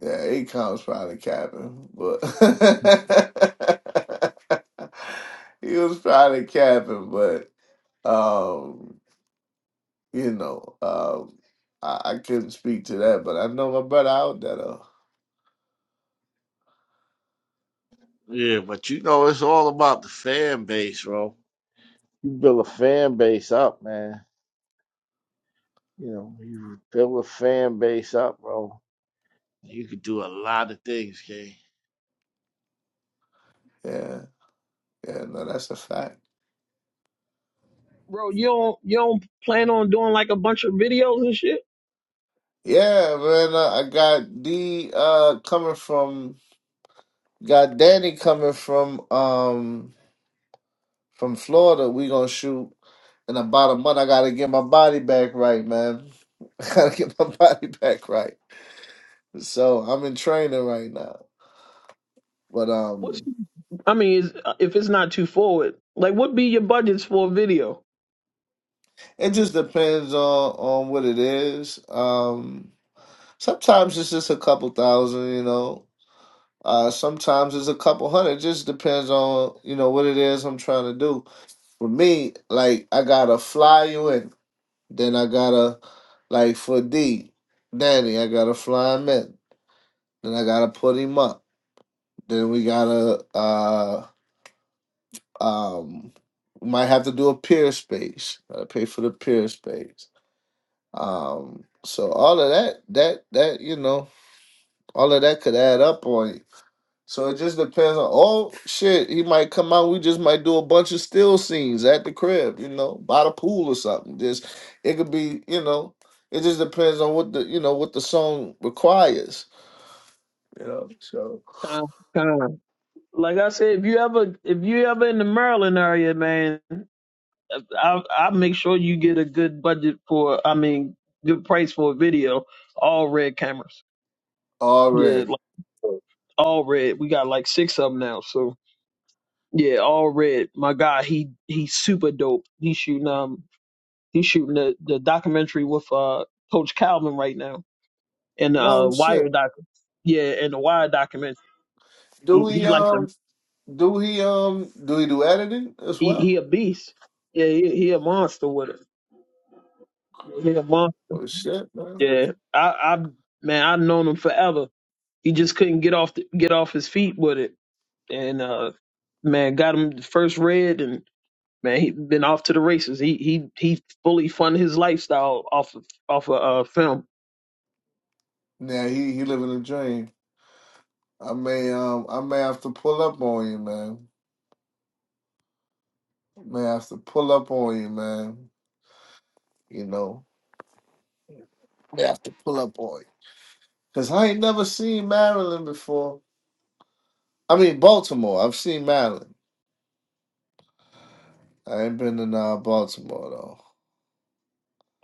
S6: Yeah, Akon's probably capping, but he was probably capping, but um, you know, um, I, I couldn't speak to that, but I know my brother out there though.
S9: Yeah, but you know it's all about the fan base, bro. You build a fan base up, man. You know, you build a fan base up, bro. You could do a lot of things, K.
S6: Yeah, yeah, no, that's a fact.
S5: bro. You don't you don't plan on doing like a bunch of videos and shit?
S6: Yeah, man, uh, I got D uh coming from, got Danny coming from um. from Florida. We gonna shoot in about a month. I gotta get my body back right, man. I gotta get my body back right. So I'm in training right now, but
S5: What's
S6: um,
S5: I mean, is, if it's not too forward, like what be your budgets for a video?
S6: it just depends on on what it is. Um, sometimes it's just a couple thousand, you know. Uh, sometimes it's a couple hundred. just depends on you know what it is I'm trying to do. For me, like I gotta fly you in, then I gotta like for D, Danny, I gotta fly him in. Then I gotta put him up. Then we gotta uh um we might have to do a peer space. Gotta pay for the peer space. Um so all of that that that you know, all of that could add up on you. So it just depends on oh shit, he might come out, we just might do a bunch of still scenes at the crib, you know, by the pool or something. Just it could be, you know, it just depends on what the you know what the song requires. You know, so
S5: Time, time. Like I said, if you ever if you ever in the Maryland area, man, I I make sure you get a good budget for. I mean, good price for a video. All red cameras.
S6: all
S5: Yeah,
S6: right.
S5: like, all red. We got like six of them now. So yeah, all red. My guy, he he's super dope. He's shooting um he's shooting the the documentary with uh Coach Calvin right now in uh
S6: No
S5: wire
S6: shit.
S5: doc yeah in the wire documents he,
S6: Do he
S5: he like the
S6: um do he um do he do editing as
S5: he he
S6: well?
S5: a beast yeah he, he a monster with it he a monster
S6: Oh shit, man.
S5: yeah I I man I've known him forever he just couldn't get off the, get off his feet with it and uh man got him the first red and man he been off to the races he he he fully funded his lifestyle off of off of uh film
S6: Yeah, he he living a dream. I may um I may have to pull up on you, man. May have to pull up on you, man. You know, may have to pull up on you. Cause I ain't never seen Maryland before. I mean Baltimore. I've seen Maryland. I ain't been in uh, Baltimore though.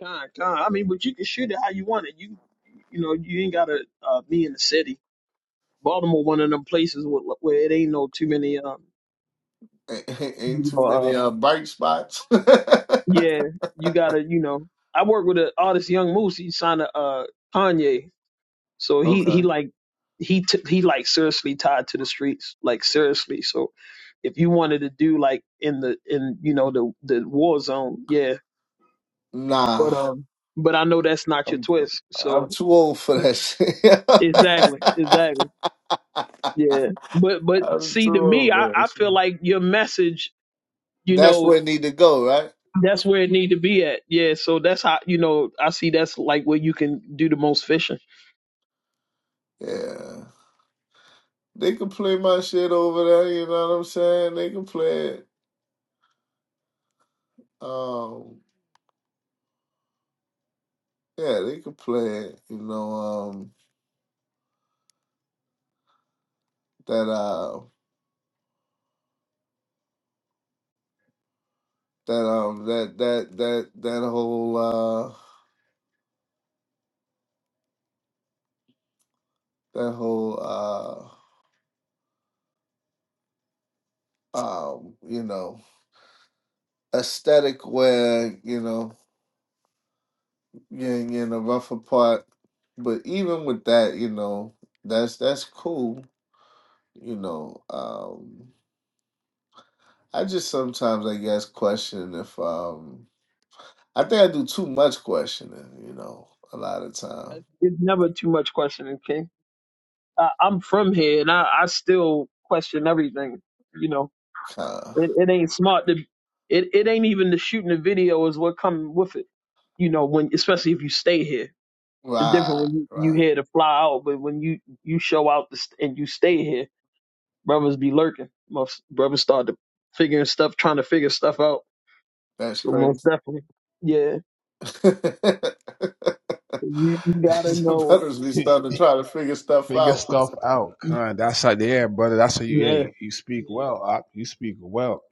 S5: Con, con. I mean but you can shoot it how you want it you you know you ain't gotta uh, be in the city Baltimore one of them places where, where it ain't no too many um
S6: Ain't, ain't
S5: you
S6: too
S5: know,
S6: many
S5: uh,
S6: uh bike spots.
S5: yeah you gotta you know I work with an artist Young Moose he signed to uh Kanye so he he
S6: okay.
S5: like he t- he like seriously tied to the streets like seriously so if you wanted to do like in the in you know the the war zone yeah but
S6: Nah.
S5: um but I know that's not your
S6: I'm
S5: twist
S6: I'm
S5: so
S6: too old for that shit.
S5: Exactly, exactly. Yeah. But but
S6: I'm
S5: see
S6: too
S5: to me
S6: old
S5: I,
S6: for that
S5: I
S6: shit.
S5: feel like your message, you
S6: That's
S5: know,
S6: where it need to go, right?
S5: That's where it need to be at. Yeah, so that's how you know I see that's like where you can do the most fishing.
S6: Yeah. They can play my shit over there, you know what I'm saying? They can play it. Um yeah, they can play it, you know, um that uh that um that that that that whole uh that whole uh um you know aesthetic where you know getting in a rougher part. But even with that, you know, that's that's cool. You know, um, I just sometimes I guess question if um, I think I do too much questioning. You know, a lot of time.
S5: It's never too much questioning, King. I, I'm from here, and I, I still question everything. You know,
S6: Kinda.
S5: it, it ain't smart to. It it ain't even the shooting the video is what coming with it. You know, when especially if you stay here, it's different
S6: Right,
S5: when you you
S6: right.
S5: here to fly out, but when you you show out this, and you stay here, brothers be lurking. Most brothers start to figuring stuff, trying to figure stuff out.
S6: That's
S5: So most
S6: crazy.
S5: definitely, yeah. You you gotta know,
S6: Brothers be
S1: here.
S6: starting to try to figure stuff
S1: Figure
S6: out.
S1: stuff out, kind. That's how they're brother. That's how you.
S5: yeah.
S1: Hey, you speak well. Op. You speak well.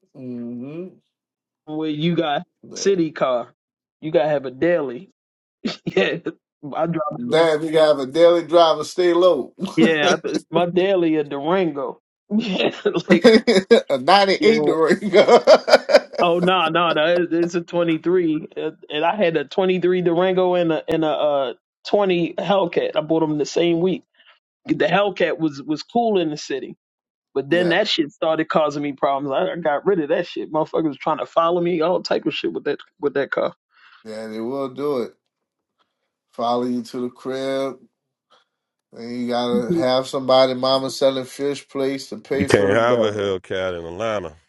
S6: hmm
S5: Where you got
S6: Yeah.
S5: city car, you gotta have a daily. Yeah, I drive.
S6: Damn, you gotta have a daily driver. Stay low.
S5: Yeah, I, my daily a Durango. Yeah, like
S6: Not in
S5: yeah.
S6: ignorant.
S5: Oh
S6: yeah,
S5: no, no, no. It's, it's a twenty three, and I had a twenty three Durango and a and a uh, twenty Hellcat. I bought them the same week. The Hellcat was was cool in the city, but then
S6: yeah,
S5: that shit started causing me problems. I, I got rid of that shit. Motherfuckers was trying to follow me, all type of shit with that with that car.
S6: they will do it. Follow you to the crib, and you gotta have somebody, mama selling fish plates to pay for the belly.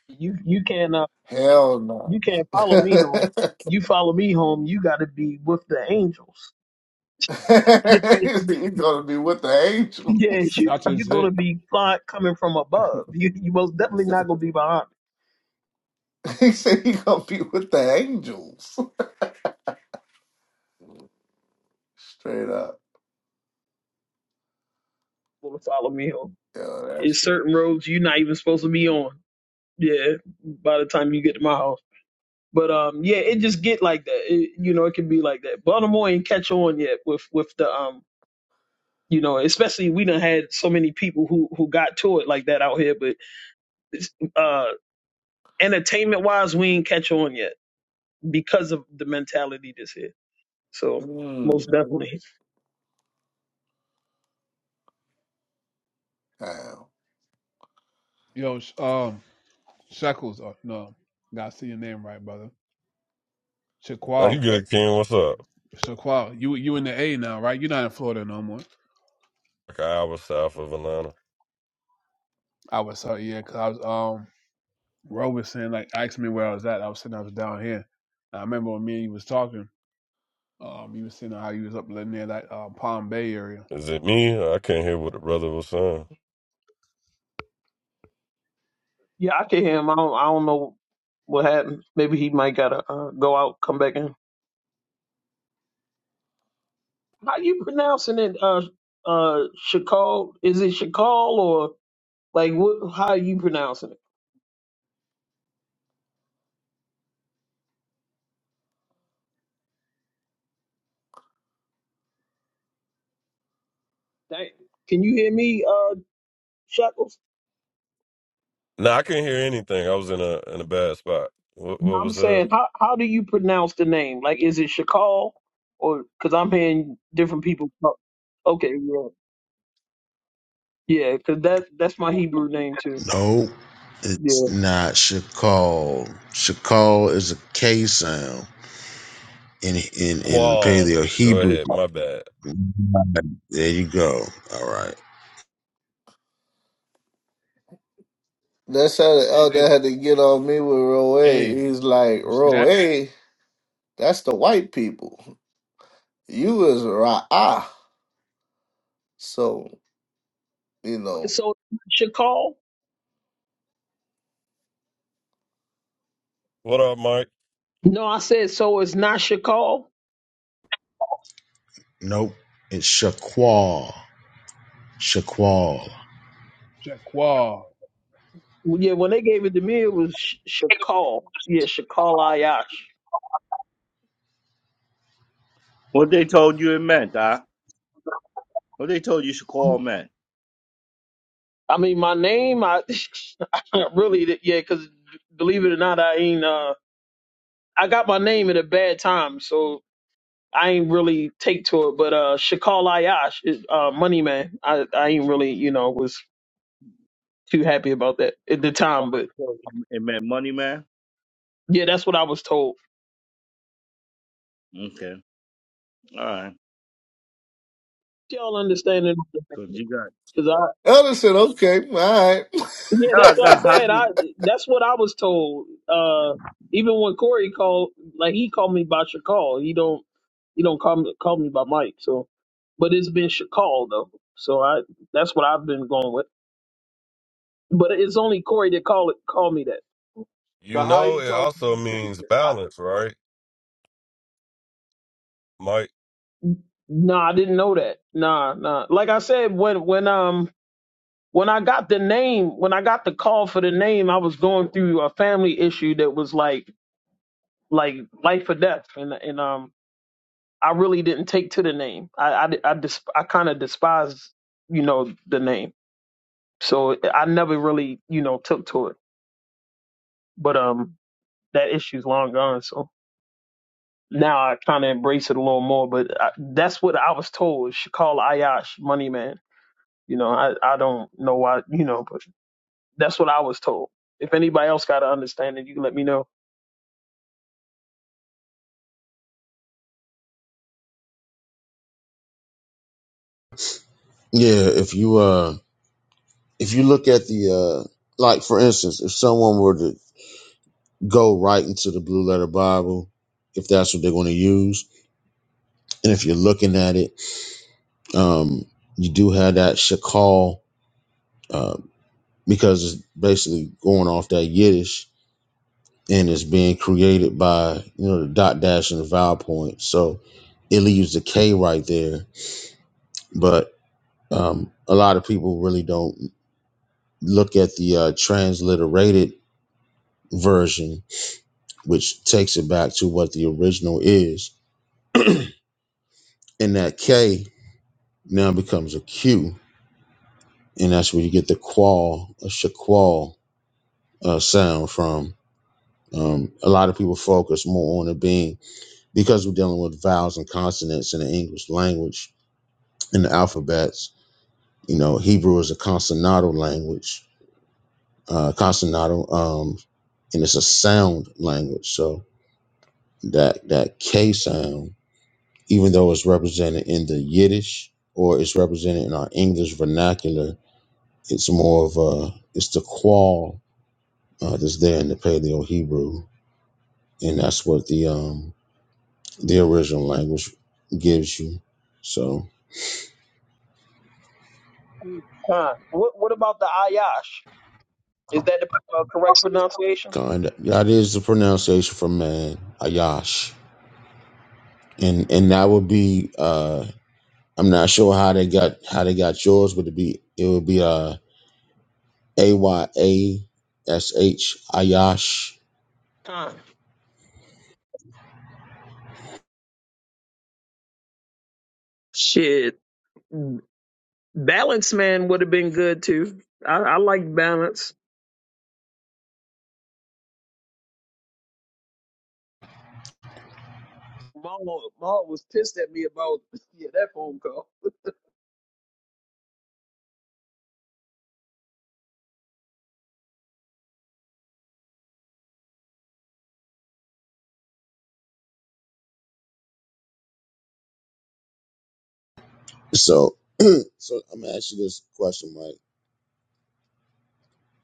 S5: You you can't uh,
S6: Hell no.
S5: you can't follow me home. You follow me home, you got to be with the angels.
S6: He's gonna be with the
S5: Yeah,
S6: angel.
S5: yeah, you
S1: That is
S5: you're
S1: it.
S5: gonna be fly, coming from above. You you most definitely not gonna be behind. me.
S6: He said he gonna be with the angels. Straight up.
S5: You're Gonna follow me home.
S6: Yo, that's
S5: It's
S6: crazy.
S5: certain roads you're not even supposed to be on. Yeah, by the time you get to my house. But um, yeah, it just get like that. It, you know, it can be like that. Baltimore ain't catch on yet with with the um, you know, especially we done had so many people who who got to it like that out here. But uh. entertainment wise, we ain't catch on yet because of the mentality that's here. So most
S6: Mm.
S5: definitely,
S6: Damn.
S1: Yo, sh- um, Shekels. Or, no, gotta see your name right, brother. Shaquall. Shaquall. You you in the A now, right? You're not in Florida no more. I was uh, yeah, cause I was um Ro was saying like asked me where I was at. I was saying I was down here. I remember when me and you was talking. Um, you was saying how you was up in there that uh, Palm Bay area.
S5: yeah, I can hear him. I don't, I don't know what happened. Maybe he might gotta uh, go out, come back in. How you pronouncing it? Uh, uh, Shakal? Is it Shakal or like what? How you pronouncing it? Dang. Can you hear me, uh, Shackles? I'm saying, how how do you pronounce the name? Like, is it Shakal or? Because I'm hearing different people. Talk. Okay, yeah. Yeah, 'cause that's that's my Hebrew name too.
S2: No, it's
S5: Yeah.
S2: not Shakal. Shakal is a K sound in in in the Paleo Hebrew. There you go. All right.
S6: That's how the
S1: You say,
S6: elder had to get on me with Roe.
S1: hey,
S6: He's like,
S1: you see that?
S6: Roe. That's the white people. You is Ra'ah. So, you know.
S5: So Shakal? No, I said so. It's not Shakal.
S2: Nope. It's Shaqual. Shaqual.
S1: Shaquall.
S5: Yeah, when they gave it to me, it was Sh- Shakal. Yeah, Shakal Ayash.
S9: What they told you it meant, huh? What they told you should call man?
S5: I mean, my name, I, I really, yeah, Cause believe it or not, I ain't. Uh, I got my name at a bad time, so I ain't really take to it. But uh, Shakal Ayash is uh, Money Man. I I ain't really, you know, was too happy about that at the
S9: Oh,
S5: time. But
S9: they told you. It meant money man?
S5: yeah, that's what I was told.
S9: Okay. All right.
S5: Y'all understand it?
S9: Cause you got
S5: Cause I,
S6: Elder said, okay, all right.
S5: yeah, that's what I'm
S9: nah,
S5: saying.
S9: nah.
S5: I that's what I was told. Uh, even when Corey called, like he called me by Shakal. He don't, he don't call me call me by Mike. So, but it's been Shakal though. So I that's what I've been going with. But it's only Corey that call it call me that.
S9: Cause how he told you to
S5: Nah, I didn't know that. Nah, nah. Like I said, when when um when I got the name, when I got the call for the name, I was going through a family issue that was like like life or death, and and um I really didn't take to the name. I I I, dis- I kind of despised you know the name, so I never really you know took to it. But um, that issue's long gone, so now I kind of embrace it a little more. But I, that's what I was told. She called Ayash Money Man. You know, I I don't know why you know, but that's what I was told. If anybody else got to understand it, you can let me know.
S2: Yeah, if you uh if you look at the uh like for instance, if someone were to go right into the blue letter Bible, if that's what they're going to use, and if you're looking at it, um you do have that shakal uh, because it's basically going off that Yiddish and it's being created by, you know, the dot dash and the vowel point. So it leaves the K right there. But um a lot of people really don't look at the uh transliterated version which takes it back to what the original is. And that K now becomes a Q, and that's where you get the qual, a shaqual uh, sound from. Um, a lot of people focus more on it being because we're dealing with vowels and consonants in the English language in the alphabets. You know, Hebrew is a consonantal language, uh, consonantal, um, and it's a sound language. So that that K sound even though it's represented in the Yiddish or it's represented in our English vernacular, it's more of a it's the qual uh, that's there in the Paleo Hebrew, and that's what the um the original language gives you. So
S5: Huh? What what about the Ayash? Is that the uh, correct pronunciation?
S2: God, that is the pronunciation for man, Ayash, and and that would be uh I'm not sure how they got how they got yours, but it be it would be uh A Y A S H Ayash.
S5: Huh? Shit. Balance Man would have been good too. I, I like Balance. Maul, Maul was pissed at me about yeah, that phone call.
S2: So So I'm gonna ask you this question, Mike.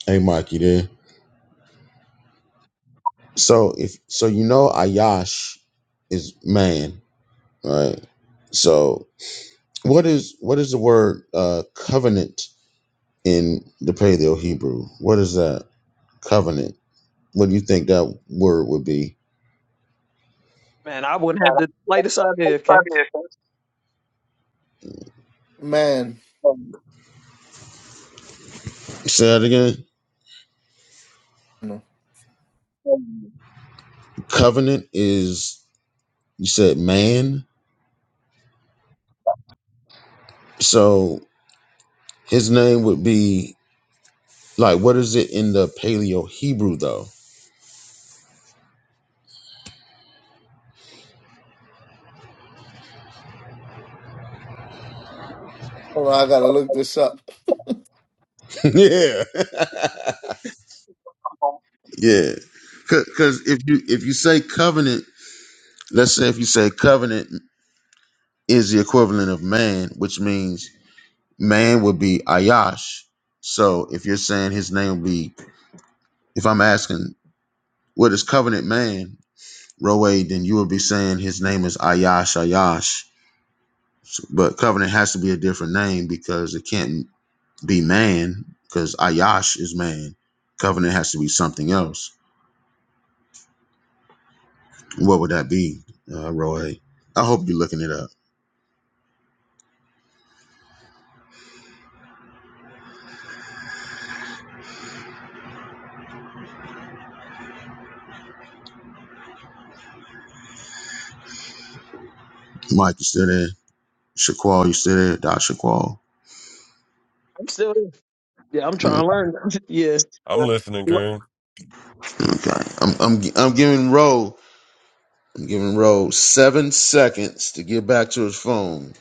S2: Hey, Mike, you there? So if so, you know Ayash is man, right? So what is what is the word uh, covenant in the Paleo Hebrew? What is that covenant? What do you think that word would be?
S5: Man, I wouldn't have the slightest idea, okay?
S6: Man,
S2: Say that again.
S6: no.
S2: Covenant is you said man, so his name would be like what is it in the Paleo Hebrew though?
S6: hold on, I gotta look this up.
S2: yeah. Yeah, because if you if you say covenant, let's say if you say covenant is the equivalent of man, which means man would be Ayash. So if you're saying his name would be, if I'm asking what is covenant man, Roe, then you would be saying his name is Ayash Ayash. So- But covenant has to be a different name because it can't be man because Ayash is man. Covenant has to be something else. What would that be, uh, Roe? I hope you're looking it up. Mike, you still there? Shaquall, you still there? Doc Shaquall.
S5: I'm still here. Yeah, I'm trying
S2: Mm,
S5: to learn. yeah. Well,
S2: Okay. I'm I'm gi- I'm giving Roe I'm giving Roe seven seconds to get back to his phone.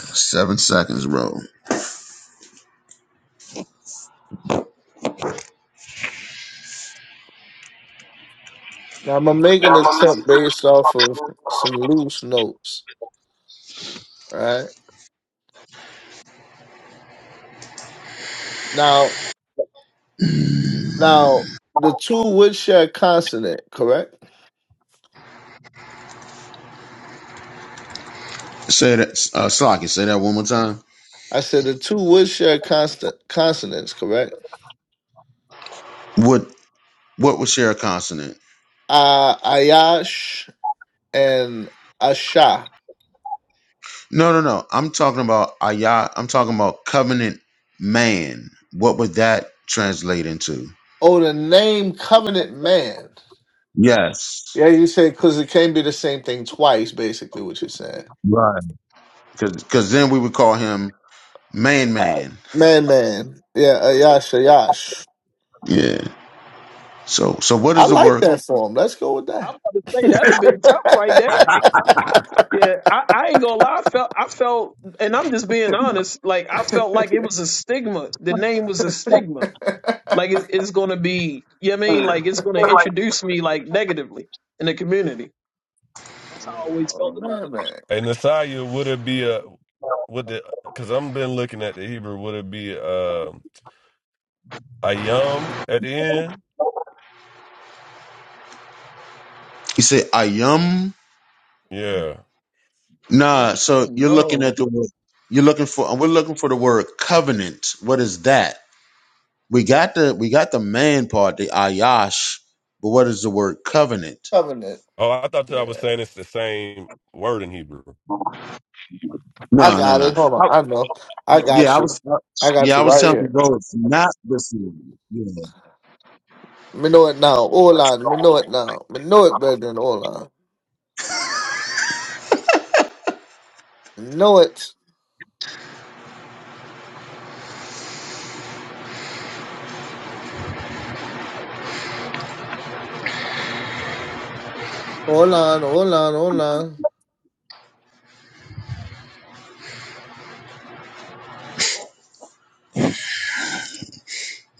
S2: Seven seconds, Roe.
S6: Now, I'm making this up based off of some loose notes, right? Now, now, the two would share consonant, correct?
S2: Say that uh Slocky, say that one more time.
S6: I said the two would share constant consonants, correct?
S2: What what was share a consonant?
S6: Uh, Ayash and Asha.
S2: No, no, no. I'm talking about ayah. I'm talking about covenant man. What would that translate into?
S6: Oh, the name covenant man.
S2: Yes.
S6: Yeah, you say because it can't be the same thing twice. Basically, what you're saying,
S2: Right. because then we would call him man man.
S6: man, man. Yeah, uh, yash, uh, yash.
S2: Yeah. So so what
S6: I
S2: is the
S6: like
S2: word
S6: that form. Let's go with
S5: I'm
S6: that.
S5: about to say that'd have been tough right there. Yeah, I, I ain't gonna lie, I felt I felt and I'm just being honest, like I felt like it was a stigma. The name was a stigma. Like it's, it's gonna be you know what I mean, like it's gonna introduce me like negatively in the community. That's how I always
S6: oh
S5: felt about it.
S6: man, man.
S2: You say ayam? Nah. So you're looking at
S6: No
S2: the word. You're looking for. We're looking for the word covenant. What is that? We got the we got the man part, the ayash. But what is the word covenant?
S6: covenant. Yeah, I
S2: No, no,
S6: got
S2: no.
S6: it. Hold on,
S2: I-
S6: I know. I
S2: yeah,
S6: got
S2: I was.
S6: you. I got
S2: yeah, I
S6: you
S2: was
S6: right
S2: telling you,
S6: here.
S2: bro, it's not this. one. Yeah.
S6: Me know it now. Hold on. Me know it now. Me know it, brethren. Hold on. Me know it. Hold on. Hold on. Hold on.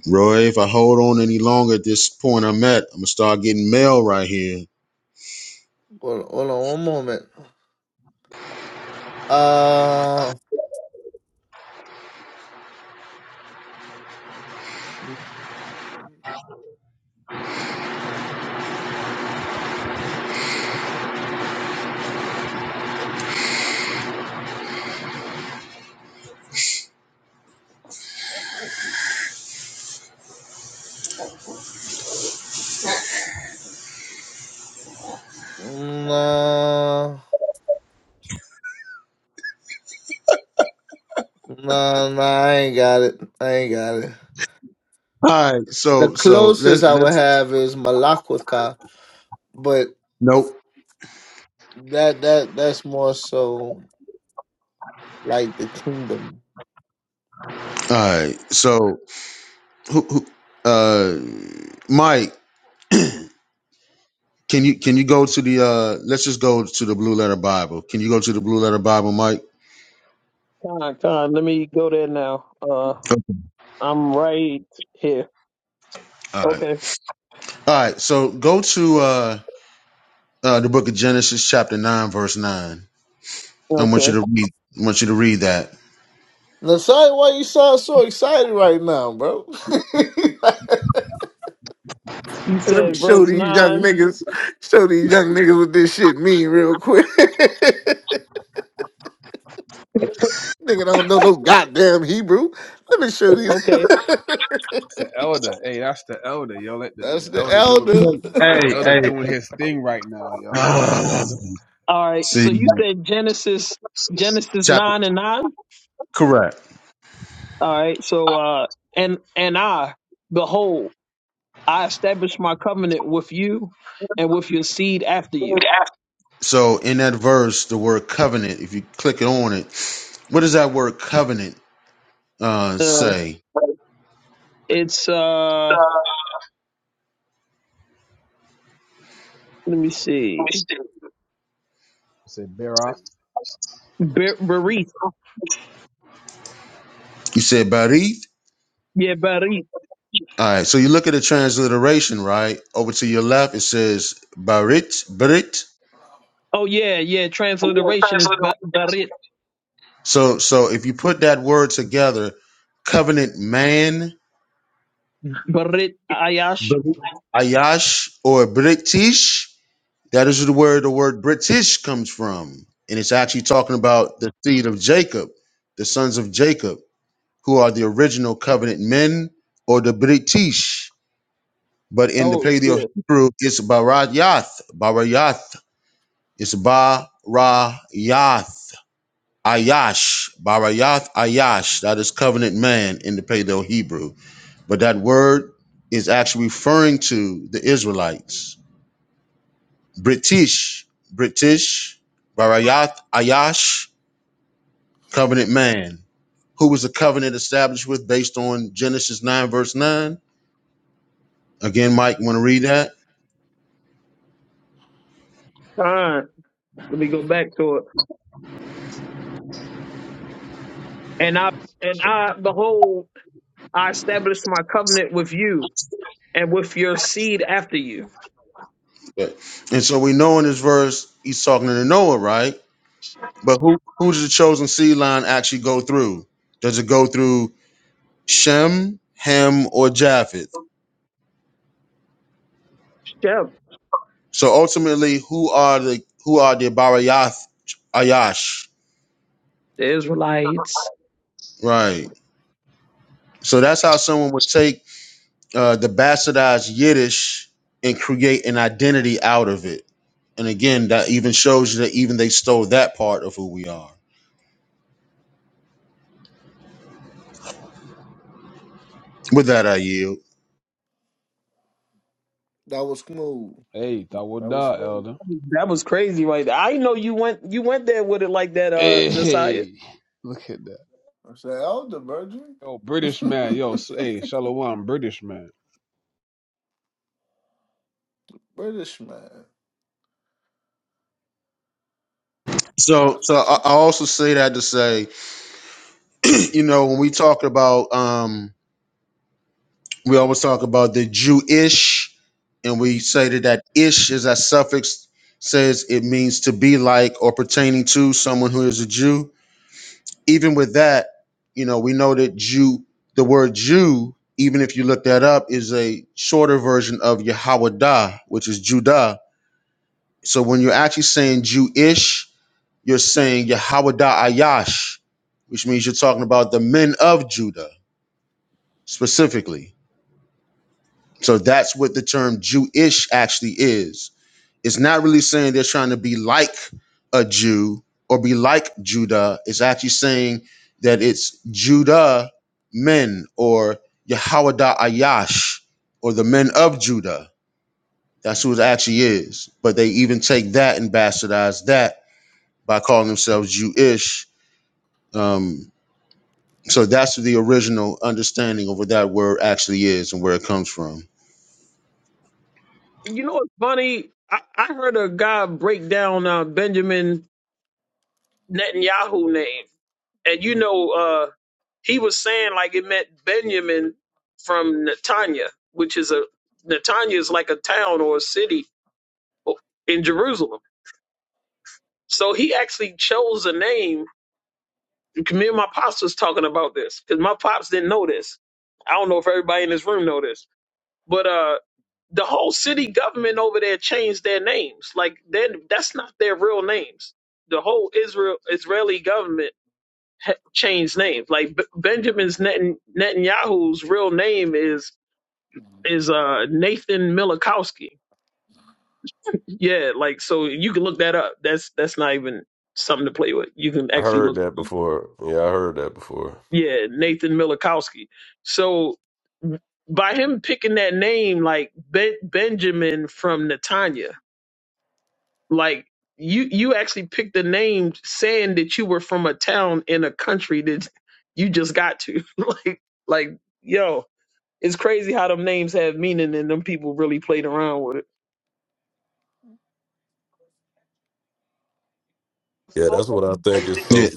S2: Roy, if I hold on any longer at this point I'm at, I'm gonna start getting mail right here.
S6: Hold hold on. One moment. Uh, no, no, no! I ain't got it. I ain't got it.
S2: All right,
S6: The
S2: so so let's
S6: closest I would
S2: let's
S6: have is Malakwitha, but
S2: nope.
S6: that that that's more so like the kingdom.
S2: All right, so who, who, uh, Mike, can you can you go to the uh, let's just go to the Blue Letter Bible. Can you go to the Blue Letter Bible, Mike?
S5: Con, con, let me go there now. Uh, I'm right here.
S2: All right,
S5: Okay,
S2: all right. So go to uh, uh, the Book of Genesis, chapter nine, verse nine. I want you
S5: okay.
S2: to read. I want you to read that.
S6: Nasai, why you sound so excited right now, bro?
S5: You
S6: Let me
S5: said
S6: show
S5: verse
S6: these young
S5: nine.
S6: niggas, show these young niggas what this shit mean real quick. Nigga don't know no goddamn Hebrew. Let me show these.
S5: Okay.
S1: It's the elder. Hey, that's the elder. Yo, let the,
S6: That's
S1: the
S6: the
S1: elder doing
S6: elder.
S2: Hey,
S1: elder
S2: hey.
S1: doing his thing right now. Yo, go ahead,
S2: Ah,
S1: elder. I
S5: All right.
S2: see,
S5: So you said Genesis, Genesis
S2: chapter
S5: nine and nine.
S2: correct.
S5: All right. So uh, and and I, behold, I establish my covenant with you, and with your seed after you.
S2: So in that verse, the word covenant. If you click it on it, what does that word covenant uh,
S5: Uh,
S2: say?
S5: it's uh, let me see,
S1: Say bear off.
S5: Ber- Berith.
S2: You said Barith?
S5: Yeah, Berith.
S2: All right. So you look at the transliteration, right? Over to your left, it says Barit, Barit.
S5: Oh yeah, yeah.
S2: Yeah,
S5: Transliteration is Ba-
S2: transliteration is-
S5: Berith.
S2: So so if you put that word together, covenant man,
S5: Berith Ayash.
S2: Barit, Ayash, or British, that is the word the word British comes from. And it's actually talking about the seed of Jacob, the sons of Jacob, who are the original covenant men or the British. But in the
S5: Oh
S2: Paleo
S5: shit.
S2: Hebrew, it's Barayath. Barayath. It's Barayath. Ayash. Barayath Ayash. That is covenant man in the Paleo Hebrew. But that word is actually referring to the Israelites. British. British. Barayath Ayash. Covenant man. Who was the covenant established with based on Genesis 9, verse 9? Again, Mike, want to read that?
S5: Alright. Let me go back to it. And I and I behold, I established my covenant with you and with your seed after you.
S2: But and so we know in this verse he's talking to Noah, right? But who who does the chosen seed line actually go through? Does it go through Shem, Ham, or Japheth?
S5: Shep.
S2: So ultimately, who are the who are the Barayath Ayash?
S5: The Israelites.
S2: Right. So that's how someone would take uh, the bastardized Yiddish and create an identity out of it. And again, that even shows you that even they stole that part of who we are. With that, I yield.
S6: that was smooth.
S1: Hey,
S6: That was
S1: Tawadah,
S6: smooth.
S1: elder.
S5: That was crazy right there. I didn't know you went you went there with it like that, uh
S1: Hey,
S5: Messiah.
S1: hey, look at that.
S6: I said, elder virgin.
S1: Yo, British man. Yo, s- hey, Shalom, British man.
S6: British man. Yeah,
S2: So,
S6: for
S2: so I,
S6: check
S2: I also say that to say, you know, when we talk about, um, we always talk about the Jewish, and we
S6: it.
S2: say that that ish is that suffix says it means to be like or pertaining to someone who is a Jew. Even with that, you know, we know that Jew, the word Jew, even if you look that up, is a shorter version of Yahwadah, which is Judah. So when you're actually saying Jewish, you're saying Yahawada Ayash, which means you're talking about the men of Judah specifically. So that's what the term Jewish actually is. It's not really saying they're trying to be like a Jew or be like Judah. It's actually saying that it's Judah men or Yahawada Ayash or the men of Judah. That's who it actually is. But they even take that and bastardize that by calling themselves Jewish. Um, So that's the original understanding of what that word actually is and where it comes from.
S5: You know what's funny? I, I heard a guy break down uh, Benjamin Netanyahu name. and you know, uh, he was saying like it meant Benjamin from Netanya, which is a Netanya is like a town or a city in Jerusalem. So he actually chose a name. Me and my pops was talking about this because my pops didn't know this. I don't know if everybody in this room know this, but uh, the whole city government over there changed their names. Like then that's not their real names. The whole Israel Israeli government ha- changed names. Like B- Benjamin's Netan- Netanyahu's real name is is uh Nathan Milikowski. Yeah, like so you can look that up. That's that's not even something to play with. You can actually look. Yeah, Nathan Milikowski. So by him picking that name, like ben- Benjamin from Netanya, like you you actually picked the name saying that you were from a town in a country that you just got to. like like yo, It's crazy how them names have meaning and them people really played around with it. So, Like the,
S2: Yeah.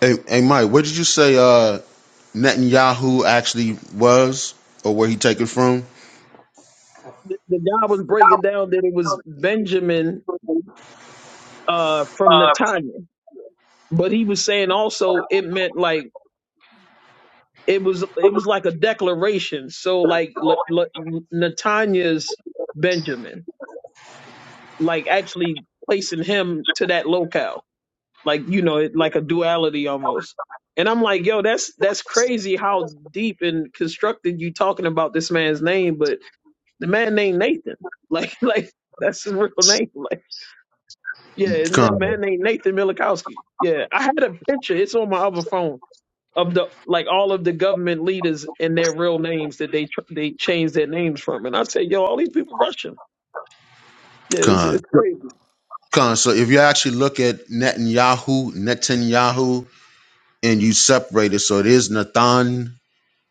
S2: Hey, hey Mike, what did you say uh, Netanyahu actually was or where he take it from?
S5: the the guy was breaking down that it was Benjamin uh, from Netanya, but he was saying also it meant like it was it was like a declaration. So like Le, Le, Netanya's Benjamin, like actually placing him to that locale, like you know, it, like a duality almost. And I'm like, yo, that's that's crazy how deep and constructed you talking about this man's name, but The man named Nathan. Like, like that's his real name. Like, yeah, and that
S2: Con,
S5: man named Nathan Milikowski. Yeah, I had a picture. It's on my other phone of the like all of the government leaders and their real names that they tr- they changed their names from. And I say, yo, all these people Russian. Yeah, it's,
S2: con,
S5: it's crazy.
S2: con. So if you actually look at Netanyahu, Netanyahu, and you separate it, so it is Nathan,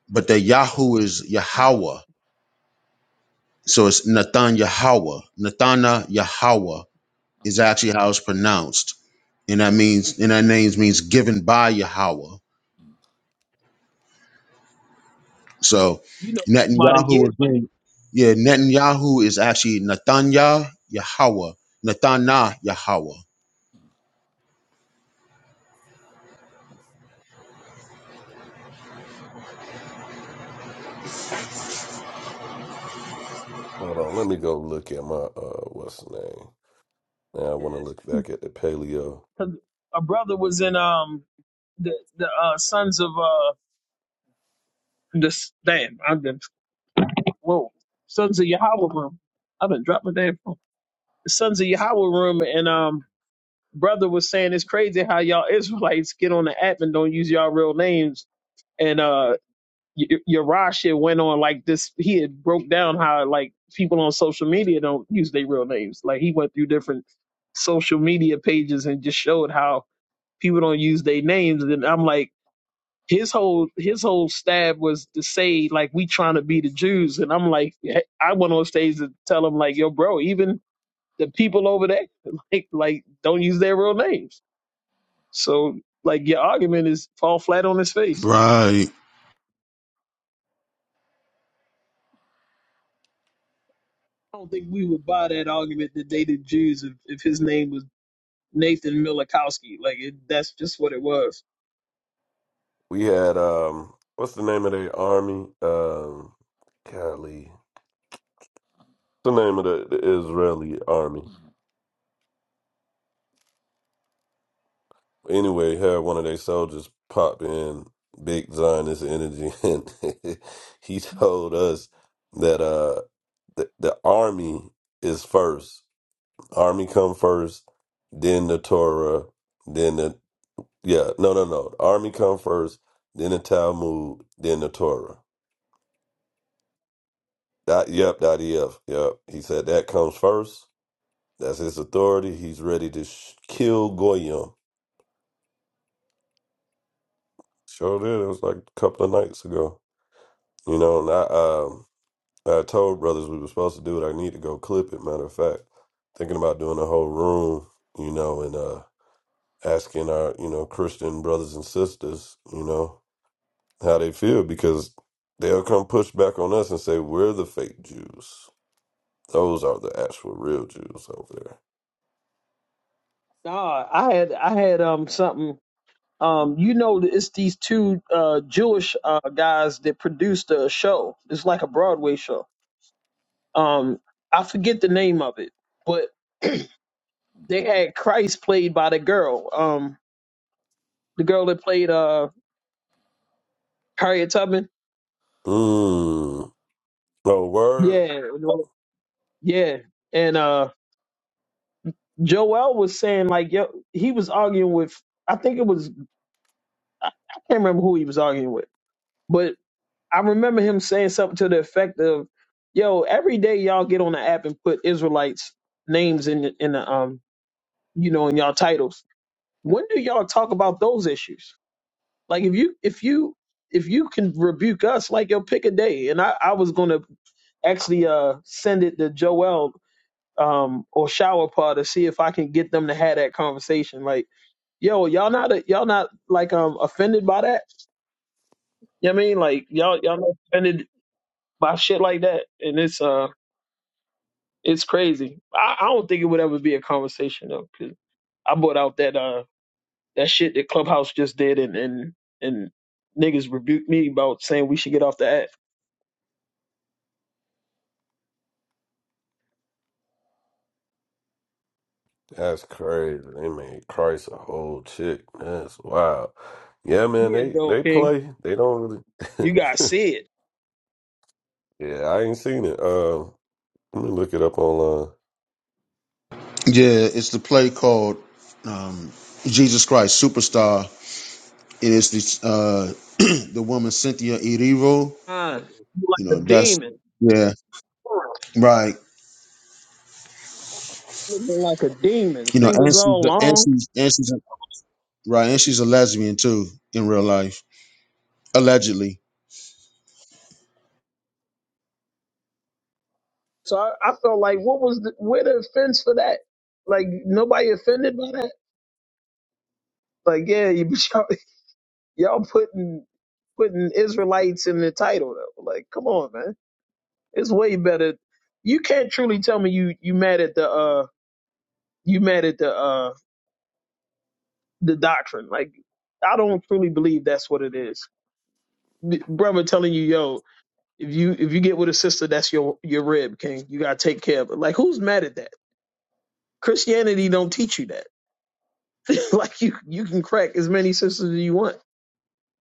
S2: but the Yahoo is Yahweh. So it's Nathan Yahweh. Nathana Yahweh is actually how it's pronounced. And that means and that name means given by Yahweh. So
S5: You know, about a
S2: Netanyahu
S5: year.
S2: again, yeah, Netanyahu is actually Nathanya Yahweh. Nathana Yahweh.
S5: Yeah, because a brother was in um the the uh, sons of uh the s- damn I've been whoa sons of Yahweh room. I've been dropping damn phone. The sons of Yahweh room and um brother was saying it's crazy how y'all Israelites get on the app and don't use y'all real names. And uh, Y- went on like this. He had broke down how like people on social media don't use their real names. Like he went through different social media pages and just showed how people don't use their names. And I'm like, his whole his whole stab was to say like we trying to be the Jews. And I'm like, I went on stage to tell him like, yo, bro, even the people over there, like like don't use their real names so, like, your argument is fall flat on his face.
S2: Right.
S5: I don't think we would buy that argument that they did Jews if, if his name was Nathan Milikowski. Like, it, that's just what it was. Nah, I had I had um something. Um, you know, that it's these two uh Jewish uh guys that produced a show. It's like a Broadway show. Um, I forget the name of it, but they had Christ played by the girl. Um, the girl that played uh Harriet Tubman. Yeah, yeah, and uh. Joel was saying like yo, he was arguing with I think it was I I can't remember who he was arguing with, but I remember him saying something to the effect of, "Yo, every day y'all get on the app and put Israelites names in the, in the um you know in y'all titles. When do y'all talk about those issues? Like if you if you if you can rebuke us, like yo, pick a day. And I I was gonna actually uh send it to Joel um or shower pod to see if I can get them to have that conversation, like yo, y'all not y'all not like um offended by that? You know what I mean? Like y'all y'all not offended by shit like that. And it's uh it's crazy. I, I don't think it would ever be a conversation though, 'cause I brought out that uh that shit that Clubhouse just did and and and niggas rebuked me about saying we should get off the app. Yeah, though, King. You gotta see it.
S2: Yeah, it's the play called um, Jesus Christ Superstar. It is the uh, the woman Cynthia Erivo.
S5: Uh, you
S2: You
S5: like
S2: know,
S5: a
S2: that's
S5: demon.
S2: yeah, right.
S5: Looking like a demon.
S2: You know, and
S5: Fingers
S2: she's
S5: all
S2: and
S5: long.
S2: she's and she's right, and she's a lesbian too in real life, allegedly.
S5: So I, I felt like what was the, where the offense for that? Like nobody offended by that? Like, yeah, you, but y'all, y'all putting putting Israelites in the title though. Like, come on, man. It's way better. You can't truly tell me you you mad at the uh you mad at the uh the doctrine. Like, I don't truly believe that's what it is. B- Brother telling you, yo, if you if you get with a sister, that's your your rib, king. You gotta take care of it. Like, who's mad at that? Christianity don't teach you that. like, you you can crack as many sisters as you want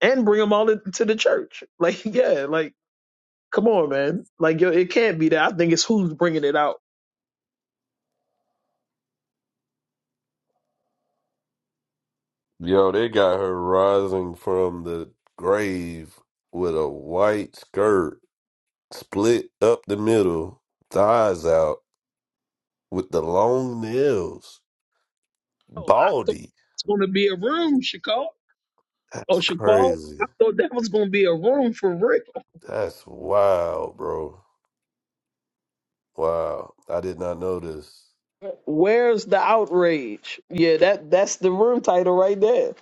S5: and bring them all to to the church. Like, yeah, like Come on, man. Like, yo, it can't be that. I think it's who's bringing it out. Oh, I thought it's going to be a room, Chicago. Oh, Chicago. I thought that was going to be a room for Rick. Where's the outrage? Yeah, that that's the room title right there.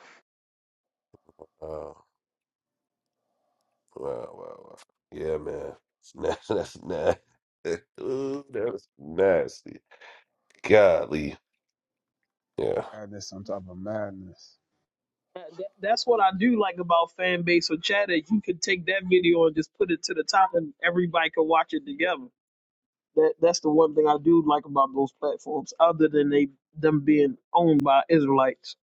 S1: God, there's some type of madness.
S5: That- that- That's what I do like about fan base or chatter. You could take that video and just put it to the top, and everybody can watch it together. That that's the one thing I do like about those platforms, other than they them being owned by Israelites.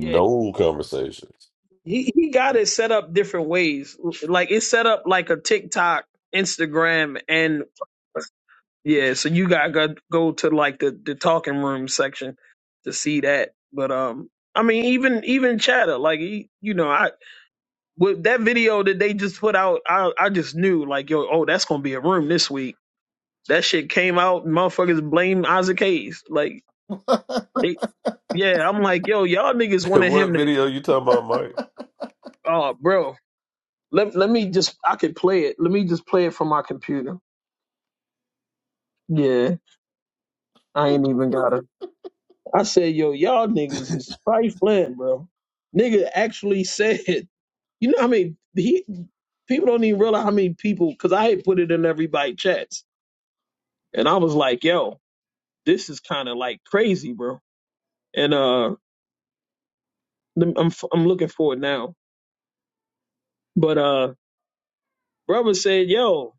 S5: Yeah. He he got it set up different ways. Like it's set up like a TikTok, Instagram, and yeah. So you gotta go, go to like the the talking room section to see that. But um, I mean, even even chatter, like he, you know, I with that video that they just put out, I I just knew like yo, oh, that's gonna be a room this week. That shit came out, motherfuckers blame Isaac Hayes. Like, they, yeah, I'm like, yo, y'all niggas wanted him to, oh, bro, Let let me just I could play it. Let me just play it from my computer. Yeah, I ain't even gotta. I said, yo, y'all niggas is trifling, bro. Nigga actually said, you know how many he people don't even realize how many people because I had put it in everybody chats and I was like, yo, this is kind of like crazy, bro. And uh, lem- I'm f- I'm looking for it now. But uh, brother said, yo,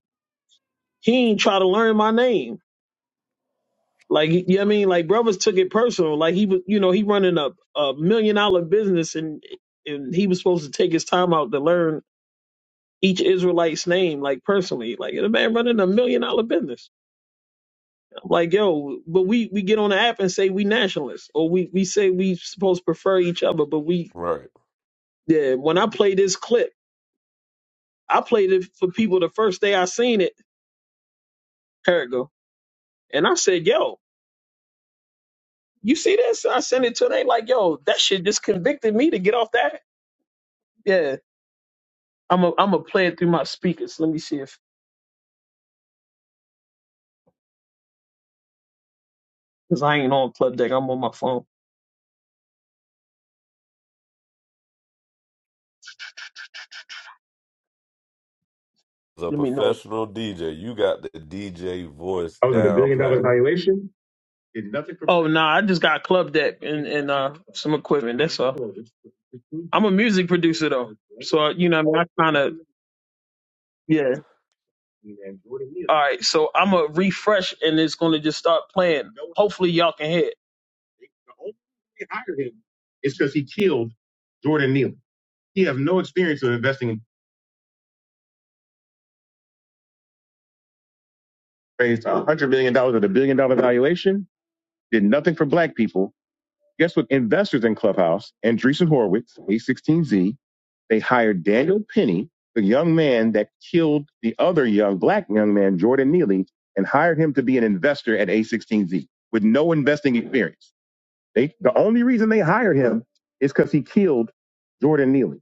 S5: he ain't try to learn my name. Like you know what I mean, like brothers took it personal. Like he was, you know, he running a, a million dollar business, and and he was supposed to take his time out to learn each Israelite's name, like personally. Like the man running a million dollar business. I'm like, yo, but we we get on the app and say we nationalists, or we we say we supposed to prefer each other, but we yeah. When I play this clip, I played it for people the first day I seen it. Here it go, and I said, yo, you see this? I sent it to them. They like, yo, that shit just convicted me to get off that. Yeah I'm a I'm a play it through my speakers. Let me see if because I ain't on club deck. I'm on my phone. Let me know. I was at a billion dollar valuation. Did nothing for Oh no, nah, I just got club deck and and uh some equipment. That's all. I'm a music producer though, so uh, you know what I, mean? I kind of yeah. All right, so I'm gonna refresh and it's gonna just start playing. Hopefully y'all can hear. It. The only reason they hired him is because he killed Jordan Neal. He has no experience of investing. raised a hundred million dollars at a billion dollar valuation, did nothing for black people. Guess what? Investors in Clubhouse, Andreessen Horowitz, A16Z, they hired Daniel Penny, the young man that killed the other young black young man, Jordan Neely, and hired him to be an investor at A16Z with no investing experience. They, the only reason they hired him is because he killed Jordan Neely.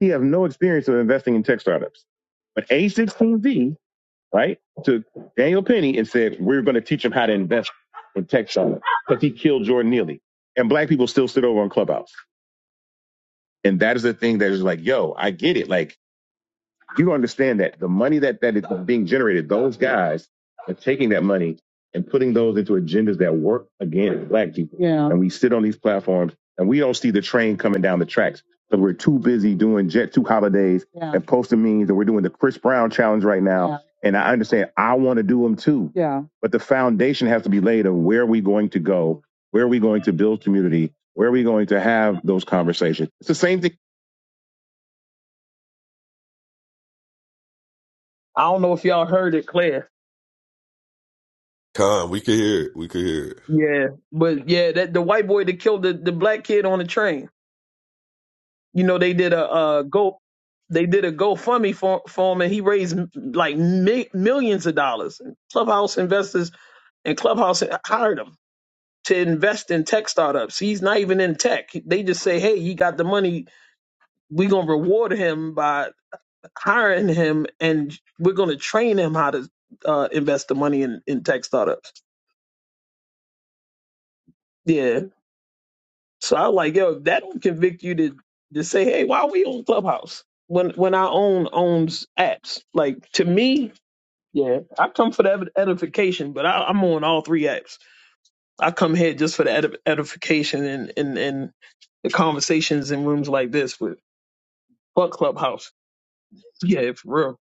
S5: He has no experience of investing in tech startups. But A16Z right, to Daniel Penny and said, We're going to teach him how to invest in tech startups because he killed Jordan Neely. And black people still sit over on Clubhouse. And that is the thing that is like, yo, I get it. Like, you understand that the money that that is being generated, those guys are taking that money and putting those into agendas that work against black people. Yeah. And we sit on these platforms and we don't see the train coming down the tracks because we're too busy doing Jet Two holidays Yeah. and posting memes, and we're doing the Chris Brown challenge right now. Yeah. And I understand I want to do them too, Yeah. but the foundation has to be laid of where are we going to go, where are we going to build community, where are we going to have those conversations. It's the same thing. I don't know if y'all heard it, Claire. Yeah, but yeah, that the white boy that killed the, the black kid on the train. You know, they did a uh go, they did a GoFundMe for, for him, and he raised m- like mi- millions of dollars. And Clubhouse investors and Clubhouse hired him to invest in tech startups. He's not even in tech. They just say, "Hey, he got the money. We're gonna reward him by hiring him, and we're gonna train him how to uh, invest the money in in tech startups." Yeah, So I was like, yo, if that don't convict you to to say, hey, why are we on Clubhouse when when our own owns apps? Like to me, yeah, I come for the ed- edification, but I, I'm on all three apps. I come here just for the edi- edification and and and the conversations in rooms like this with fuck Clubhouse. Yeah, for real.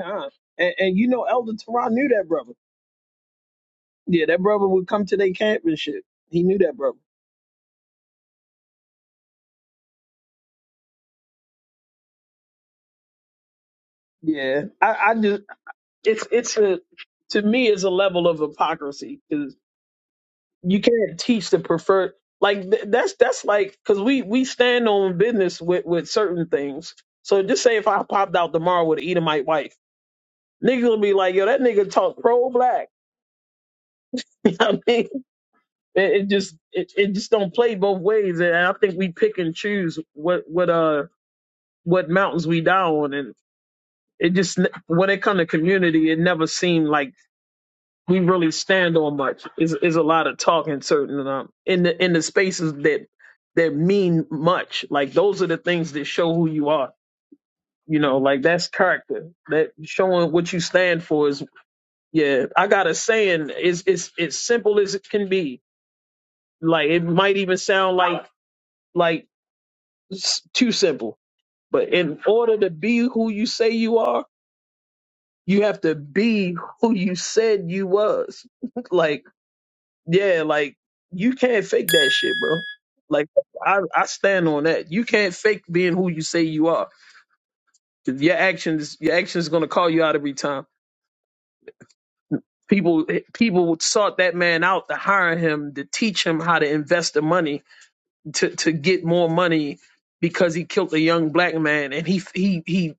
S5: Con. And, and you know, Elder Teron knew that brother. Yeah, that brother would come to their camp and shit. He knew that brother. Yeah, I, I just it's it's a to me is a level of hypocrisy because you can't teach the preferred like th- that's that's like because we we stand on business with with certain things. So just say if I popped out tomorrow with an Edomite wife, niggas will be like, yo, that nigga talk pro black. You know what I mean? It, it just it, it just don't play both ways, and I think we pick and choose what what uh what mountains we die on, and it just ne- when it come to community, it never seemed like we really stand on much. Is is a lot of talking certain um, in the in the spaces that that mean much. Like those are the things that show who you are. You know, like that's character. That showing what you stand for is yeah. I got a saying. It's it's it's simple as it can be. Like it might even sound like like s- too simple. But in order to be who you say you are, you have to be who you said you was. like yeah, like you can't fake that shit, bro. Like I, I stand on that. You can't fake being who you say you are. 'Cause Your actions, your actions, gonna call you out every time. People, eh, people sought that man out to hire him to teach him how to invest the money to to get more money because he killed a young black man and he he he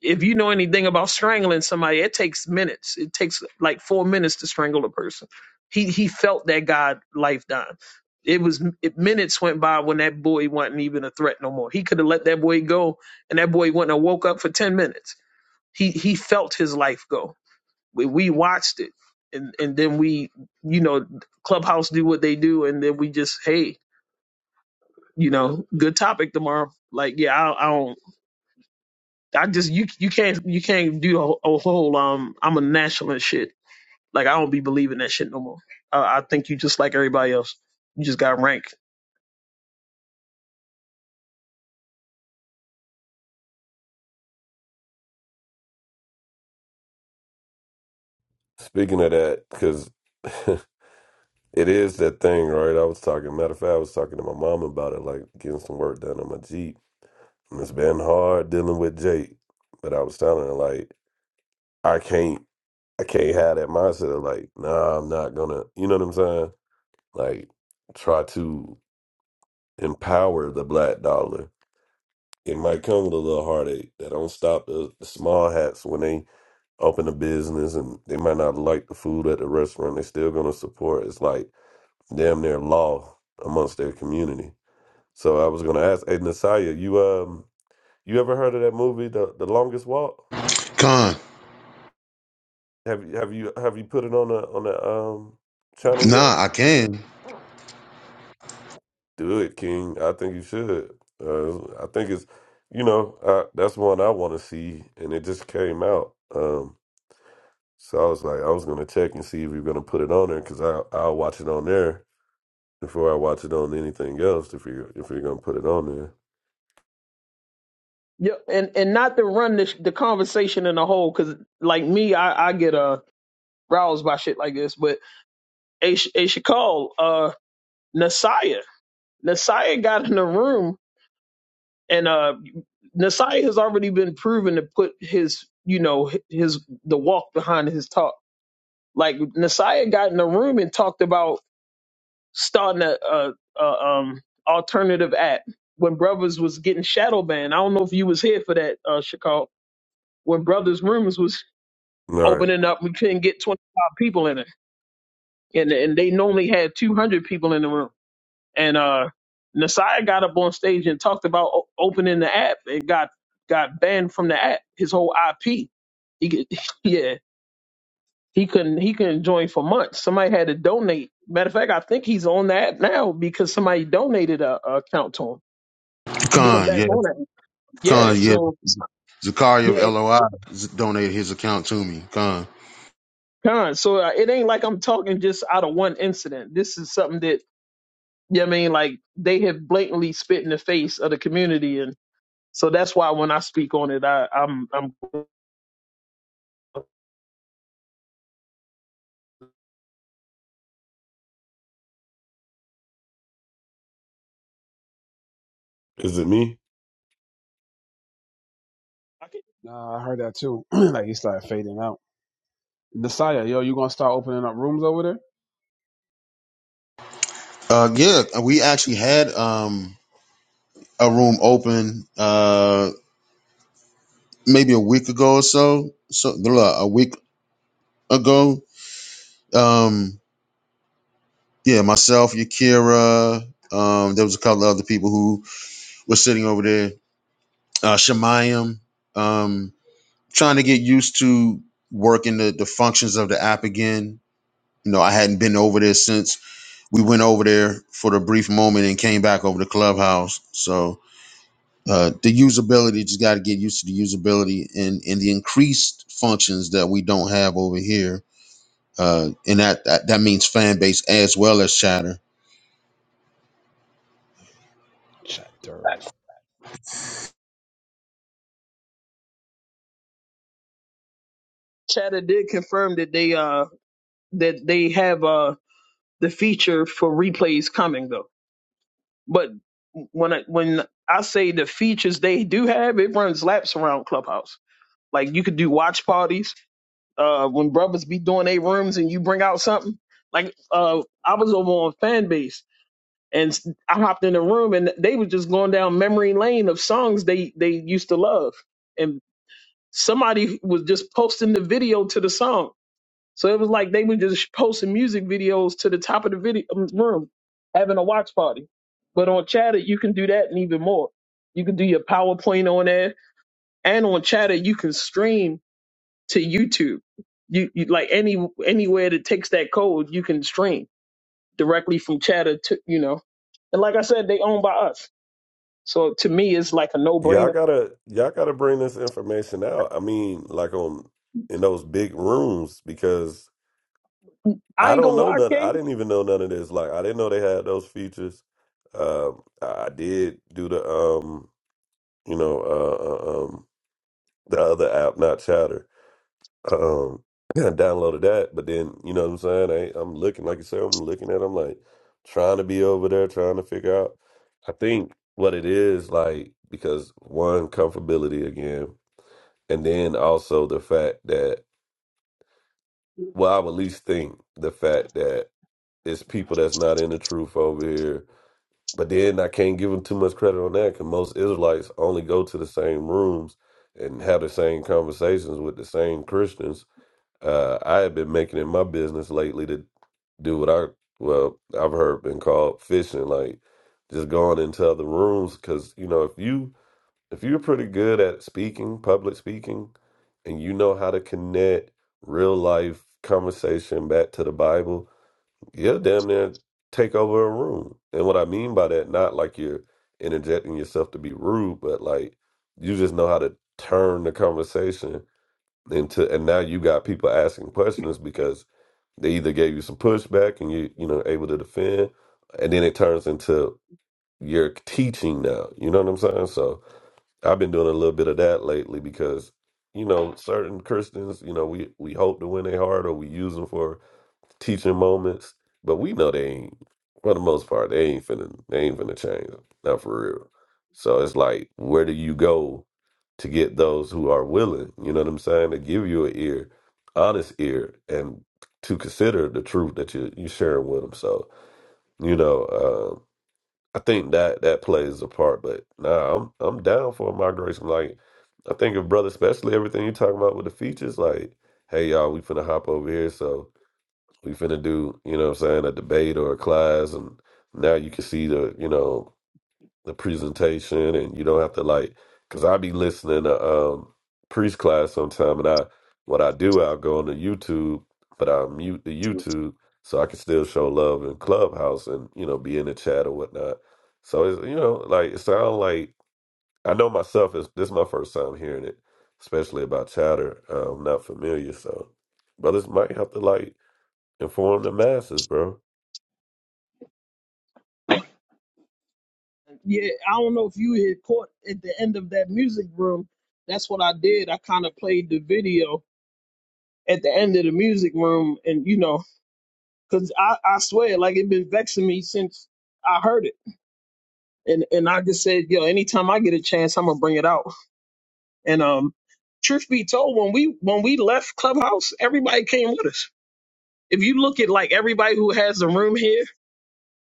S5: If you know anything about strangling somebody, it takes minutes. It takes like four minutes to strangle a person. He he felt that God life down. It was it, minutes went by when that boy wasn't even a threat no more. He could have let that boy go, and that boy wouldn't have woke up for ten minutes. He he felt his life go. We we watched it, and and then we you know clubhouse do what they do, and then we just hey you know good topic tomorrow. Like yeah I, I don't I just you you can't you can't do a, whole- a whole um I'm a nationalist shit. Like I don't be believing that shit no more. Uh, I think you just like everybody else. You just got ranked.
S2: Khan, nah, I can.
S5: Yeah, and and not to run the the conversation in a whole because like me, I I get uh roused by shit like this. But a a Shakal, uh Nasiah, Nasiah got in the room and uh Nasiah has already been proven to put his you know his the walk behind his talk. Like Nasiah got in the room and talked about starting a, a, a um alternative app when brothers was getting shadow banned. I don't know if you was here for that, uh Chicago. When brothers rooms was opening up, we couldn't get twenty five people in it, and and they normally had two hundred people in the room. And uh Nasiah got up on stage and talked about o- opening the app and got got banned from the app. His whole IP. He, get- yeah. He couldn't he couldn't join for months. Somebody had to donate. Matter of fact, I think he's on that now because somebody donated a, a account to him to get him
S2: Khan,
S5: back
S2: yeah,
S5: on it. Yeah.
S2: Khan, yeah.
S5: So
S2: Zakaria of
S5: yeah,
S2: LOI z- donated his account to me. Khan,
S5: con. So uh, it ain't like I'm talking just out of one incident. This is something that yeah, I mean, like they have blatantly spit in the face of the community, and so that's why when I speak on it, I, I'm I'm. I can-
S1: Nah, I heard that too. like he started fading out. Messiah, yo, you gonna start opening up rooms over there?
S2: uh, yeah, uh, we actually had um a room open uh maybe a week ago or so, so blah, a week ago. Um, yeah, myself, Yakira. Um, there was a couple other people who were sitting over there. Uh, Shemayim. Um, trying to get used to working the, the functions of the app again. You know, I hadn't been over there since we went over there for the brief moment and came back over to Clubhouse. So uh, the usability just got to get used to the usability and and the increased functions that we don't have over here. Uh, and that, that that means fan base as well as chatter.
S1: Chapter.
S5: Chatter did confirm that they uh that they have uh the feature for replays coming though. But when I, when I say the features they do have, it runs laps around Clubhouse. Like you could do watch parties uh, when brothers be doing their rooms and you bring out something. Like uh, I was over on Fanbase and I hopped in the room and they was just going down memory lane of songs they they used to love and somebody was just posting the video to the song so it was like they were just posting music videos to the top of the video um, room, having a watch party. But on Chatter, you can do that and even more. You can do your PowerPoint on there, and on Chatter, you can stream to YouTube. You, you like any anywhere that takes that code, you can stream directly from Chatter to you know. And like I said, they owned by us, so to me, it's like a no brainer. I ain't gonna lie, K. yeah, I don't know if you had caught at the end of that music room. That's what I did. I kind of played the video at the end of the music room, and you know, cause I, I swear, like it been vexing me since I heard it, and and I just said, yo, anytime I get a chance, I'm gonna bring it out. And um, truth be told, when we when we left Clubhouse, everybody came with us. If you look at like everybody who has a room here,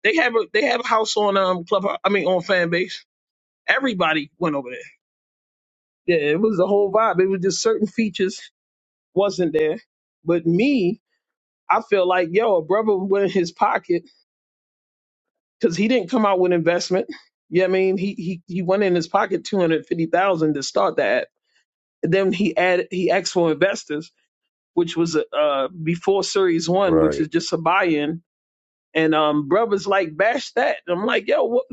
S5: they have a they have a house on um Clubhouse. I mean on fan base. Everybody went over there Yeah, it was the whole vibe. It was just certain features wasn't there. But me, I feel like, yo, a brother went in his pocket because he didn't come out with investment. You know what I mean? He he he went in his pocket two hundred fifty thousand to start that. And then he added he asked for investors, which was uh before series one,
S8: Right.
S5: which is just a buy in. And um brothers like bash that. And I'm like, yo, what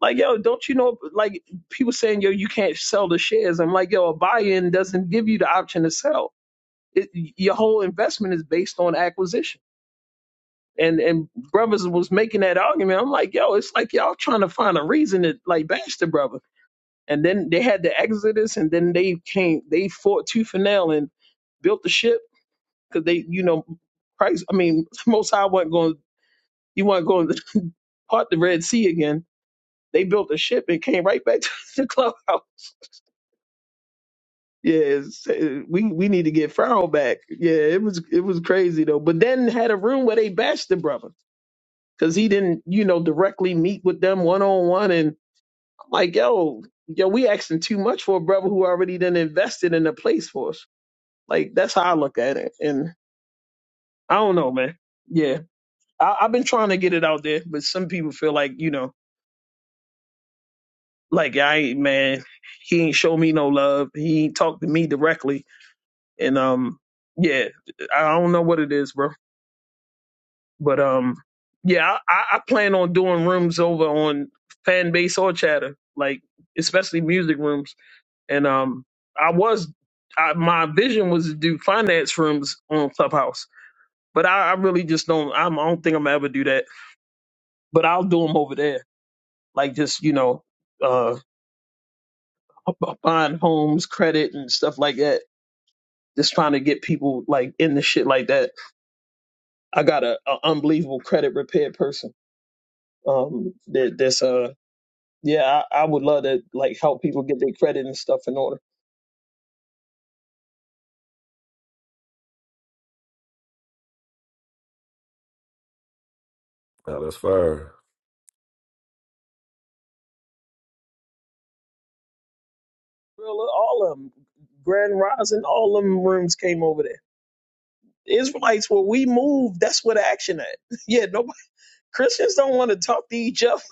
S5: like yo, don't you know like people saying, yo, you can't sell the shares. I'm like, yo, a buy in doesn't give you the option to sell It, your whole investment is based on acquisition. And and brothers was making that argument. I'm like, yo, it's like y'all trying to find a reason to like bash the brother. And then they had the Exodus, and then they came, they fought tooth and nail and built the ship because they, you know, Christ. I mean, Most High wasn't going. You were not going to part the Red Sea again. They built a ship and came right back to the clubhouse. Yeah, it's, uh, we we need to get Pharaoh back. Yeah, it was it was crazy though. But then had a room where they bashed the brother. because he didn't, you know, directly meet with them one on one. And I'm like, yo, yo, we asking too much for a brother who already done invested in a place for us. Like that's how I look at it. And I don't know, man. Yeah, I, I've been trying to get it out there, but some people feel like, you know, like I ain't man, he ain't show me no love. He ain't talk to me directly. And um, yeah, I don't know what it is, bro. But um, yeah, I, I plan on doing rooms over on fan base or chatter, like especially music rooms. And um, I was I, my vision was to do finance rooms on Clubhouse, but I, I really just don't. I'm, I don't think I'm gonna ever do that. But I'll do them over there, like just you know, uh, b- buying homes, credit, and stuff like that. Just trying to get people like in the shit like that. I got a, a unbelievable credit repair person. Um, that that's uh yeah, I, I would love to like help people get their credit and stuff in order. Real- All of them, Grand Rising, all of them rooms came over there. Israelites, where we move, that's where the action at. Yeah, nobody Christians don't want to talk to each other.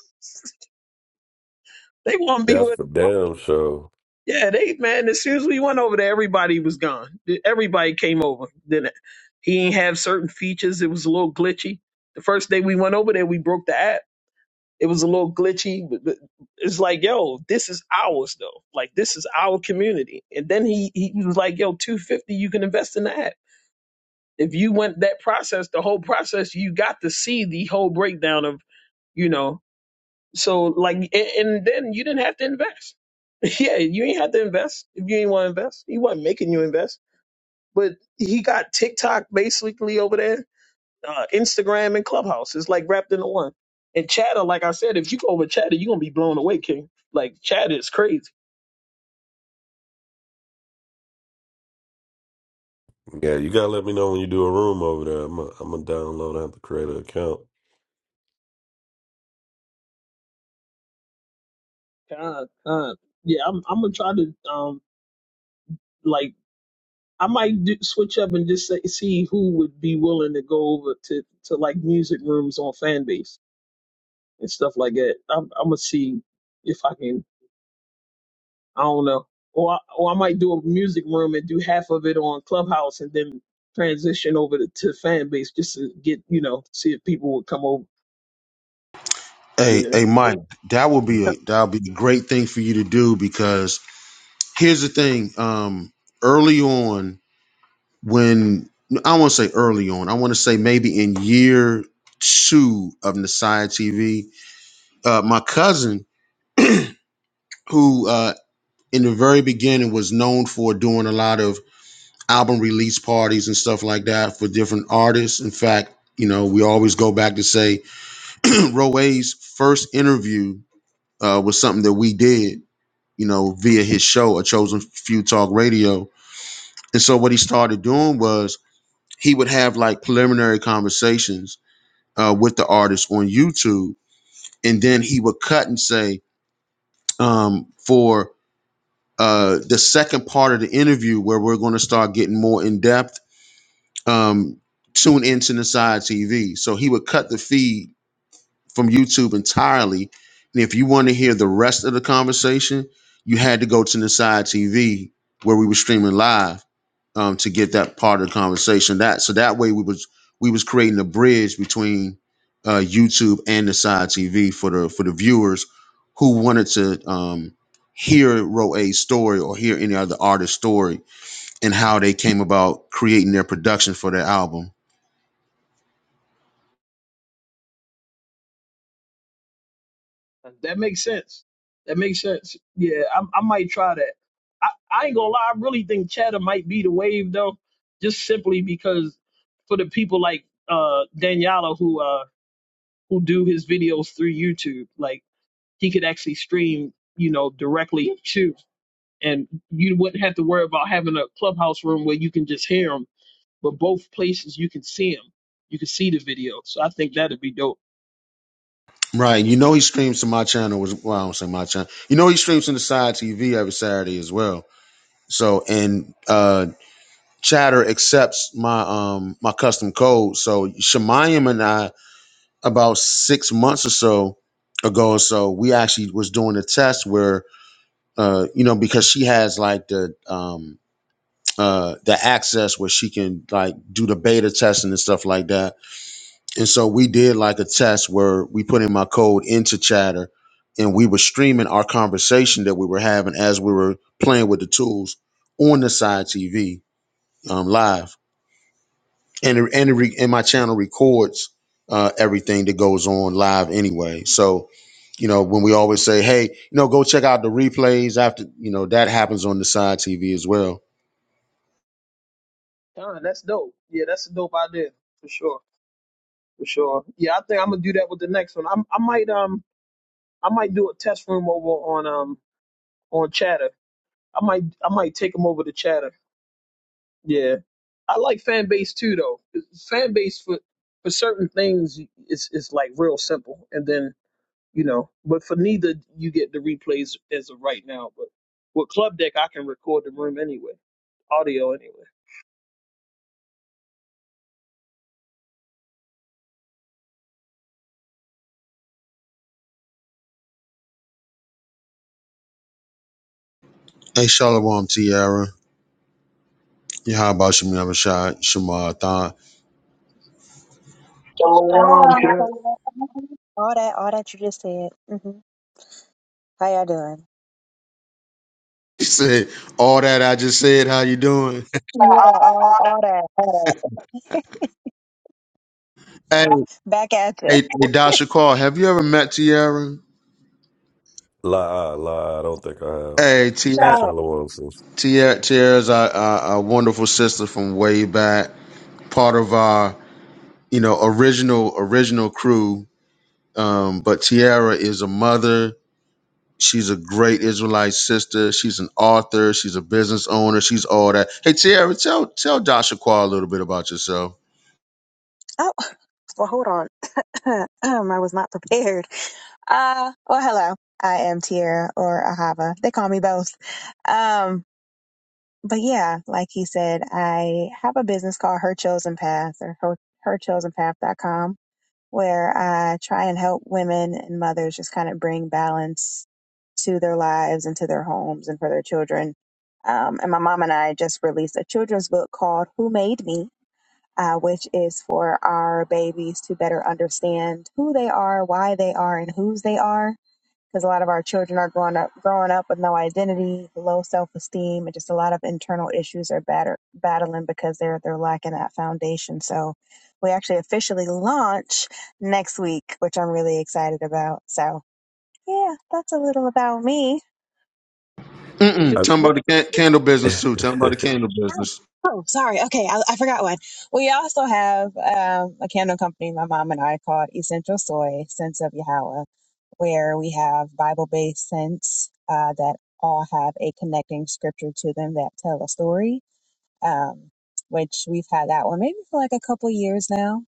S5: They want to be with. Yeah, they man. As soon as we went over there, everybody was gone. Everybody came over. Then he ain't have certain features. It was a little glitchy. The first day we went over there, we broke the app. It was a little glitchy. But but it's like, yo, this is ours though. Like this is our community. And then he he was like, yo, two fifty. You can invest in the app. If you went that process, the whole process, you got to see the whole breakdown of you know so like, and, and then you didn't have to invest. Yeah, you ain't have to invest if you didn't want to invest. He wasn't making you invest, but he got TikTok basically over there, uh, Instagram and Clubhouse. It's like wrapped into one. And Chatter, like I said, if you go over Chatter, you're gonna be blown away, King. Like Chatter is crazy. God, God. Yeah, I'm, I'm gonna try to um like I might do, switch up and just say, see who would be willing to go over to, to like music rooms on Fanbase and stuff like that. I'm, I'm gonna see if I can. I don't know. Or I, or I might do a music room and do half of it on Clubhouse and then transition over to, to fan just to get you know see if people would come over.
S2: Hey,
S5: Yeah.
S2: hey, Mike, that would be a that would be a great thing for you to do because here's the thing. Um, early on, when I want to say early on, I want to say maybe in year two of Nasai TV, uh, my cousin, who uh, in the very beginning was known for doing a lot of album release parties and stuff like that for different artists. In fact, you know, we always go back to say Roe's first interview uh, was something that we did, you know, via his show, A Chosen Few Talk Radio. And so what he started doing was he would have like preliminary conversations uh, with the artist on YouTube, and then he would cut and say um, for uh, the second part of the interview where we're going to start getting more in depth. Um, tune into the TV. So he would cut the feed from YouTube entirely, and if you want to hear the rest of the conversation, you had to go to the TV where we were streaming live um, to get that part of the conversation. That so that way we was we was creating a bridge between uh, YouTube and the side TV for the for the viewers who wanted to um, hear Ro A's story or hear any other artist's story and how they came about creating their production for their album.
S5: That makes sense. That makes sense. Yeah, I, I might try that. I, I ain't gonna lie. I really think chatter might be the wave though, just simply because for the people like uh Daniela who uh who do his videos through YouTube, like he could actually stream, you know, directly to, and you wouldn't have to worry about having a clubhouse room where you can just hear him. But both places you can see him, you can see the video. So I think that'd be dope.
S2: Right, you know he streams to my channel was well, I don't say my channel. You know he streams to the side TV every Saturday as well. So and uh Chatter accepts my um my custom code. So Shemayim and I about six months or so ago or so, we actually was doing a test where uh, you know, because she has like the um uh the access where she can like do the beta testing and stuff like that. And so we did like a test where we put in my code into chatter and we were streaming our conversation that we were having as we were playing with the tools on the side TV um live and it- and it re, and my channel records uh, everything that goes on live anyway. So, you know, when we always say, "Hey, you know, go check out the replays," after you know that happens on the side TV as well.
S5: Done. That's dope. Yeah, that's a dope idea for sure. For sure. Yeah, I think I'm gonna do that with the next one. I'm, I might um I might do a test room over on um on Chatter. I might I might take them over to Chatter. Yeah, I like fan base too though. Fan base for for certain things is is like real simple, and then you know, but for neither you get the replays as of right now. But with Club Deck, I can record the room anyway, audio anyway.
S2: Hey, Shalom, Tiara. Yeah, how about Shamim Rashad, Shamar Thon?
S10: Um,
S5: Shalom, here.
S10: all that, all that you just said. hmm How y'all doing?
S2: He said all that I just said. How you doing?
S10: Yeah, all, all that, all
S2: Hey,
S10: that. Back at it,
S2: hey, hey Dasha Call. Have you ever met Tiara? Hey, Tiara,
S10: Shalom.
S2: Tiara, Tiara's our, our, our wonderful sister from way back. Part of our you know, original original crew. Um, but Tiara is a mother. She's a great Israelite sister. She's an author. She's a business owner. She's all that. Hey, Tiara, tell tell Joshua a little bit about yourself.
S10: Oh, well, hold on. um, I was not prepared. Uh, well, hello. I am Tier or Ahava. They call me both. Um, but yeah, like he said, I have a business called Her Chosen Path or her, herchosenpath.com. where I try and help women and mothers just kind of bring balance to their lives and to their homes and for their children. Um, and my mom and I just released a children's book called Who Made Me, uh, which is for our babies to better understand who they are, why they are, and whose they are because a lot of our children are growing up growing up with no identity, low self esteem, and just a lot of internal issues are batter, battling because they're they're lacking that foundation. So we actually officially launch next week, which I'm really excited about. So yeah, that's a little about me.
S5: Is
S2: Mm-mm.
S5: it?
S2: Tell him about the can- candle business too. Tell him about the candle
S10: Oh,
S2: business.
S10: oh, sorry. Okay, I, I forgot one. We also have um, a candle company, my mom and I, called Essential Soy Scents of Yahweh, where we have Bible based scents uh, that all have a connecting scripture to them that tell a story, um, which we've had that one maybe for like a couple years now.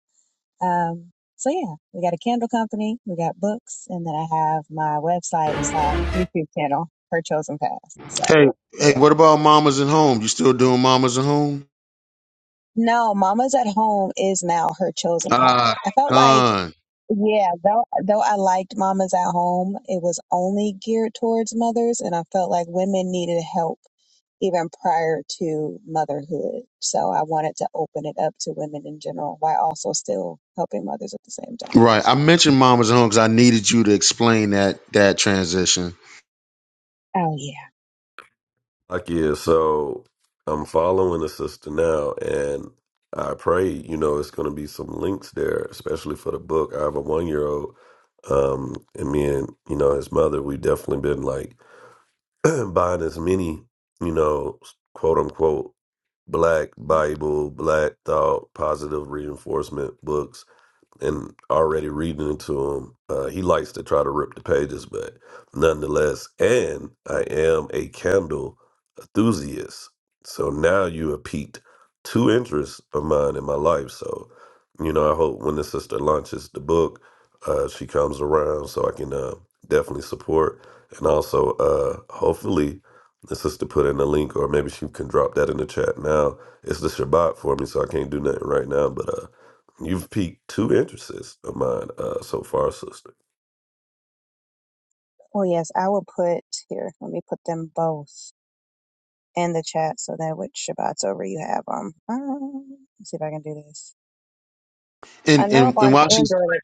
S10: Um, so, yeah, we got a candle company, we got books, and then I have my website slash YouTube channel, Her Chosen Path. So,
S2: Hey, hey,
S10: yeah.
S2: what about mamas at home? You still doing mamas at home?
S10: No, Mama's at Home is now her chosen path.
S2: Ah,
S10: I felt like,
S2: gone.
S10: yeah, though, though I liked Mama's at Home, it was only geared towards mothers, and I felt like women needed help even prior to motherhood. So I wanted to open it up to women in general while also still helping mothers at the same time.
S2: Right. I mentioned mamas at home because I needed you to explain that that transition.
S10: Oh, yeah. Oh, yes. I will put here, let me put them both in the chat so that which Shabbat's over, you have them. Um, let's see if I can do this. I
S2: And
S10: know
S2: and and
S10: on
S2: while she's
S10: Android.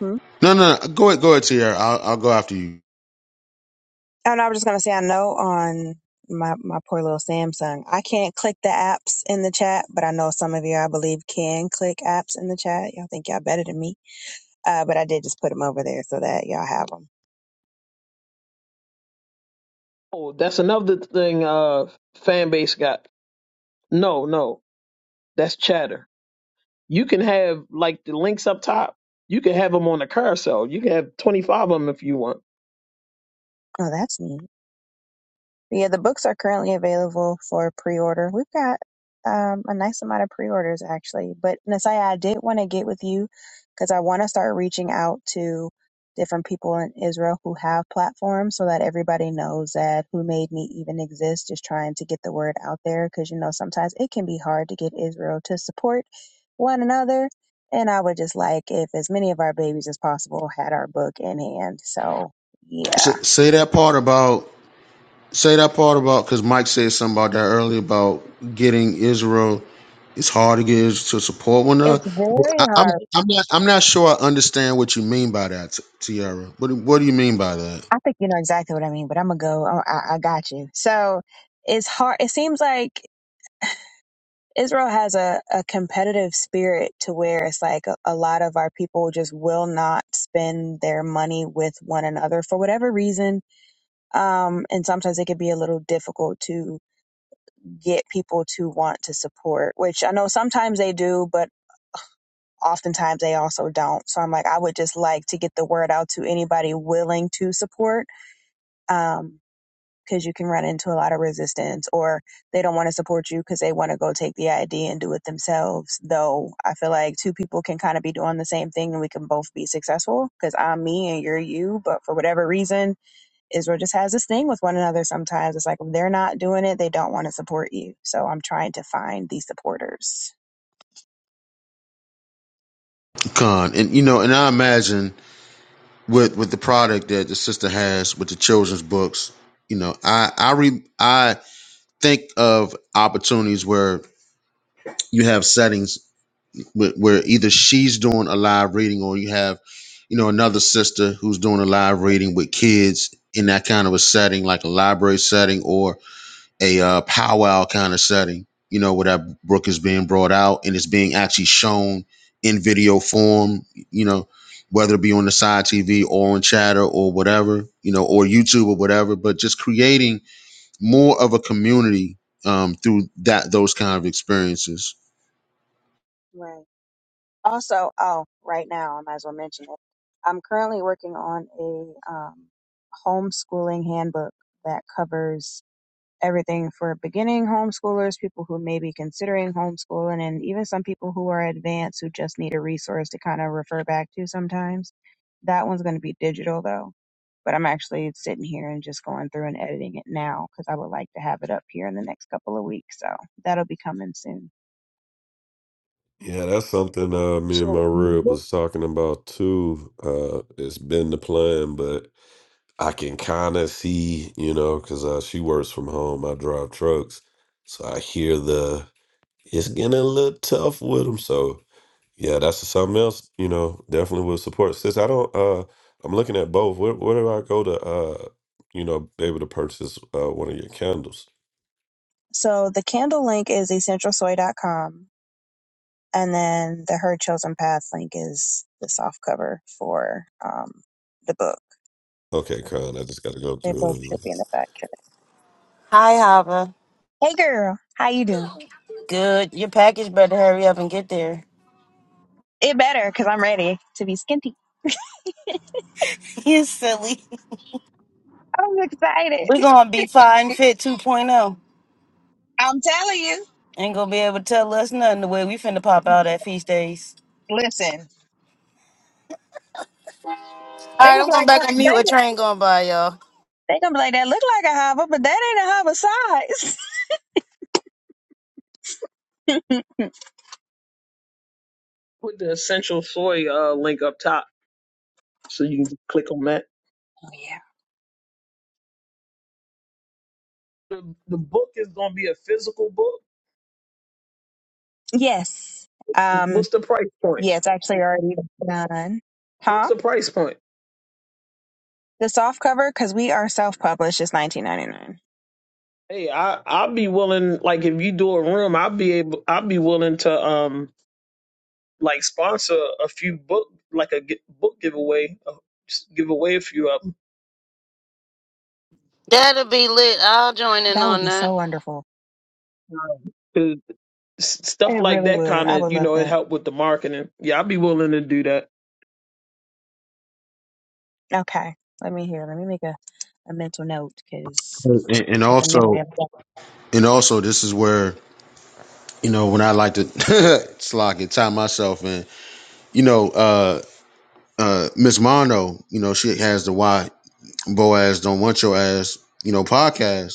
S10: Hmm?
S2: No, no, no. go ahead, go ahead, Tierra. I'll, I'll go after you.
S10: And I was just gonna say, I know on my my poor little Samsung, I can't click the apps in the chat, but I know some of you, I believe, can click apps in the chat. Y'all think y'all better than me, uh, but I did just put them over there so that y'all have them.
S5: Oh, that's another thing. Uh, fan base got no no. That's chatter. You can have like the links up top. You can have them on a carousel. You can have 25 of them if you want.
S10: Oh, that's neat. Yeah, the books are currently available for pre-order. We've got um, a nice amount of pre-orders actually. But Nasaya, I did want to get with you because I want to start reaching out to different people in Israel who have platforms so that everybody knows that Who Made Me even exists, just trying to get the word out there because you know sometimes it can be hard to get Israel to support one another. And I would just like if as many of our babies as possible had our book in hand. So yeah.
S2: S- say that part about say that part about because Mike said something about that earlier about getting Israel. It's hard to get Israel to support one another.
S10: It's very
S2: I,
S10: hard
S2: I'm I'm not I'm not sure I understand what you mean by that, Ti- Tiara. What do- what do you mean by that,
S10: I think you know exactly what I mean, but I'm gonna go. I, I I got you. So it's hard. It seems like Israel has a, a competitive spirit to where it's like a, a lot of our people just will not spend their money with one another for whatever reason. Um, and sometimes it can be a little difficult to get people to want to support, which I know sometimes they do, but oftentimes they also don't. So I'm like, I would just like to get the word out to anybody willing to support Um, because you can run into a lot of resistance or they don't want to support you because they want to go take the idea and do it themselves though i feel like two people can kind of be doing the same thing and we can both be successful because i'm me and you're you but for whatever reason israel just has this thing with one another sometimes it's like if they're not doing it they don't want to support you so i'm trying to find these supporters
S2: Con? And you know, and I imagine with with the product that the sister has with the children's books, you know, I I re, I think of opportunities where you have settings where where either she's doing a live reading or you have you know another sister who's doing a live reading with kids in that kind of a setting like a library setting or a uh, powwow kind of setting you know where that book is being brought out and it's being actually shown in video form you know whether it be on the side tv or on chatter or whatever you know or youtube or whatever but just creating more of a community um, through that those kind of experiences
S10: right also oh right now i might as well mention it i'm currently working on a um, homeschooling handbook that covers everything for beginning homeschoolers, people who may be considering homeschooling, and even some people who are advanced who just need a resource to kind of refer back to sometimes. That one's going to be digital though. But I'm actually sitting here and just going through and editing it now because I would like to have it up here in the next couple of weeks. So that'll be coming soon.
S5: So the book
S10: So the candle link is essentialsoy.com. And then the Her Chosen Path link is the soft cover for um, the book. They both should be in the back check.
S3: Hi, Hava.
S10: Hey girl, how you doing?
S3: Good. Your package better hurry up and get there.
S10: It better because I'm ready to be skinty.
S3: You silly.
S10: I'm excited.
S3: We're gonna be fine fit 2.0.
S10: I'm telling you.
S3: Ain't gonna be able to tell us nothing the way we finna pop out at feast days.
S10: Listen,
S3: All
S10: They
S3: right,
S10: gonna
S3: I'm
S10: be
S3: going
S10: like
S3: back
S10: that-
S3: on mute. A
S10: they,
S3: train going by, y'all.
S10: they gonna be like that. Look like a hover, but that ain't a hover size. oh
S5: put the essential soy uh, link up top, so you can just click on that.
S10: yeah,
S5: The, the book is going to be a physical book.
S10: yes. Um.
S5: What's the price point?
S10: Yeah, it's actually already done.
S5: What's
S10: Huh?
S5: the price point?
S10: The soft cover because we are self published is 19.99.
S5: Hey, I I'll be willing. Like, if you do a room, I'll be able. I'll be willing to um like sponsor a few book like a gi- book giveaway. uh, Just give away a few of them.
S3: That'll be lit. I'll join in
S10: That would
S3: on
S10: be
S3: that.
S10: so wonderful.
S5: Cause s- Stuff
S10: It
S5: like
S10: really
S5: that
S10: would.
S5: kind
S10: I
S5: of
S10: would
S5: you
S10: love
S5: know it
S10: that.
S5: help with the marketing. Yeah, I'll be willing to do that.
S10: Okay. Let me hear. Let me make a, a mental note because
S2: and, and
S10: I got the
S2: also
S10: memory of that.
S2: And also, this is where you know when I like to slack and tie myself in. You know, uh, uh, Miss Mono, you know she has the "Why Boaz Don't Want Your Ass" you know podcast,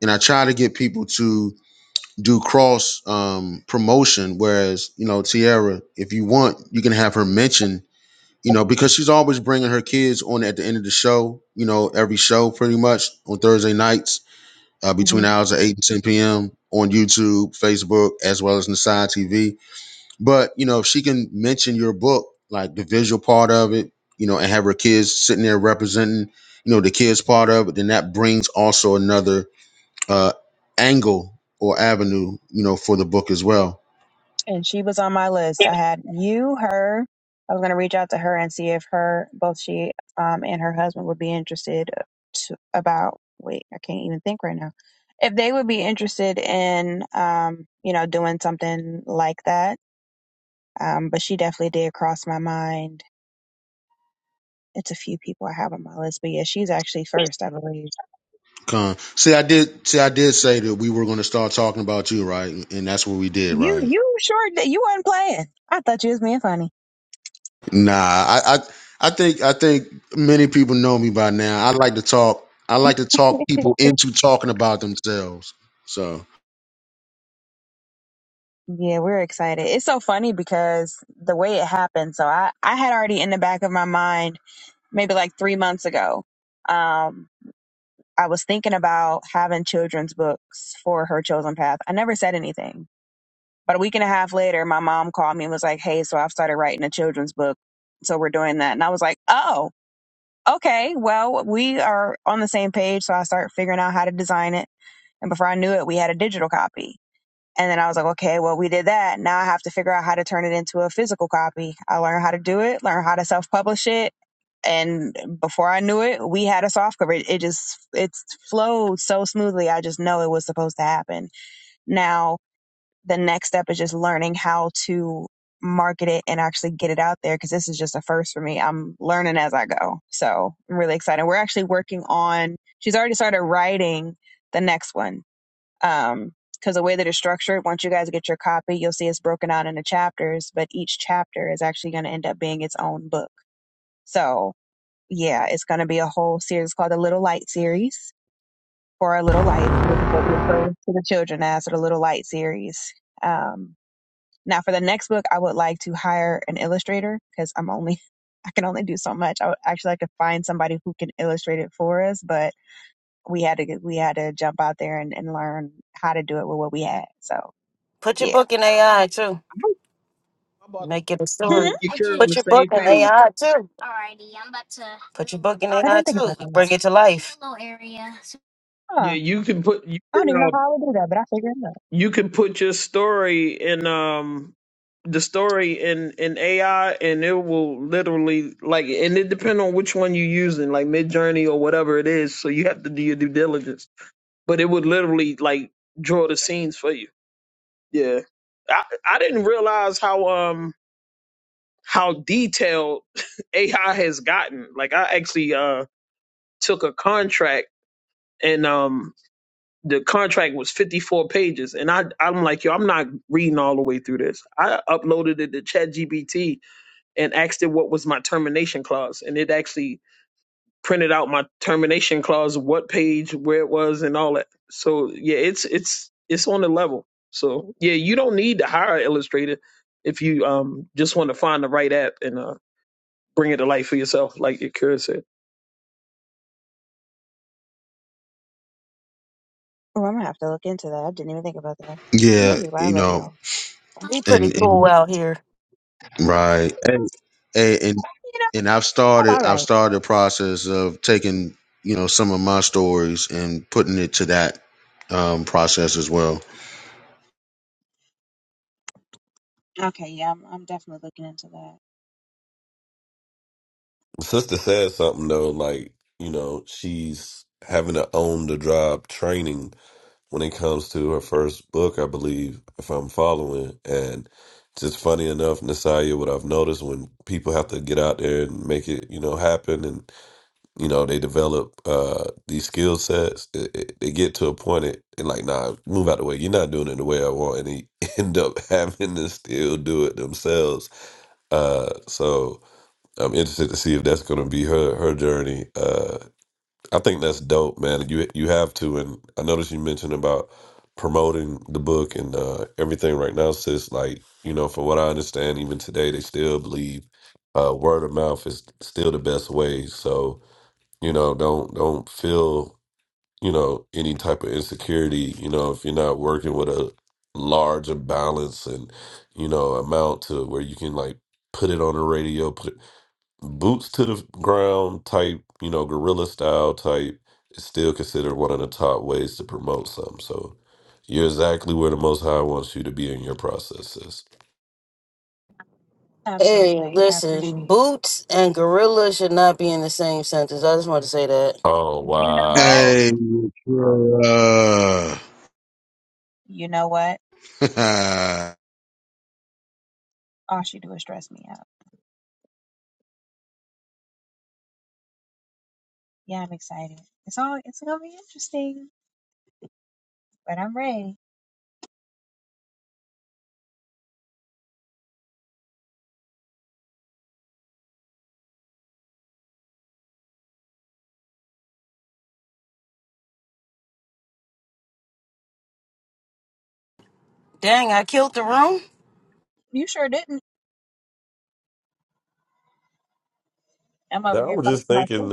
S2: and I try to get people to do cross um, promotion. Whereas you know Tiara, if you want, you can have her mention. You know, because she's always bringing her kids on at the end of the show. You know, every show pretty much on Thursday nights uh, between
S10: Mm-hmm.
S2: the hours of 8 and 10 p.m. on YouTube, Facebook, as well as Nasai TV. But, you know, if she can mention your book, like the visual part of it, you know, and have her kids sitting there representing, you know, the kids part of it, then that brings also another uh, angle or avenue, you know, for the book as well.
S10: and she was on my list. I had you, her. I was gonna reach out to her and see if her, both she um, and her husband would be interested to about. Wait, I can't even think right now. If they would be interested in, um, you know, doing something like that. Um, but she definitely did cross my mind. It's a few people I have on my list, but yeah, she's actually first, I believe.
S2: Con. See, I did. See, I did say that we were going to start talking about you, right? And that's what we did,
S10: You,
S2: right?
S10: you sure that you were not playing? I thought you was being funny.
S2: Nah, I, I I think I think many people know me by now. I like to talk. I like to talk people into talking about themselves. So
S10: Yeah, we're excited. It's so funny because the way it happened. So I, I had already in the back of my mind, maybe like three months ago, um, I was thinking about having children's books for her chosen path. I never said anything. But a week and a half later, my mom called me and was like, Hey, so I've started writing a children's book. So we're doing that. And I was like, Oh, okay. Well, we are on the same page. So I start figuring out how to design it. And before I knew it, we had a digital copy. And then I was like, okay, well, we did that. Now I have to figure out how to turn it into a physical copy. I learned how to do it, learn how to self publish it. And before I knew it, we had a soft cover. It, it just, it flowed so smoothly. I just know it was supposed to happen. Now the next step is just learning how to market it and actually get it out there. Cause this is just a first for me. I'm learning as I go. So I'm really excited. We're actually working on, she's already started writing the next one um, because the way that it's structured, once you guys get your copy, you'll see it's broken out into chapters, but each chapter is actually going to end up being its own book. So, yeah, it's going to be a whole series called the Little Light series or a Little Light, which is what we refer to the children as or the Little Light series. Um, now, for the next book, I would like to hire an illustrator because I'm only, I can only do so much. I would actually like to find somebody who can illustrate it for us, but we had to, we had to jump out there and, and learn how to do it with what we had. So,
S3: Put your
S10: yeah.
S3: book in AI too.
S5: I'm about to
S3: Make it a story.
S10: Huh?
S5: you carry on the
S3: Put your book
S5: same
S3: in
S5: page.
S3: AI too. Put your book in
S10: I
S3: AI
S10: didn't think
S3: too.
S10: about that.
S3: Bring it to life. It'll
S5: Yeah,
S10: Huh.
S5: you can put you
S10: I don't
S5: can uh,
S10: even know how I would do that, but I figured it out.
S5: you can put your story in um the story in in AI and it will literally like and it depends on which one you're using like Mid Journey or whatever it is so you have to do your due diligence but it would literally like draw the scenes for you yeah I I didn't realize how um how detailed AI has gotten like I actually uh took a contract and um the contract was 54 pages and I I'm like, yo, I'm not reading all the way through this. I uploaded it to ChatGPT and asked it what was my termination clause and it actually printed out my termination clause, what page, where it was and all that. So, yeah, it's it's it's on the level. So, yeah, you don't need to hire an illustrator if you um just want to find the right app and uh bring it to life for yourself like your said.
S10: Oh, I'm gonna have to look into that. I didn't even think about that. And
S2: yeah,
S10: this is why I
S2: you
S10: love
S2: know,
S10: y'all.
S3: Be pretty
S2: and,
S3: cool
S2: and
S3: out here.
S2: right, and, and and
S10: You know,
S2: and I've
S10: all
S2: started. I've
S10: right.
S2: started a process of taking you know some of my stories and putting it to that um, process as well.
S10: Okay, yeah, I'm I'm definitely looking into that.
S3: Hey,
S10: Absolutely. I
S3: listen,
S10: appreciate
S3: boots and gorilla should not be in the same sentence. I just wanted to say that.
S10: it. You know what?
S2: Hey, bruh.
S10: You know what? All she do is stress me out. Yeah, I'm excited. It's all it's gonna be interesting, but I'm ready.
S3: Dang, I killed the room.
S10: You sure didn't. I'm over here fucking myself.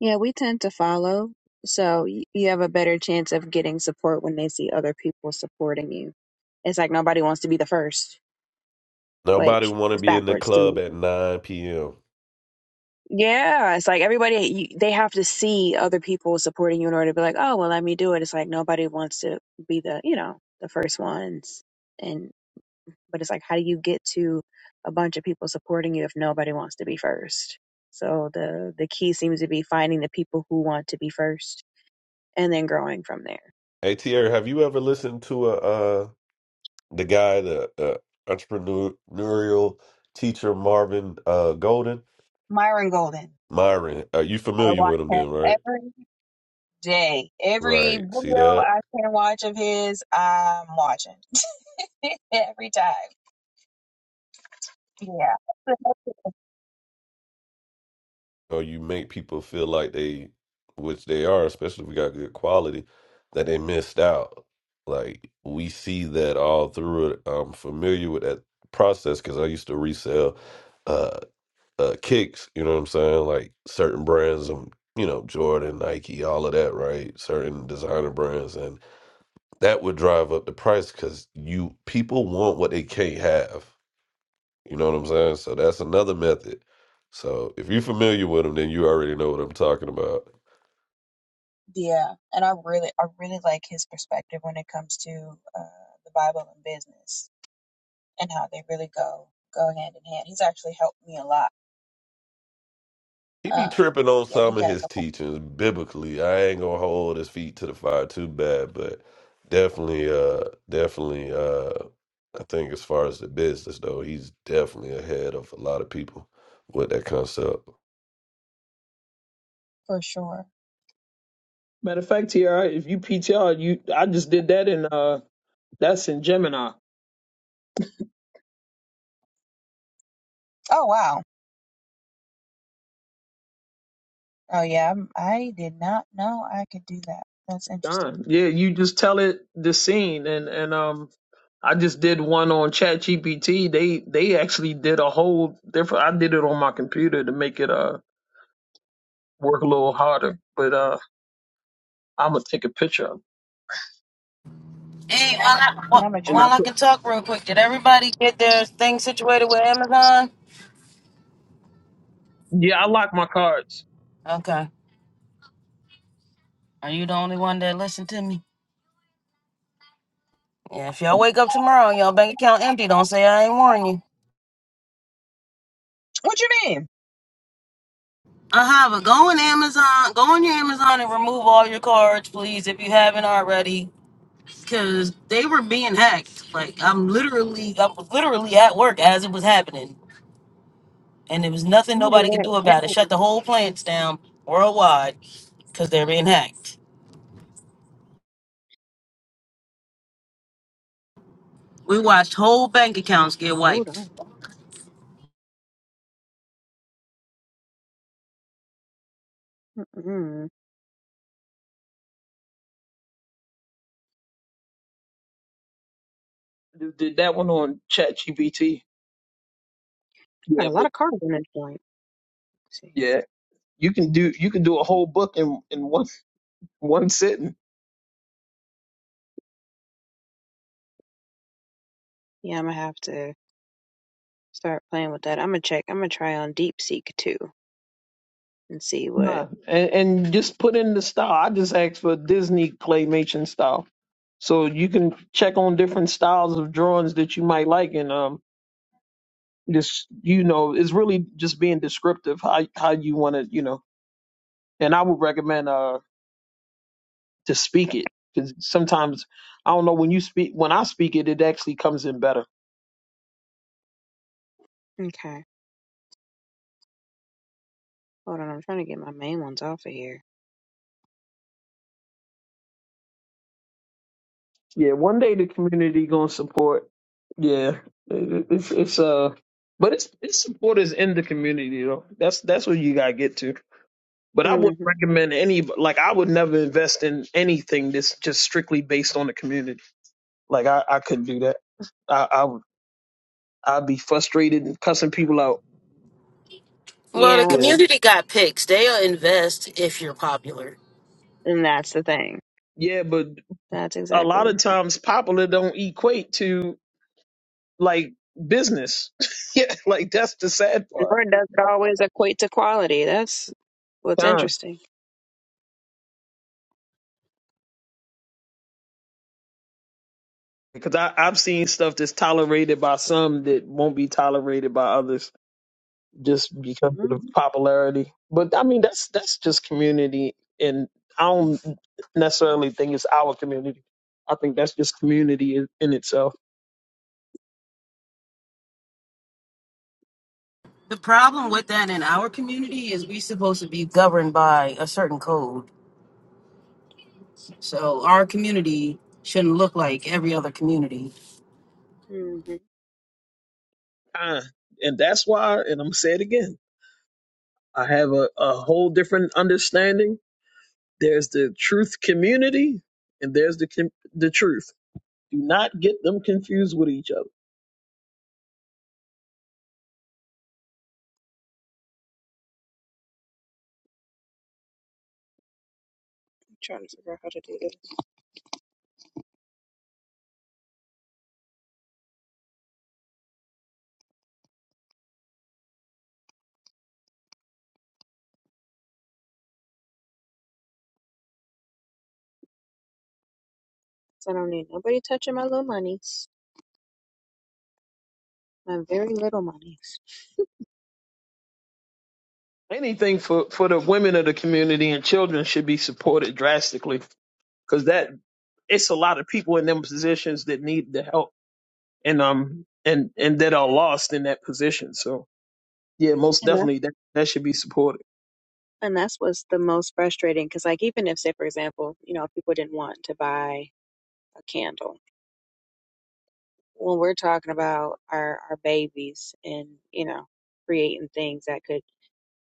S10: Yeah, we tend to follow. So y- you have a better chance of getting support when they see other people supporting you. It's like nobody wants to be the first, which is backwards to me. Yeah, it's like everybody, you, they have to see other people supporting you in order to be like, oh, well, let me do it. It's like nobody wants to be the, you know, the first ones. And, but it's like, how do you get to a bunch of people supporting you if nobody wants to be first? So the, the key seems to be finding the people who want to be first and then growing from there. Myron Golden. I watch him every day. Every video I can watch of his, I'm watching every time. Yeah. Yeah. And I really, I really like his perspective when it comes to uh, the Bible and business and how they really go, go hand in hand. He's actually helped me a lot. Um, yeah, he got a couple for sure.
S5: Matter of fact, TR, if you PTR, you I just did that in uh that's in Gemini
S10: Oh, wow. Oh, yeah. I'm- I did not know I could do that. That's interesting.
S5: Done. Yeah, you just tell it the scene and and um I just did one on ChatGPT. They they actually did a whole different I did it on my computer to make it uh work a little harder. But uh I'm gonna take a picture of
S3: Hey, while I, while,
S10: Yeah, I'm going to
S5: it. And
S10: try.
S5: I
S3: while I
S5: took-
S3: can talk real quick, did everybody get their thing situated with Amazon?
S5: yeah, I lock my cards.
S3: Okay. Are you the only one that listened to me? Yeah, if y'all wake up tomorrow and y'all bank account empty, don't say I ain't warn you.
S10: What you mean?
S3: Uh-huh, but go on Amazon, go on your Amazon and remove all your cards, please, if you haven't already. Cause they were being hacked. Like I'm literally I was literally at work as it was happening. and there was nothing
S10: I'm gonna do
S3: nobody could do about it.
S10: that.
S3: Shut the whole plants down worldwide because they're being hacked. We watched whole bank accounts get
S10: Hold
S3: wiped.
S10: on. Mm-mm.
S5: Just Did that one on ChatGPT.
S10: I got
S5: Yeah,
S10: a lot
S5: but
S10: of cards in this joint. Let's see.
S5: yeah, you can do you can do a whole book in in one one sitting.
S10: Yeah, I'm gonna have to start playing with that. I'm gonna check. I'm gonna try on DeepSeek too and see what.
S5: Nah, And, and just put in the style. I just asked for Disney claymation style So you can check on different styles of drawings that you might like, and um, just you know, it's really just being descriptive how how you want to, you know. And I would recommend uh to speak it because sometimes I don't know when you speak when I speak it, it actually comes in better.
S10: Okay. Hold on. I'm trying to get my main ones off of here.
S5: Yeah, one day the community gonna support. Yeah, it- it's it's uh, but it's it's support is in the community though. That's that's what you gotta get to. But I
S10: hmm
S5: wouldn't recommend any like I would never invest in anything that's just strictly based on the community. Like I, I couldn't do that. I, I would I'd be frustrated and cussing people out.
S3: Well, the
S10: Yeah,
S5: Yeah.
S3: community got picks. They'll invest if you're popular.
S10: and that's the thing.
S5: Yeah, but
S10: That's
S5: a
S10: exactly
S5: lot
S10: what
S5: of
S10: that.
S5: times popular don't equate to like business. yeah, like that's the sad part.
S10: Nor does it always equate to quality. That's what's
S5: Time.
S10: interesting.
S5: Because I, I've seen stuff that's tolerated by some that won't be tolerated by others. just because of
S10: Mm-hmm.
S5: the popularity. But I mean, that's that's just community, and I don't necessarily think it's our community. I think that's just community in, in itself.
S3: The problem
S10: Mm-hmm.
S3: with that in our community is we supposed to be governed by a certain code. So our community shouldn't look like every other community.
S10: Mm-hmm.
S5: Uh, and that's why, and I'm gonna say it again. I have a, a whole different understanding. There's the truth community, and there's the com- the truth. Do not get them confused with each other.
S10: Trying to figure out how to do this. I don't need nobody touching my little monies, my very little monies.
S5: Anything for for the women of the community and children should be supported drastically because that it's a lot of people in them positions that need the help and um and and that are lost in that position. So yeah, most
S10: And that,
S5: definitely that that should be supported.
S10: and that's what's the most frustrating because, like, even if, say, for example, you know, people didn't want to buy a candle, when we're talking about our our babies and you know, creating things that could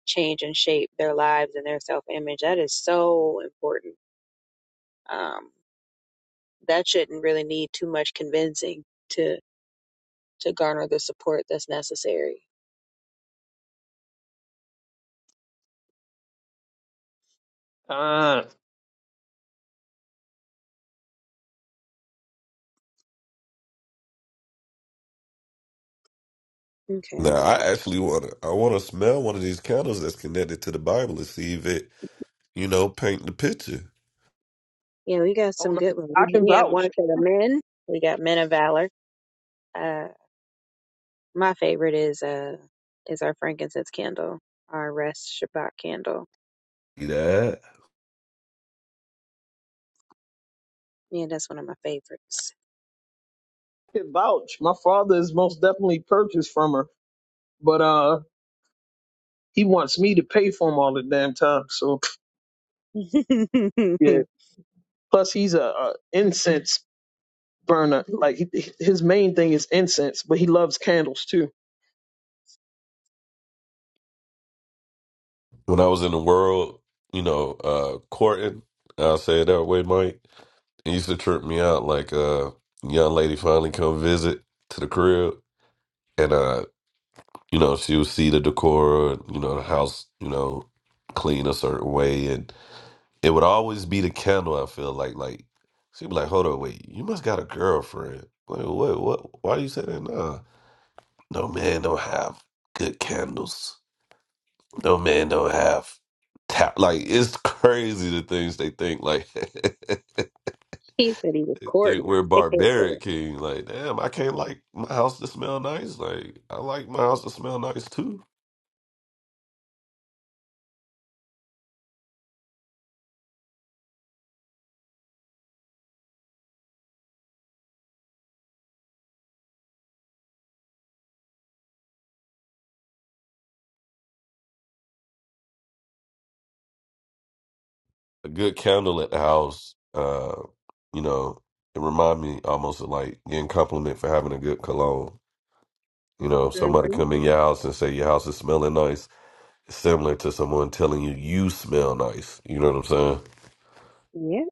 S10: change and shape their lives and their self image. That is so important. Um, that shouldn't really need too much convincing to to garner the support that's necessary.
S5: Ah,
S10: Okay, I gotta find. Yeah, we got
S5: oh
S10: some
S5: no,
S10: good ones.
S5: I
S10: We
S5: can
S10: we have one
S5: vouch.
S10: for the men. We got men of valor. Uh, my favorite is uh is our frankincense candle, our rest Shabbat candle. Yeah, that's one of my favorites.
S5: I can vouch. My father is most definitely purchased from her, but uh, he wants me to pay for him all the damn time. So
S10: he
S5: Yeah. Plus, he's a, a incense burner. Like he, his main thing is incense, but he loves candles too.
S10: said he was courting. hmm Yeah.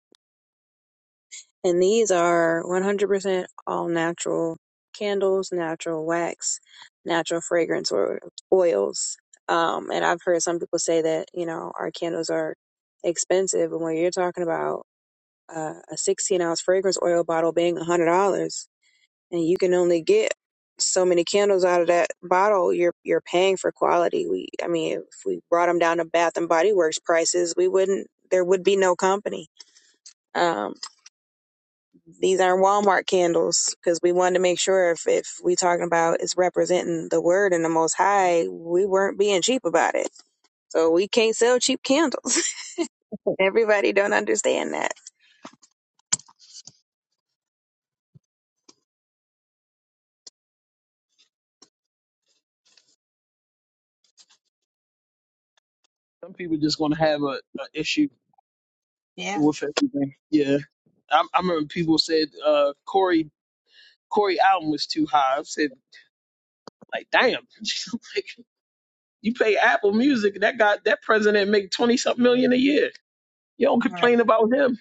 S10: And these are 100% all natural candles, natural wax, natural fragrance or oils. Um, and I've heard some people say that, you know, our candles are expensive. And when you're talking about uh, a 16 ounce fragrance oil bottle being $100, and you can only get so many candles out of that bottle you're you're paying for quality we i mean if we brought them down to bath and body works prices we wouldn't there would be no company um these aren't walmart candles because we wanted to make sure if if we talking about is representing the word and the most high we weren't being cheap about it so we can't sell cheap candles everybody don't understand that
S5: Some people just gonna have a, a issue with everything. Yeah. I, I remember people said uh, Corey Corey album was too high. I said like, damn, like, you pay Apple Music, that guy that president make twenty something million a year. You don't
S10: All right.
S5: complain about him.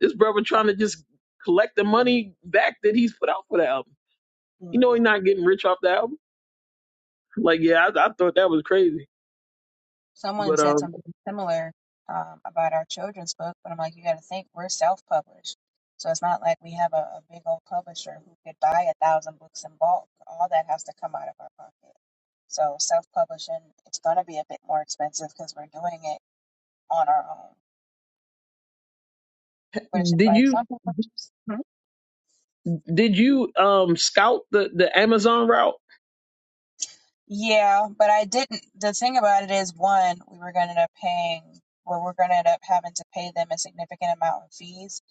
S5: This brother trying to just collect the money back that he's put out for the album.
S10: Hmm.
S5: You know he's not getting rich off the album. Like yeah, I, I thought that was crazy.
S10: Someone
S5: But
S10: said
S5: um,
S10: something similar um, about our children's book, but I'm like, you got to think we're self-published, so it's not like we have a, a big old publisher who could buy a thousand books in bulk. All that has to come out of our pocket. So self-publishing, it's going to be a bit more expensive because we're doing it on our own. But it's just
S5: did
S10: like
S5: you
S10: some people just
S5: did you um scout the the Amazon route?
S10: Yeah, but I didn't. The thing about it is, one, we were going to end up paying, or we're going to end up having to pay them a significant amount in fees,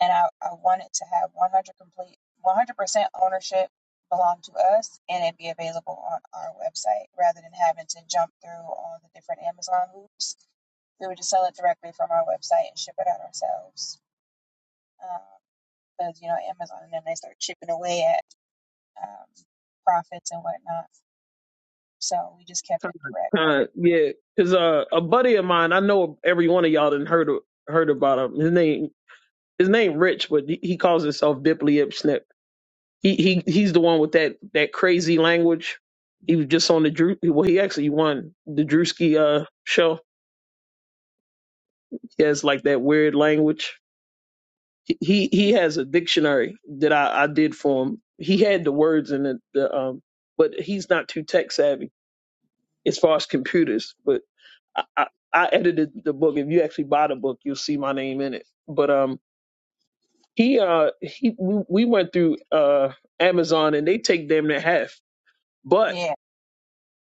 S10: and I, I wanted to have 100 complete, 100% ownership belong to us, and it be available on our website rather than having to jump through all the different Amazon hoops. We would just sell it directly from our website and ship it out ourselves. Um, Because you know, Amazon and them they start chipping away at um, profits and whatnot, so we just kept
S5: Kind
S10: it
S5: of,
S10: direct.
S5: yeah, because uh, a buddy of mine, I know every one of y'all didn't heard of- heard about him. His name his name Rich, but he, he calls himself Dipley Ip He he he's the one with that that crazy language. He was just on the Drew. Well, he actually won the Drewski uh show. He has like that weird language. He he has a dictionary that I, I did for him. He had the words in it, the, um, but he's not too tech savvy as far as computers. But I, I, I edited the book. If you actually buy the book, you'll see my name in it. But um, he uh he we we went through uh Amazon and they take damn near half. But
S10: Yeah.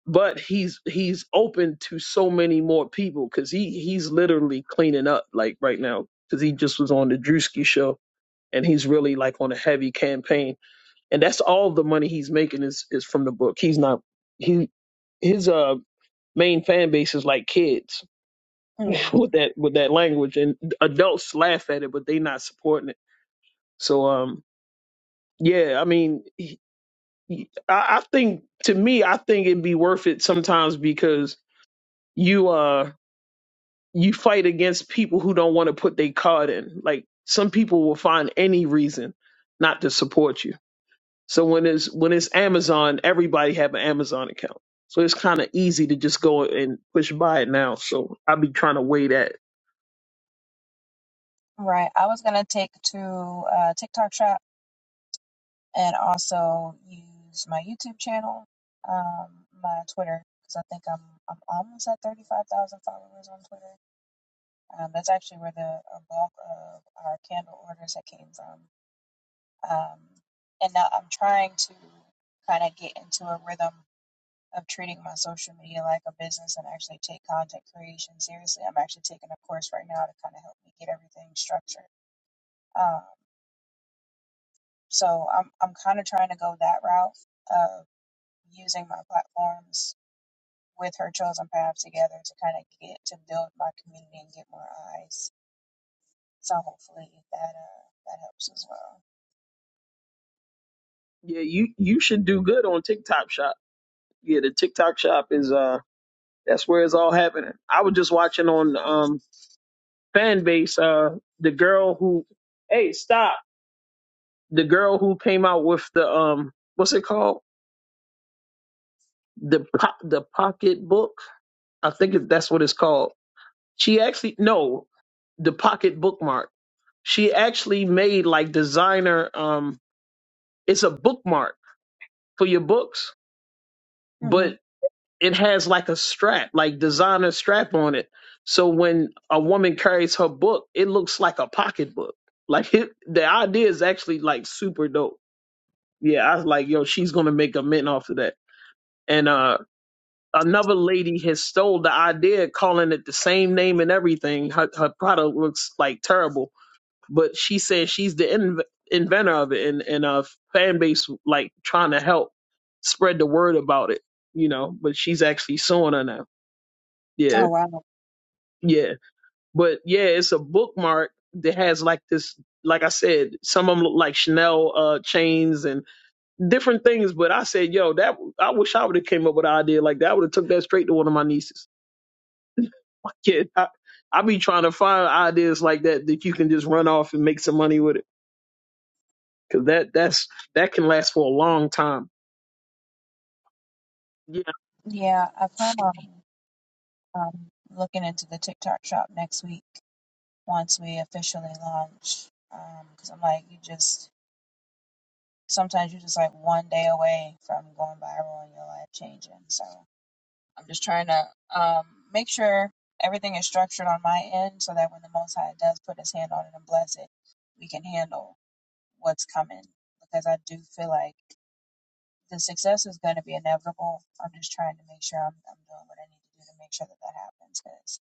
S5: but he's he's open to so many more people because he he's literally cleaning up like right now because he just was on the Drewski show and he's really like on a heavy campaign and that's all the money he's making is is from the book. He's not he his uh main fan base is like kids with that with that language, and adults laugh at it, but they not supporting it. So um yeah, I mean, he, he- I, I think to me, I think it'd be worth it sometimes because you uh you fight against people who don't want to put their card in. Like some people will find any reason not to support you So when it's when it's Amazon, everybody have an Amazon account. So it's kind of easy to just go and push buy it now. So I'll be trying to weigh that.
S10: Right. I was gonna take to uh, TikTok Shop and also use my YouTube channel, um, my Twitter, because I think I'm I'm almost at thirty five thousand followers on Twitter. Um, that's actually where the uh, bulk of our candle orders that came from. Um, and now I'm trying to kind of get into a rhythm of treating my social media like a business and actually take content creation seriously. I'm actually taking a course right now to kind of help me get everything structured. Um, So I'm I'm kind of trying to go that route of using my platforms with her chosen path together to kind of get to build my community and get more eyes. So hopefully that uh that helps as well.
S5: Yeah, you you should do good on TikTok Shop. Yeah, the TikTok Shop is uh that's where it's all happening. I was just watching on um fan base uh the girl who hey stop the girl who came out with the um what's it called the po- the pocket book I think that's what it's called. She actually no the pocket bookmark She actually made like designer um it's a bookmark for your books,
S10: hmm
S5: but it has like a strap, like designer strap on it. So when a woman carries her book, it looks like a pocketbook. Like it, the idea is actually like super dope. Yeah, I was like, yo, she's gonna make a mint off of that. And uh another lady has stole the idea, calling it the same name and everything. Her her product looks like terrible but she says she's the in- inventor of it and and a fan base like trying to help spread the word about it you know but she's actually suing her now yeah
S10: Oh wow.
S5: yeah but yeah it's a bookmark that has like this like i said some of them look like chanel uh chains and different things but i said yo that i wish i would have came up with an idea like that i would have took that straight to one of my nieces kid i i be trying to find ideas like that that you can just run off and make some money with it Cause that that's that can last for a long time. Yeah,
S10: Yeah, I plan on um, looking into the TikTok shop next week once we officially launch. Because I'm like, you just sometimes you're just like one day away from going viral and your life changing. So. I'm just trying to um, make sure everything is structured on my end so that when the Most High does put his hand on it and bless it, we can handle what's coming. Because I do feel like the success is going to be inevitable. I'm just trying to make sure I'm, I'm doing what I need to do to make sure that that happens. Because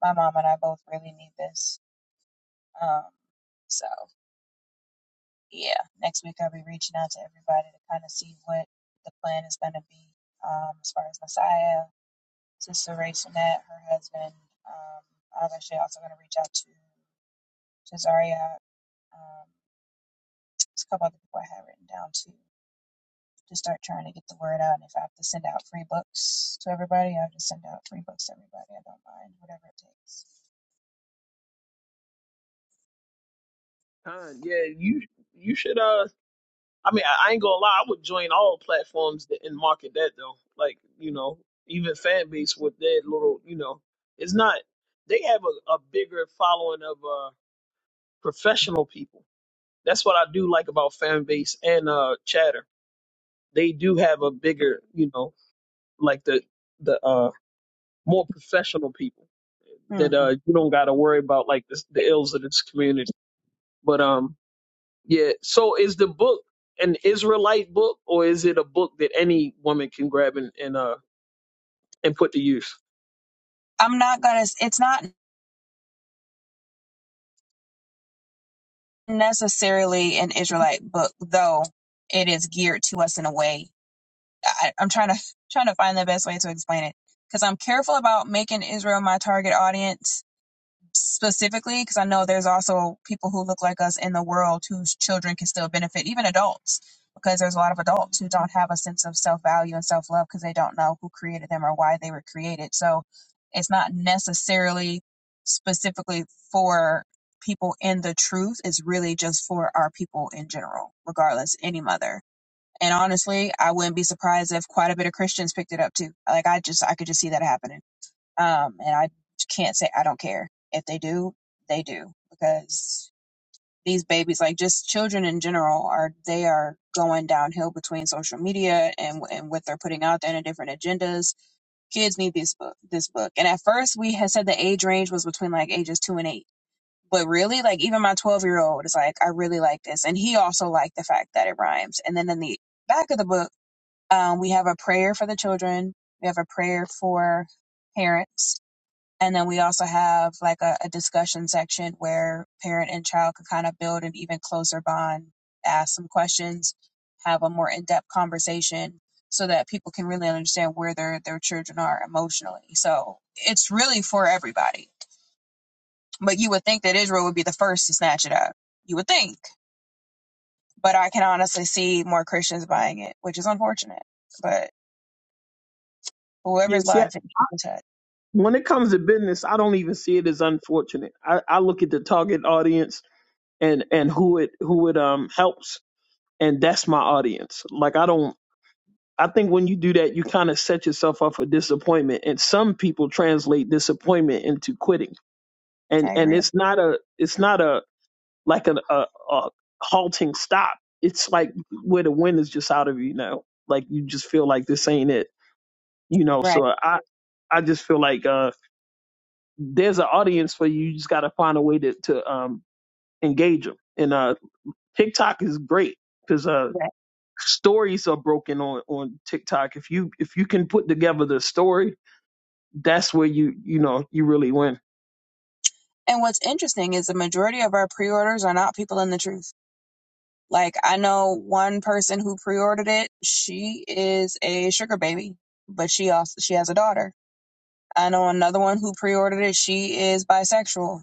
S10: my mom and I both really need this. Um, so, yeah, next week I'll be reaching out to everybody to kind of see what the plan is going to be um, as far as Messiah Sister Ray Jeanette, her husband. Um, I was actually also going to reach out to Cesaria. Um, there's a couple other people I had written down too to start trying to get the word out. And if I have to send out free books to everybody, I'll just send out free books to everybody. I don't mind, whatever it takes.
S5: Con, yeah. You you should uh. I mean, I, I ain't gonna lie. I would join all platforms that, and market that though. Like you know, even fan base with that little you know, it's not. They have a, a bigger following of uh professional people. That's what I do like about fan base and uh chatter. They do have a bigger you know like the the uh more professional people that uh
S10: hmm
S5: you don't got to worry about like the, the ills of this community. But um, yeah. So is the book an Israelite book, or is it a book that any woman can grab and, and uh and put to use?
S10: I'm not going to, it's not necessarily an Israelite book, though it is geared to us in a way. I, I'm trying to trying to find the best way to explain it because I'm careful about making Israel my target audience specifically because I know there's also people who look like us in the world whose children can still benefit, even adults, because there's a lot of adults who don't have a sense of self value and self love because they don't know who created them or why they were created. So it's not necessarily specifically for people in the truth, it's really just for our people in general, regardless, any mother. And honestly, I wouldn't be surprised if quite a bit of Christians picked it up too. Like I just I could just see that happening. Um, and I can't say I don't care. If they do, they do because these babies, like just children in general, are they are going downhill between social media and and what they're putting out there and different agendas. Kids need this book, this book. And at first, we had said the age range was between like ages two and eight. But really, like even my twelve year old is like, I really like this, and he also liked the fact that it rhymes. And then in the back of the book, um, we have a prayer for the children. We have a prayer for parents and then we also have like a, a discussion section where parent and child can kind of build an even closer bond, ask some questions, have a more in-depth conversation so that people can really understand where their, their children are emotionally. So it's really for everybody. But you would think that Israel would be the first to snatch it up. You would think. But I can honestly see more Christians buying it, which is unfortunate. But whoever's
S5: Yes. Yeah. see, I-
S10: life it can touch.
S5: When it comes to business, I don't even see it as unfortunate. I, I look at the target audience and and who it who it um helps, and that's my audience. Like I don't. I think when you do that, you kind of set yourself up for disappointment, and some people translate disappointment into quitting. And
S10: I
S5: and
S10: agree.
S5: it's not a it's not a like a, a, a halting stop. It's like where the wind is just out of you now. Like you just feel like this ain't it, you know.
S10: Right.
S5: So I I just feel like uh there's an audience for you. You just got to find a way to to um engage them. And uh TikTok is great because uh
S10: Right.
S5: stories are broken on on TikTok. If you if you can put together the story, that's where you you know you really win.
S10: And what's interesting is the majority of our pre-orders are not people in the truth. Like I know one person who pre-ordered it. She is a sugar baby, but she also she has a daughter. I know another one who pre-ordered it. She is bisexual,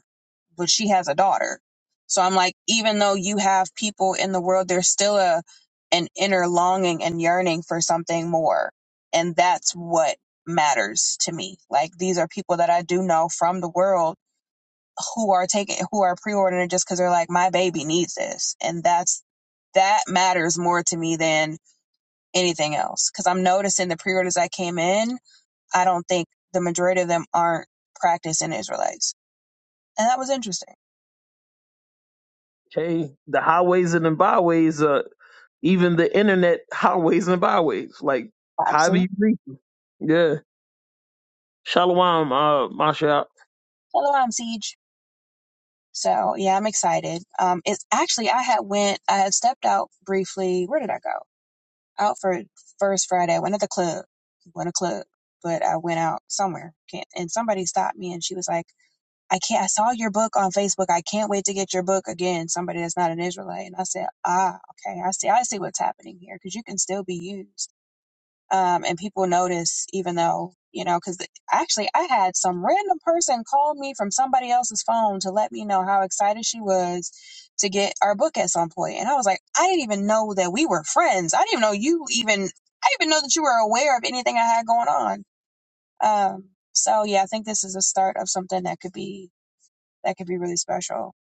S10: but she has a daughter. So I'm like, even though you have people in the world, there's still a an inner longing and yearning for something more, and that's what matters to me. Like these are people that I do know from the world who are taking who are pre-ordering it just because they're like my baby needs this and that's that matters more to me than anything else because i'm noticing the pre-orders that came in i don't think the majority of them aren't practicing israelites and that was interesting
S5: Okay, the highways and the byways. Uh, Even the internet highways and byways. Like, how do
S10: absolutely
S5: you reach them? Yeah. Shalom, uh, Masha.
S10: hello i'm siege so yeah i'm excited um it's actually i had went i had stepped out briefly where did i go out for first friday I went to the club went to club but i went out somewhere can't and somebody stopped me and she was like I can't. I saw your book on Facebook. I can't wait to get your book again. Somebody that's not an Israelite." And I said, "Ah, okay. I see. I see what's happening here because you can still be used, um, and people notice, even though you know." Because actually, I had some random person call me from somebody else's phone to let me know how excited she was to get our book at some point, and I was like, "I didn't even know that we were friends. I didn't even know you even. I didn't even know that you were aware of anything I had going on." Um, so yeah, I think this is a start of something that could be that could be really special.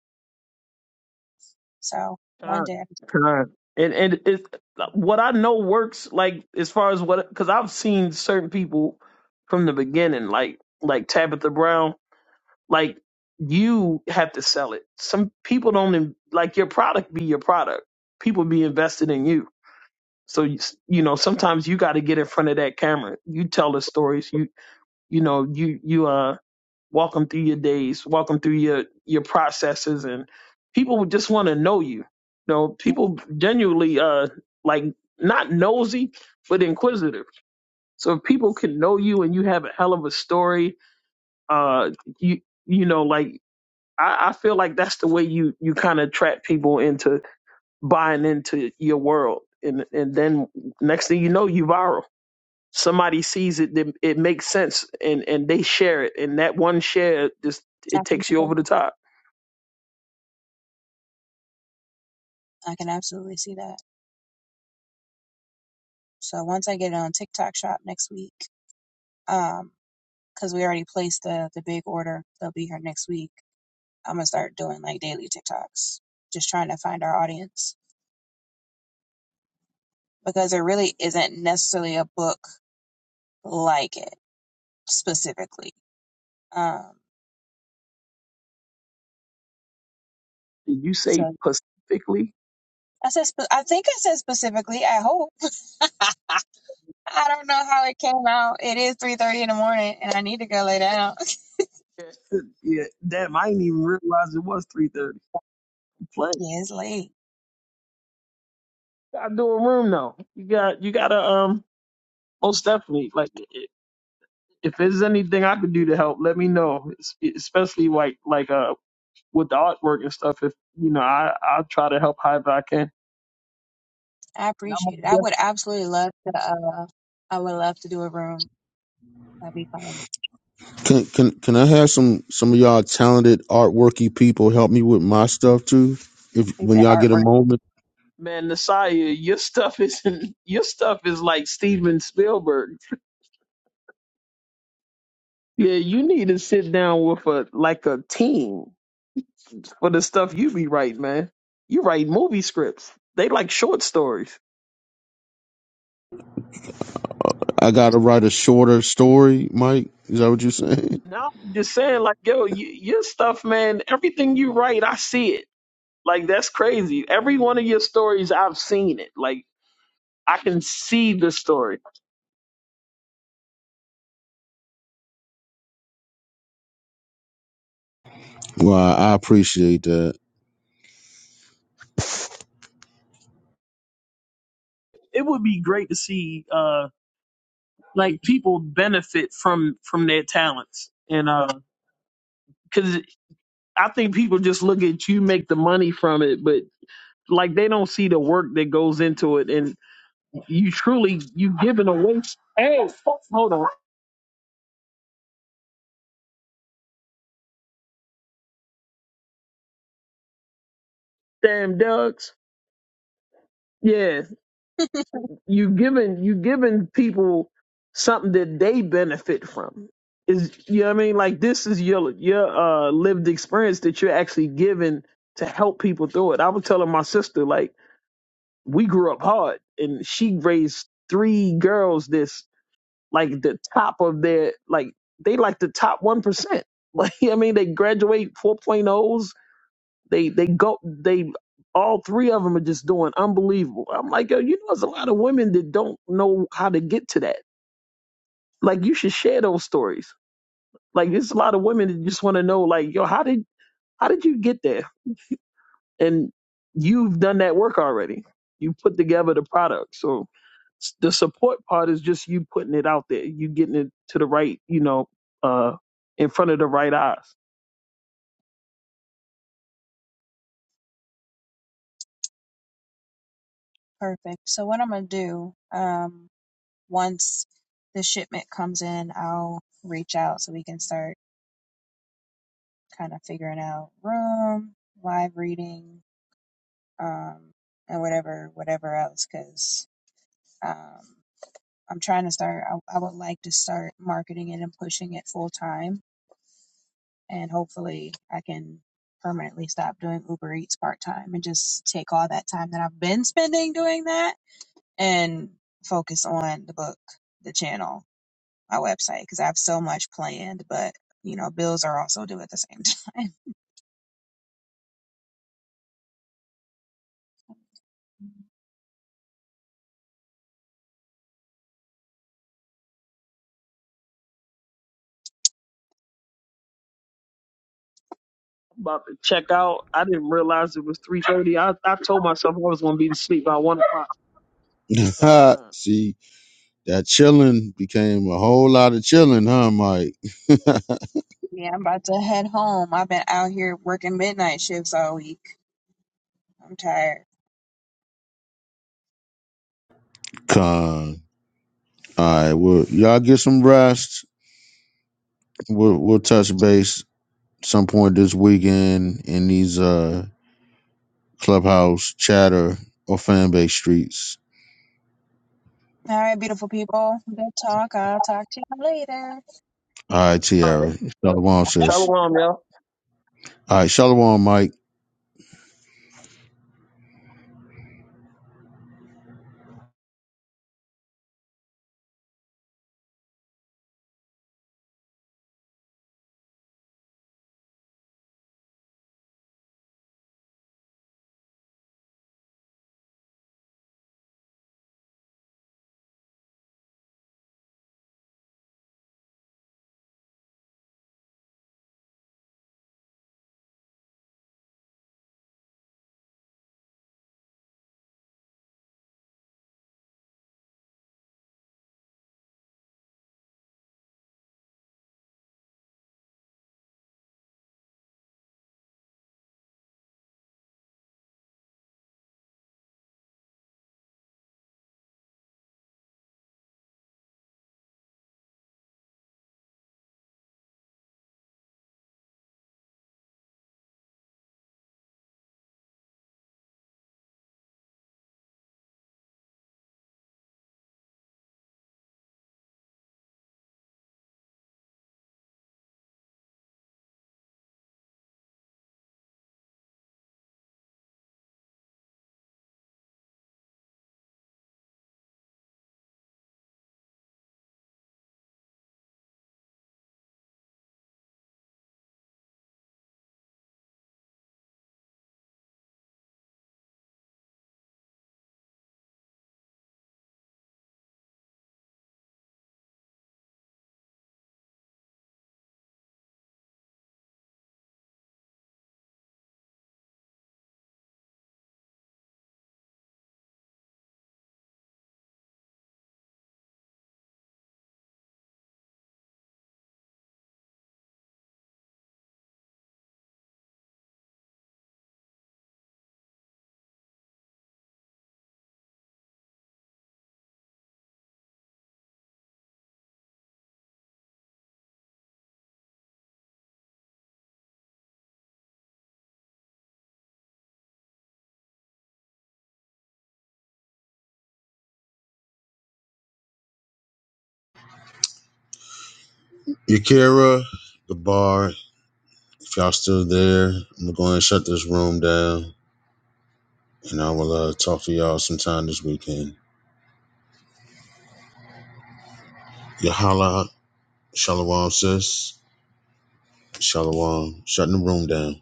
S10: So one
S5: Khan.
S10: day I can
S5: Khan. And, and it's what I know works, like, as far as what, because I've seen certain people from the beginning, like, like Tabitha Brown, like, you have to sell it. Some people don't, in- like, your product be your product. People be invested in you. So you, s- you know, sometimes you got to get in front of that camera. You tell the stories. You you know you you uh walk them through your days, walk them through your your processes, and people would just want to know you. You know,
S10: yeah,
S5: people genuinely uh like not nosy, but inquisitive. So if people can know you and you have a hell of a story, uh, you you know, like I, I feel like that's the way you you kind of attract people into buying into your world, and and then next thing you know, you viral somebody sees it then it makes sense and and they share it and that one share just it
S10: tap into
S5: takes you over the top
S10: I can absolutely see that. So once I get it on TikTok shop next week, um, because we already placed the the big order, they'll be here next week. I'm gonna start doing like daily TikToks, just trying to find our audience because there really isn't necessarily a book like it specifically. Um,
S5: did you say
S10: so
S5: pacifically
S10: I said spe- I think I said specifically. I hope. I don't know how it came out. It is three thirty in the morning, and I need to go lay down.
S5: yeah, yeah damn i didn't even realize it was 3.30 playing
S10: yeah, it's late.
S5: gotta do a room though. you got you gotta um most definitely like i- if there's anything i could do to help let me know Es- especially like like uh with the artwork and stuff if you know i i'll try to help however i can
S10: I
S5: and
S10: appreciate it.
S5: i'm
S10: I would absolutely love to. Uh, I would love to do a room. That'd be fun.
S2: Can can can I have some some of y'all talented artworky people help me with my stuff too? If
S10: They
S2: when
S10: said
S2: y'all get a
S10: artwork.
S2: moment,
S5: Man, Nasiah, your stuff is your stuff is like Steven Spielberg. Yeah, you need to sit down with a like a team for the stuff you be writing, man. You write movie scripts. They like short stories.
S2: I gotta write a shorter story. Mike, is that what you're saying?
S5: Now I'm just saying, like, yo, you, your stuff, man. Everything you write, I see it. Like that's crazy. Every one of your stories, I've seen it. Like I can see the story.
S2: Well, I appreciate that.
S5: It would be great to see uh like people benefit from from their talents. And uh 'cause I think people just look at you make the money from it, but like they don't see the work that goes into it, and you truly you giving away. Hey, hold on, damn ducks. Yeah, you giving you giving people something that they benefit from. Is you know what I mean? Like this is your your uh, lived experience that you're actually giving to help people through it. I was telling my sister like we grew up hard, and she raised three girls. This like the top of their like they like the top one percent. Like I mean, they graduate 4.0s. They they go they all three of them are just doing unbelievable. I'm like, yo, you know, there's a lot of women that don't know how to get to that. Like you should share those stories. Like there's a lot of women that just want to know, like, yo, how did how did you get there? and you've done that work already. You put together the product. So s- the support part is just you putting it out there. You getting it to the right, you know, uh, in front of the right eyes.
S10: Perfect. So what I'm gonna do? Um, once the shipment comes in, I'll reach out so we can start kind of figuring out room, live reading, um, and whatever whatever else. Cause um, I'm trying to start. I, I would like to start marketing it and pushing it full time and hopefully I can permanently stop doing Uber Eats part time and just take all that time that I've been spending doing that and focus on the book, the channel, my website because I have so much planned, but you know, bills are also due at the same time.
S5: about to check out. I didn't realize it was three thirty. I, I told myself I was gonna be asleep by one o'clock. Ah.
S2: See, that chilling became a whole lot of chilling, huh, Mike?
S10: Yeah, I'm about to head home. I've been out here working midnight shifts all week. I'm tired.
S2: Con. All right, well, y'all get some rest. We'll we'll touch base some point this weekend in these uh clubhouse chatter or fan base streets.
S10: All right, beautiful people. Good talk. I'll talk to you later.
S2: All right,
S5: All right.
S2: Tiara. Shalom,
S10: Bye.
S2: sis.
S5: Shalom, y'all.
S2: All right, Shalom, Mike. Yakira, the bar, if y'all still there, I'm going to go ahead and shut this room down and I will uh, talk to y'all sometime this weekend. Yahala, Shalom, sis. Shalom, shutting the room down.